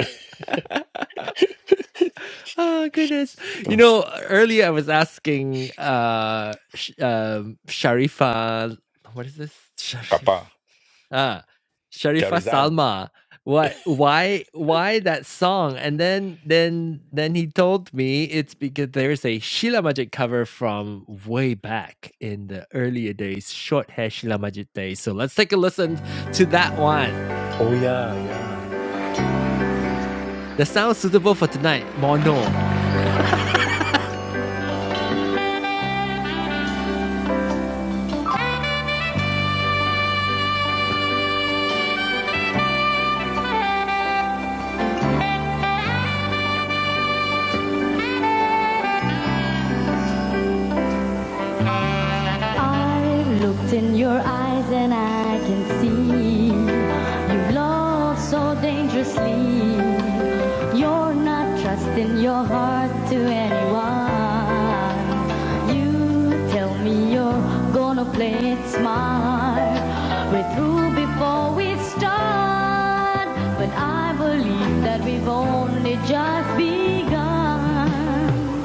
wait. [LAUGHS] oh goodness. You Gosh. know, earlier I was asking uh sh- um Sharifa what is this? Sharif Kappa. uh Sharifa Charizan. Salma. What why why that song? And then then then he told me it's because there's a Sheila Majid cover from way back in the earlier days, short hair Sheila Majid days. So let's take a listen to that one. Oh yeah, yeah. The sound suitable for tonight, Mono. It's yours in your heart to anyone. You tell me you're gonna play it smart. We're through before we start, but I believe that we've only just begun.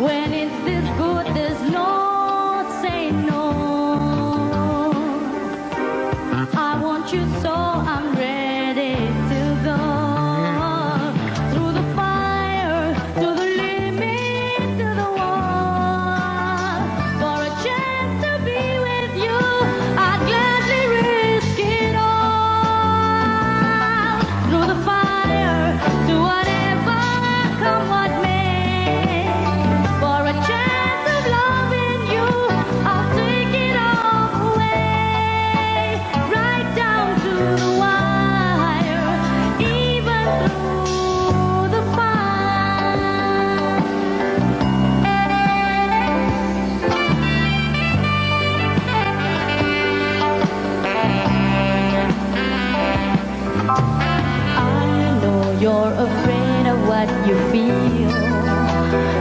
When it's this good, there's no say no. I want you so I'm ready to go through the fire, to the limit, to the wall. For a chance to be with you, I'd gladly risk it all. Through the fire, to whatever come what may. For a chance of loving you, I'll take it all away right down to the wire, even through the fire. I know you're afraid of what you feel.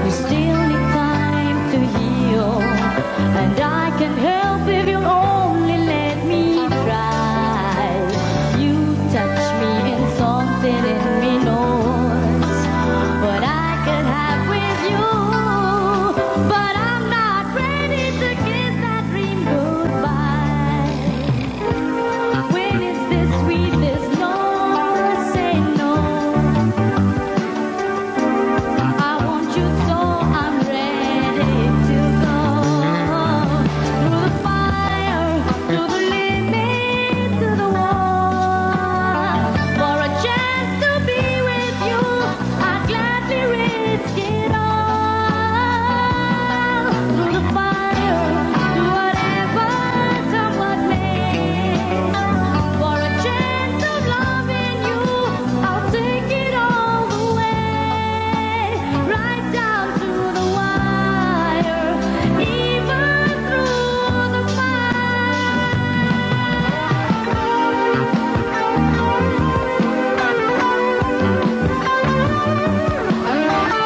You still need time to heal, and I can help if you'll only let me try. You touch me and something in me knows. what I could have with you. But I'm not ready to kiss that dream goodbye. When it's this sweet, this low, say no. I want you so I'm ready to go through the fire, through the living, through the war. For a chance to be with you, I'd gladly risk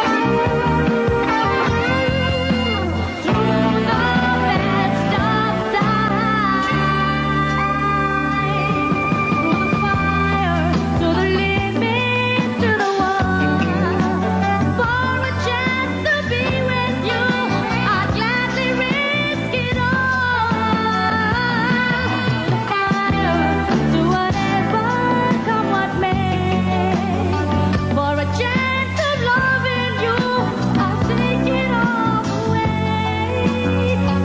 it all. Whatever come what may. For a chance of loving you, I'll take it all away.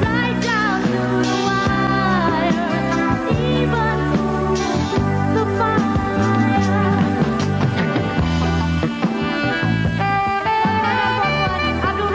Right down to the wire, even through the fire. Abdul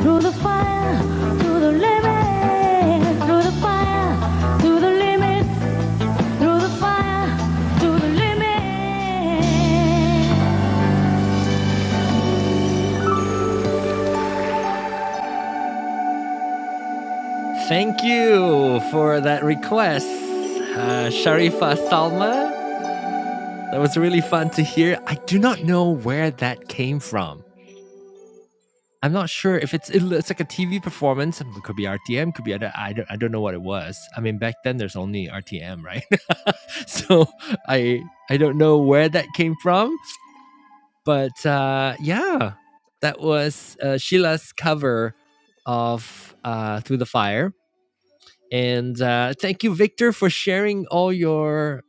through the fire, through the limit, through the fire, through the limit, through the fire, through the limit. Thank you for that request, uh, Sharifa Salma. That was really fun to hear. I do not know where that came from. I'm not sure if it's it's like a TV performance. It could be RTM, could be I don't, I don't I don't know what it was. I mean, back then there's only RTM, right? [LAUGHS] so I I don't know where that came from, but uh, yeah, that was uh, Sheila's cover of uh, Through the Fire and uh, thank you victor for sharing all your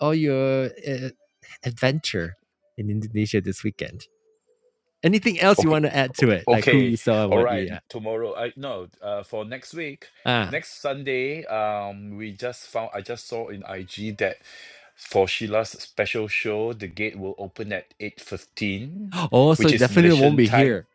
all your uh, adventure in indonesia this weekend anything else you Okay. want to add to it like who Okay. you saw and All what right. you Tomorrow. I no, uh for next week. Uh, Next Sunday, um, we just found I just saw in IG that for Sheila's special show, the gate will open at 8.15, ah oh so which it is definitely won't Malaysian be time here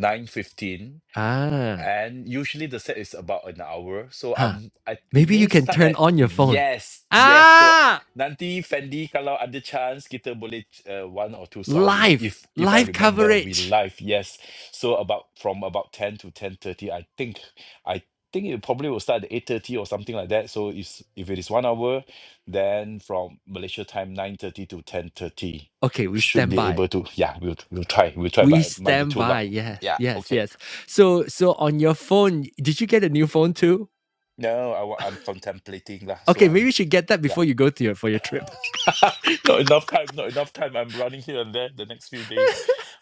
9.15. ah and usually the set is about an hour so huh I'm I, it maybe you may can start turn at on your phone yes yes so ah nanti Fendi kalau ada chance kita boleh uh, one or two song we, live if if I live remember we coverage live yes so about from about 10 to 10:30 I think I think it probably will start at 8:30 or something like that so if if it is one hour then from Malaysia time 9:30 to 10:30 okay we should stand be by able to yeah we'll we'll try we'll try we but it might be stand too by loud yes yeah yes okay yes so so on your phone did you get a new phone too No, I, wa- I'm contemplating lah. So Okay, maybe I'm you should get that yeah, before you go to your for your trip. [LAUGHS] not enough time. Not enough time. I'm running here and there the next few days.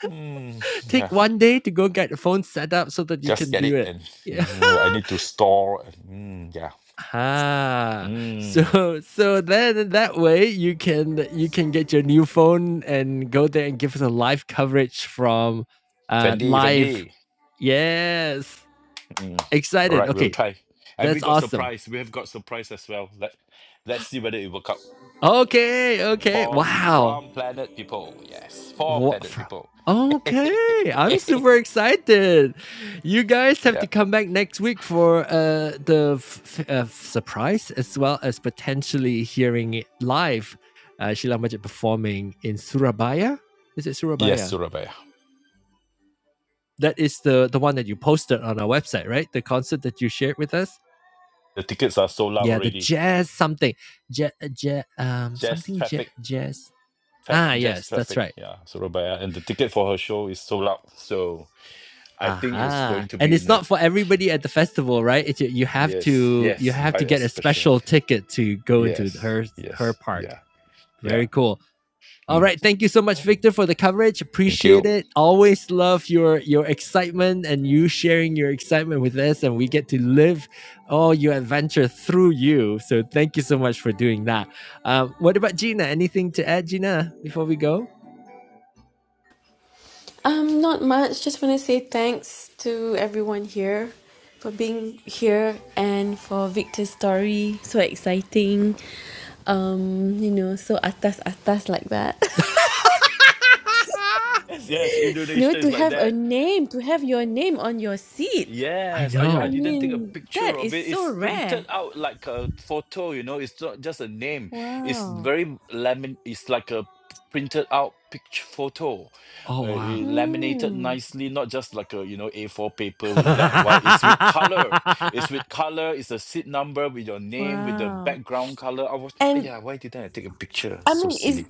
Mm, [LAUGHS] yeah, Take one day to go get the phone set up so that you just can get do it, it. and Yeah. you [LAUGHS] I need to store. And, mm, yeah, Ah, so mm, so then that way you can you can get your new phone and go there and give us a live coverage from uh Fendi, live. Fendi. Yes. Mm. All Excited. right, we'll Okay, try. And that's we got awesome. surprise. We have got surprise as well. Let Let's see whether it work out. Okay, okay. From Wow. from planet people, yes, for What? planet From? people. Okay, [LAUGHS] I'm super excited. You guys have yeah, to come back next week for uh, the f- f- uh, surprise as well as potentially hearing it live. Uh, Sheila Majid performing in Surabaya. Is it yes, Surabaya? Surabaya. That is the the one that you posted on our website, right? The concert that you shared with us. The tickets are sold out Yeah, the already. jazz something, jazz, jazz um Jazz something jazz traffic, jazz. Ah, traf- jazz yes, that's traffic. right. Yeah, Surabaya, and the ticket for her show is sold out. So I think it's Aha. going to And be it's in a not for everybody at the festival, right? It's, you have yes, to you yes, have by to a get a special. special ticket to go into Yes, her her yes, part. yeah, Very yeah. cool. All Mm. right, thank you so much Victor for the coverage. Thank Appreciate you. it. Always love your your excitement and you sharing your excitement with us and we get to live all your adventure through you. So thank you so much for doing that. Um, what about Gina? Anything to add Gina before we go? Um, not much. Just want to say thanks to everyone here for being here and for Victor's story. So exciting. Um, you know, so atas atas like that. [LAUGHS] Yes, yes, [LAUGHS] you know, Indonesia is to like have a that. name, to have your name on your seat. I Yes. Oh, yeah, I I know. didn't take a mean, that picture is of it. so It's printed rare. out like a photo, you know, it's not just a name. It's Wow. very lamin it's like a printed out picture photo. Oh Uh, wow. it laminated Hmm. nicely, not just like a, you know, A4 paper with black and white. It's with color. [LAUGHS] It's with color. It's a seat number with your name, with the Wow. background color. I was, And yeah, why didn't I take a picture? I So mean, silly. is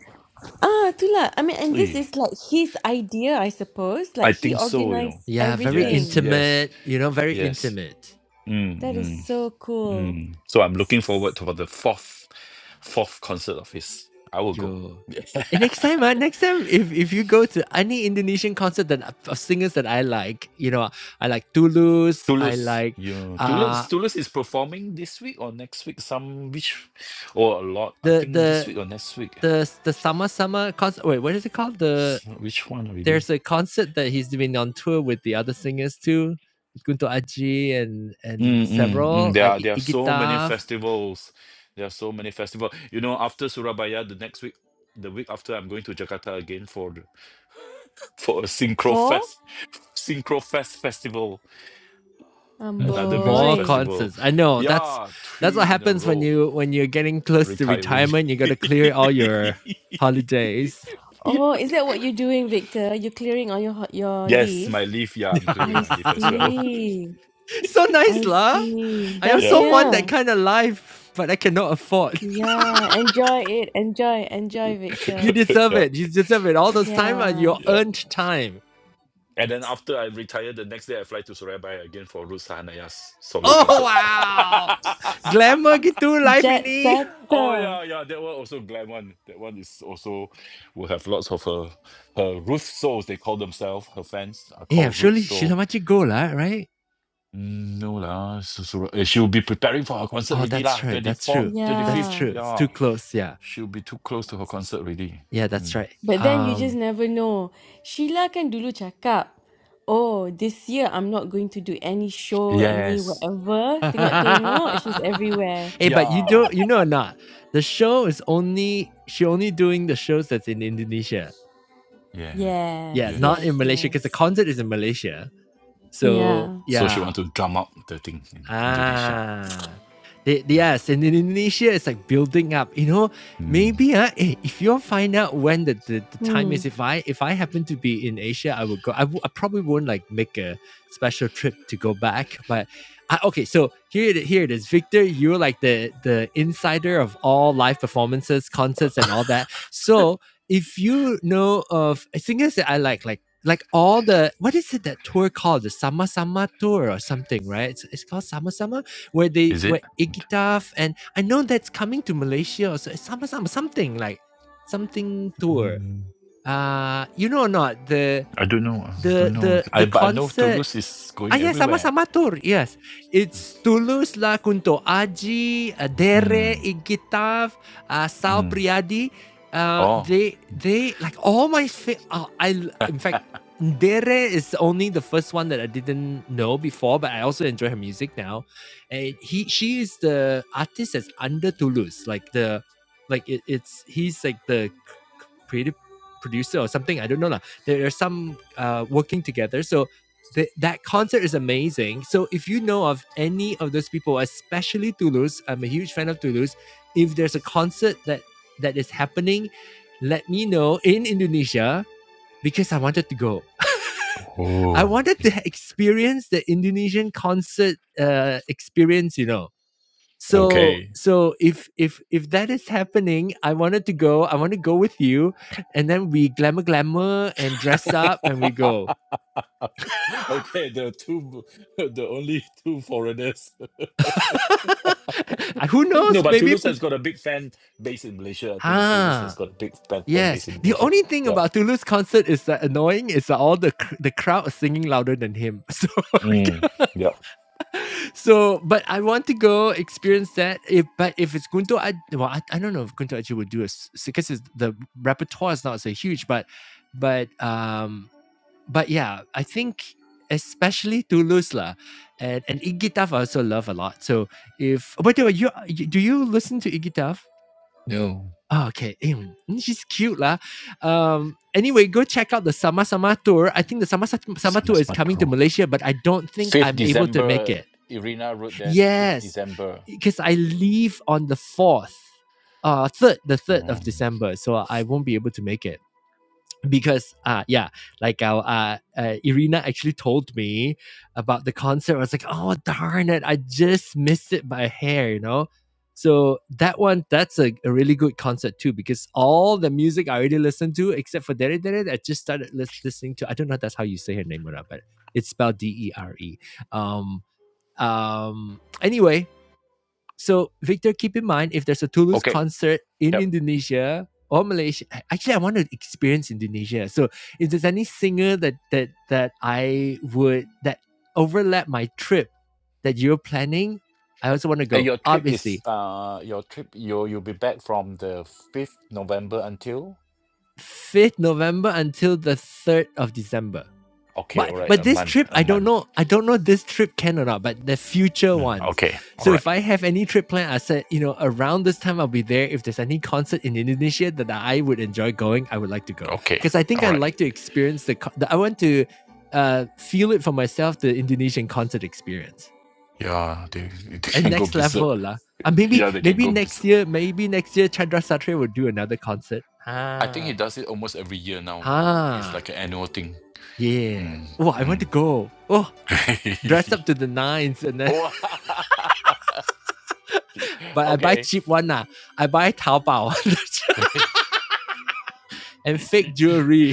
Ah, itulah. I mean, and this Oy, is like his idea, I suppose. I Like he think so, you know. organized yeah, very Yes, everything. yes, intimate, you know, very yes. intimate. Mm, That is Hmm. so cool. Mm. So I'm looking forward to for the fourth fourth concert of his. I will go. Yo. And next time, uh, next time, if, if you go to any Indonesian concert that of singers that I like, you know, I like Tulus, I Toulouse. like You uh Toulouse Toulouse is performing this week or next week, some which or a lot. I the think this the week or next week. the the summer summer concert. Wait, what is it called? The S- Which one there's really? a concert that he's doing on tour with the other singers too, with Kunto Aji and and Mm, mm, mm. several There like are there are I- so many Igitaf festivals. There are so many festivals. You know, after Surabaya, the next week, the week after, I'm going to Jakarta again for the- [LAUGHS] for a Synchro Four? Fest, Synchro Fest festival. Um, more, [LAUGHS] another music more boy. festival. concerts i know that's Yeah, that's what three in a happens when row. you when you're getting close to Retiring. retirement you gotta clear all your [LAUGHS] holidays Oh, is that what you're doing, Victor? You're clearing on your ho- your yes, leave. my leave. Yeah, I'm clearing I [LAUGHS] my leave as well. see. so nice I lah see. i [LAUGHS] yeah, also want that Bestnya. kind of life but i cannot afford Yeah, enjoy it. Enjoy, enjoy, [LAUGHS] [LAUGHS] you Victor. deserve yeah, it you deserve it all those time are Yeah. your yeah. earned time And then after I retire, the next day I fly to Surabaya again for Ruth Sahanaya's solo oh concert. [LAUGHS] wow glamour gitu life Jet ini oh setter. yeah, yeah. That one also glam one. That one is also will have lots of her her Ruth souls. They call themselves her fans are yeah called Ruth surely sheila soul Maci go lah right Mm, No lah, so, so uh, she'll be preparing for her concert oh already that's lah. right Twenty that's fourth, true twenty that's fifth. Yeah. true it's too Yeah, close yeah she'll be too close to her concert already. yeah that's Mm. right But then you um just never know. Sheila kan dulu cakap, Oh, this year I'm not going to do any show, any Yes. whatever. Tengok-tengok, she's everywhere. [LAUGHS] hey, but you do not Yeah. you know or not? The show is only she only doing the shows that's in Indonesia. Yeah. Yeah, Yes, not in yes, Yes. Malaysia because the yes. concert is in Malaysia. So Yeah. So she yeah, want to drum up the thing in Indonesia. Ah. They, they- Yep. yes, and in Indonesia, it's like building up. You know, Mm. maybe uh, eh, if you find out when the, the, the time Hmm. is, if I if I happen to be in Asia, I would go. I, w- I probably won't like make a special trip to go back. But I, okay, so here it, here it is, Victor. You're like the the insider of all live performances, concerts, and all that. So if you know of singers that I like, like like all the what is it that tour called the Sama Sama tour or something, right? It's, it's called Sama Sama, where they Is it? where What- Igitaf and I know that's coming to Malaysia also. It's Sama Sama something like something tour. Mm. Uh you know or not the I don't know. I the don't the know. the I but I know concert Toulouse is going Ah, yes, everywhere. sama-sama tour. Yes. It's Tulus la Kunto Aji, uh, Dere, Mm. Igitav, uh, Sal Mm. Priadi. Uh, Oh. they, they, like, all my, fa- uh, I, l- in fact, Dere is only the first one that I didn't know before, but I also enjoy her music now. And he, she is the artist that's under Toulouse. Like, the, like, it, it's, he's like the c- c- creative producer or something. I don't know. lah. There are some uh, working together. So, Th- that concert is amazing. So if you know of any of those people, especially Toulouse, I'm a huge fan of Toulouse. If there's a concert that that is happening, let me know in Indonesia because I wanted to go. [LAUGHS] I Oh. wanted to experience the Indonesian concert uh, experience. You know. So Okay. so if if if that is happening, I wanted to go. I want to go with you, and then we glamour glamour and dress up and we [LAUGHS] go. okay. The two, [LAUGHS] the only two foreigners. [LAUGHS] Who No, knows? but Maybe Toulouse pl- has got a big fan base in Malaysia. I think Toulouse has Ah, got a big fan, fan yes. base in The Malaysia. only thing Yeah. about Toulouse concert is that annoying is that all the cr- the crowd is singing louder than him. [LAUGHS] So, Mm, yeah. so but I want to go experience that. If but if it's Gunto, I well, I, I don't know if Gunto actually would do a because the repertoire is not so huge. But but um but yeah, I think especially Toulouse lah, and and Iggy Tuff I also love a lot. So if but do you you- do you listen to Iggy Tuff? No. Oh, okay. Mm, mm, [LAUGHS] she's cute, lah. Um, anyway, go check out the Sama Sama tour. I think the Sama Sa- Sama tour Summer's is coming to Patrol. Malaysia, but I don't think 5th I'm able to make December, it. Irina wrote this. 5th Yes, December. because I leave on the fourth, uh, third, the third of Mm. December, so I won't be able to make it because uh yeah like our uh, uh irina actually told me about the concert i was like oh darn it i just missed it by a hair you know so that one that's a, a really good concert too because all the music i already listened to except for dere dere i just started lis- listening to i don't know if that's how you say her name or not but it's spelled d-e-r-e um um anyway so, Victor, keep in mind if there's a Toulouse Okay. concert in Yep. Indonesia or Malaysia, actually, I want to experience Indonesia. So, if there's any singer that that that I would that overlap my trip that you're planning, I also want to And go. your trip is Obviously, uh your trip you you'll be back from the 5th November until 5th November until the 3rd of December. okay, But all right, but a this month, trip, a I don't month. know. I don't know this trip can or not. But the future Mm, ones. okay. All So if right. I have any trip planned, I said you know around this time I'll be there. If there's any concert in Indonesia that I would enjoy going, I would like to go Okay. because I think All I right. like to experience the, the. I want to uh feel it for myself the Indonesian concert experience Yeah, they, [LAUGHS] they and can go next berserk. level [LAUGHS] lah. Uh, maybe Yeah, they can maybe go berserk. next year maybe next year Chandra Satria will do another concert. I think he Ah does it almost every year now, you know. It's ah like an annual thing. yeah. Mm, Oh, I want to mm. go. Oh dress up to the nines and [LAUGHS] then oh, [LAUGHS] but [LAUGHS] I buy okay. cheap one lah I buy Taobao [LAUGHS] [LAUGHS] and fake jewelry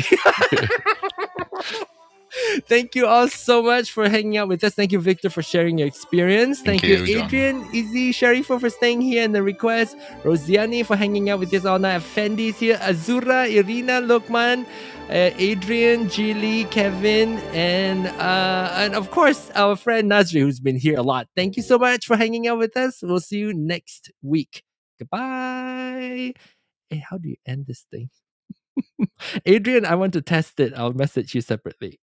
Thank you all so much for hanging out with us. Thank you, Victor, for sharing your experience. Thank Thank you, you, John. Adrian, Izzy, Sharifah for staying here and the request. Rosiani for hanging out with us all night. Effendi's here. Azura, Irina, Lokman, uh, Adrian, Jilly, Kevin, and uh, and of course our friend Nazri, who's been here a lot. Thank you so much for hanging out with us. We'll see you next week. Goodbye. Hey, how do you end this thing? Adrian, I want to test it. I'll message you separately.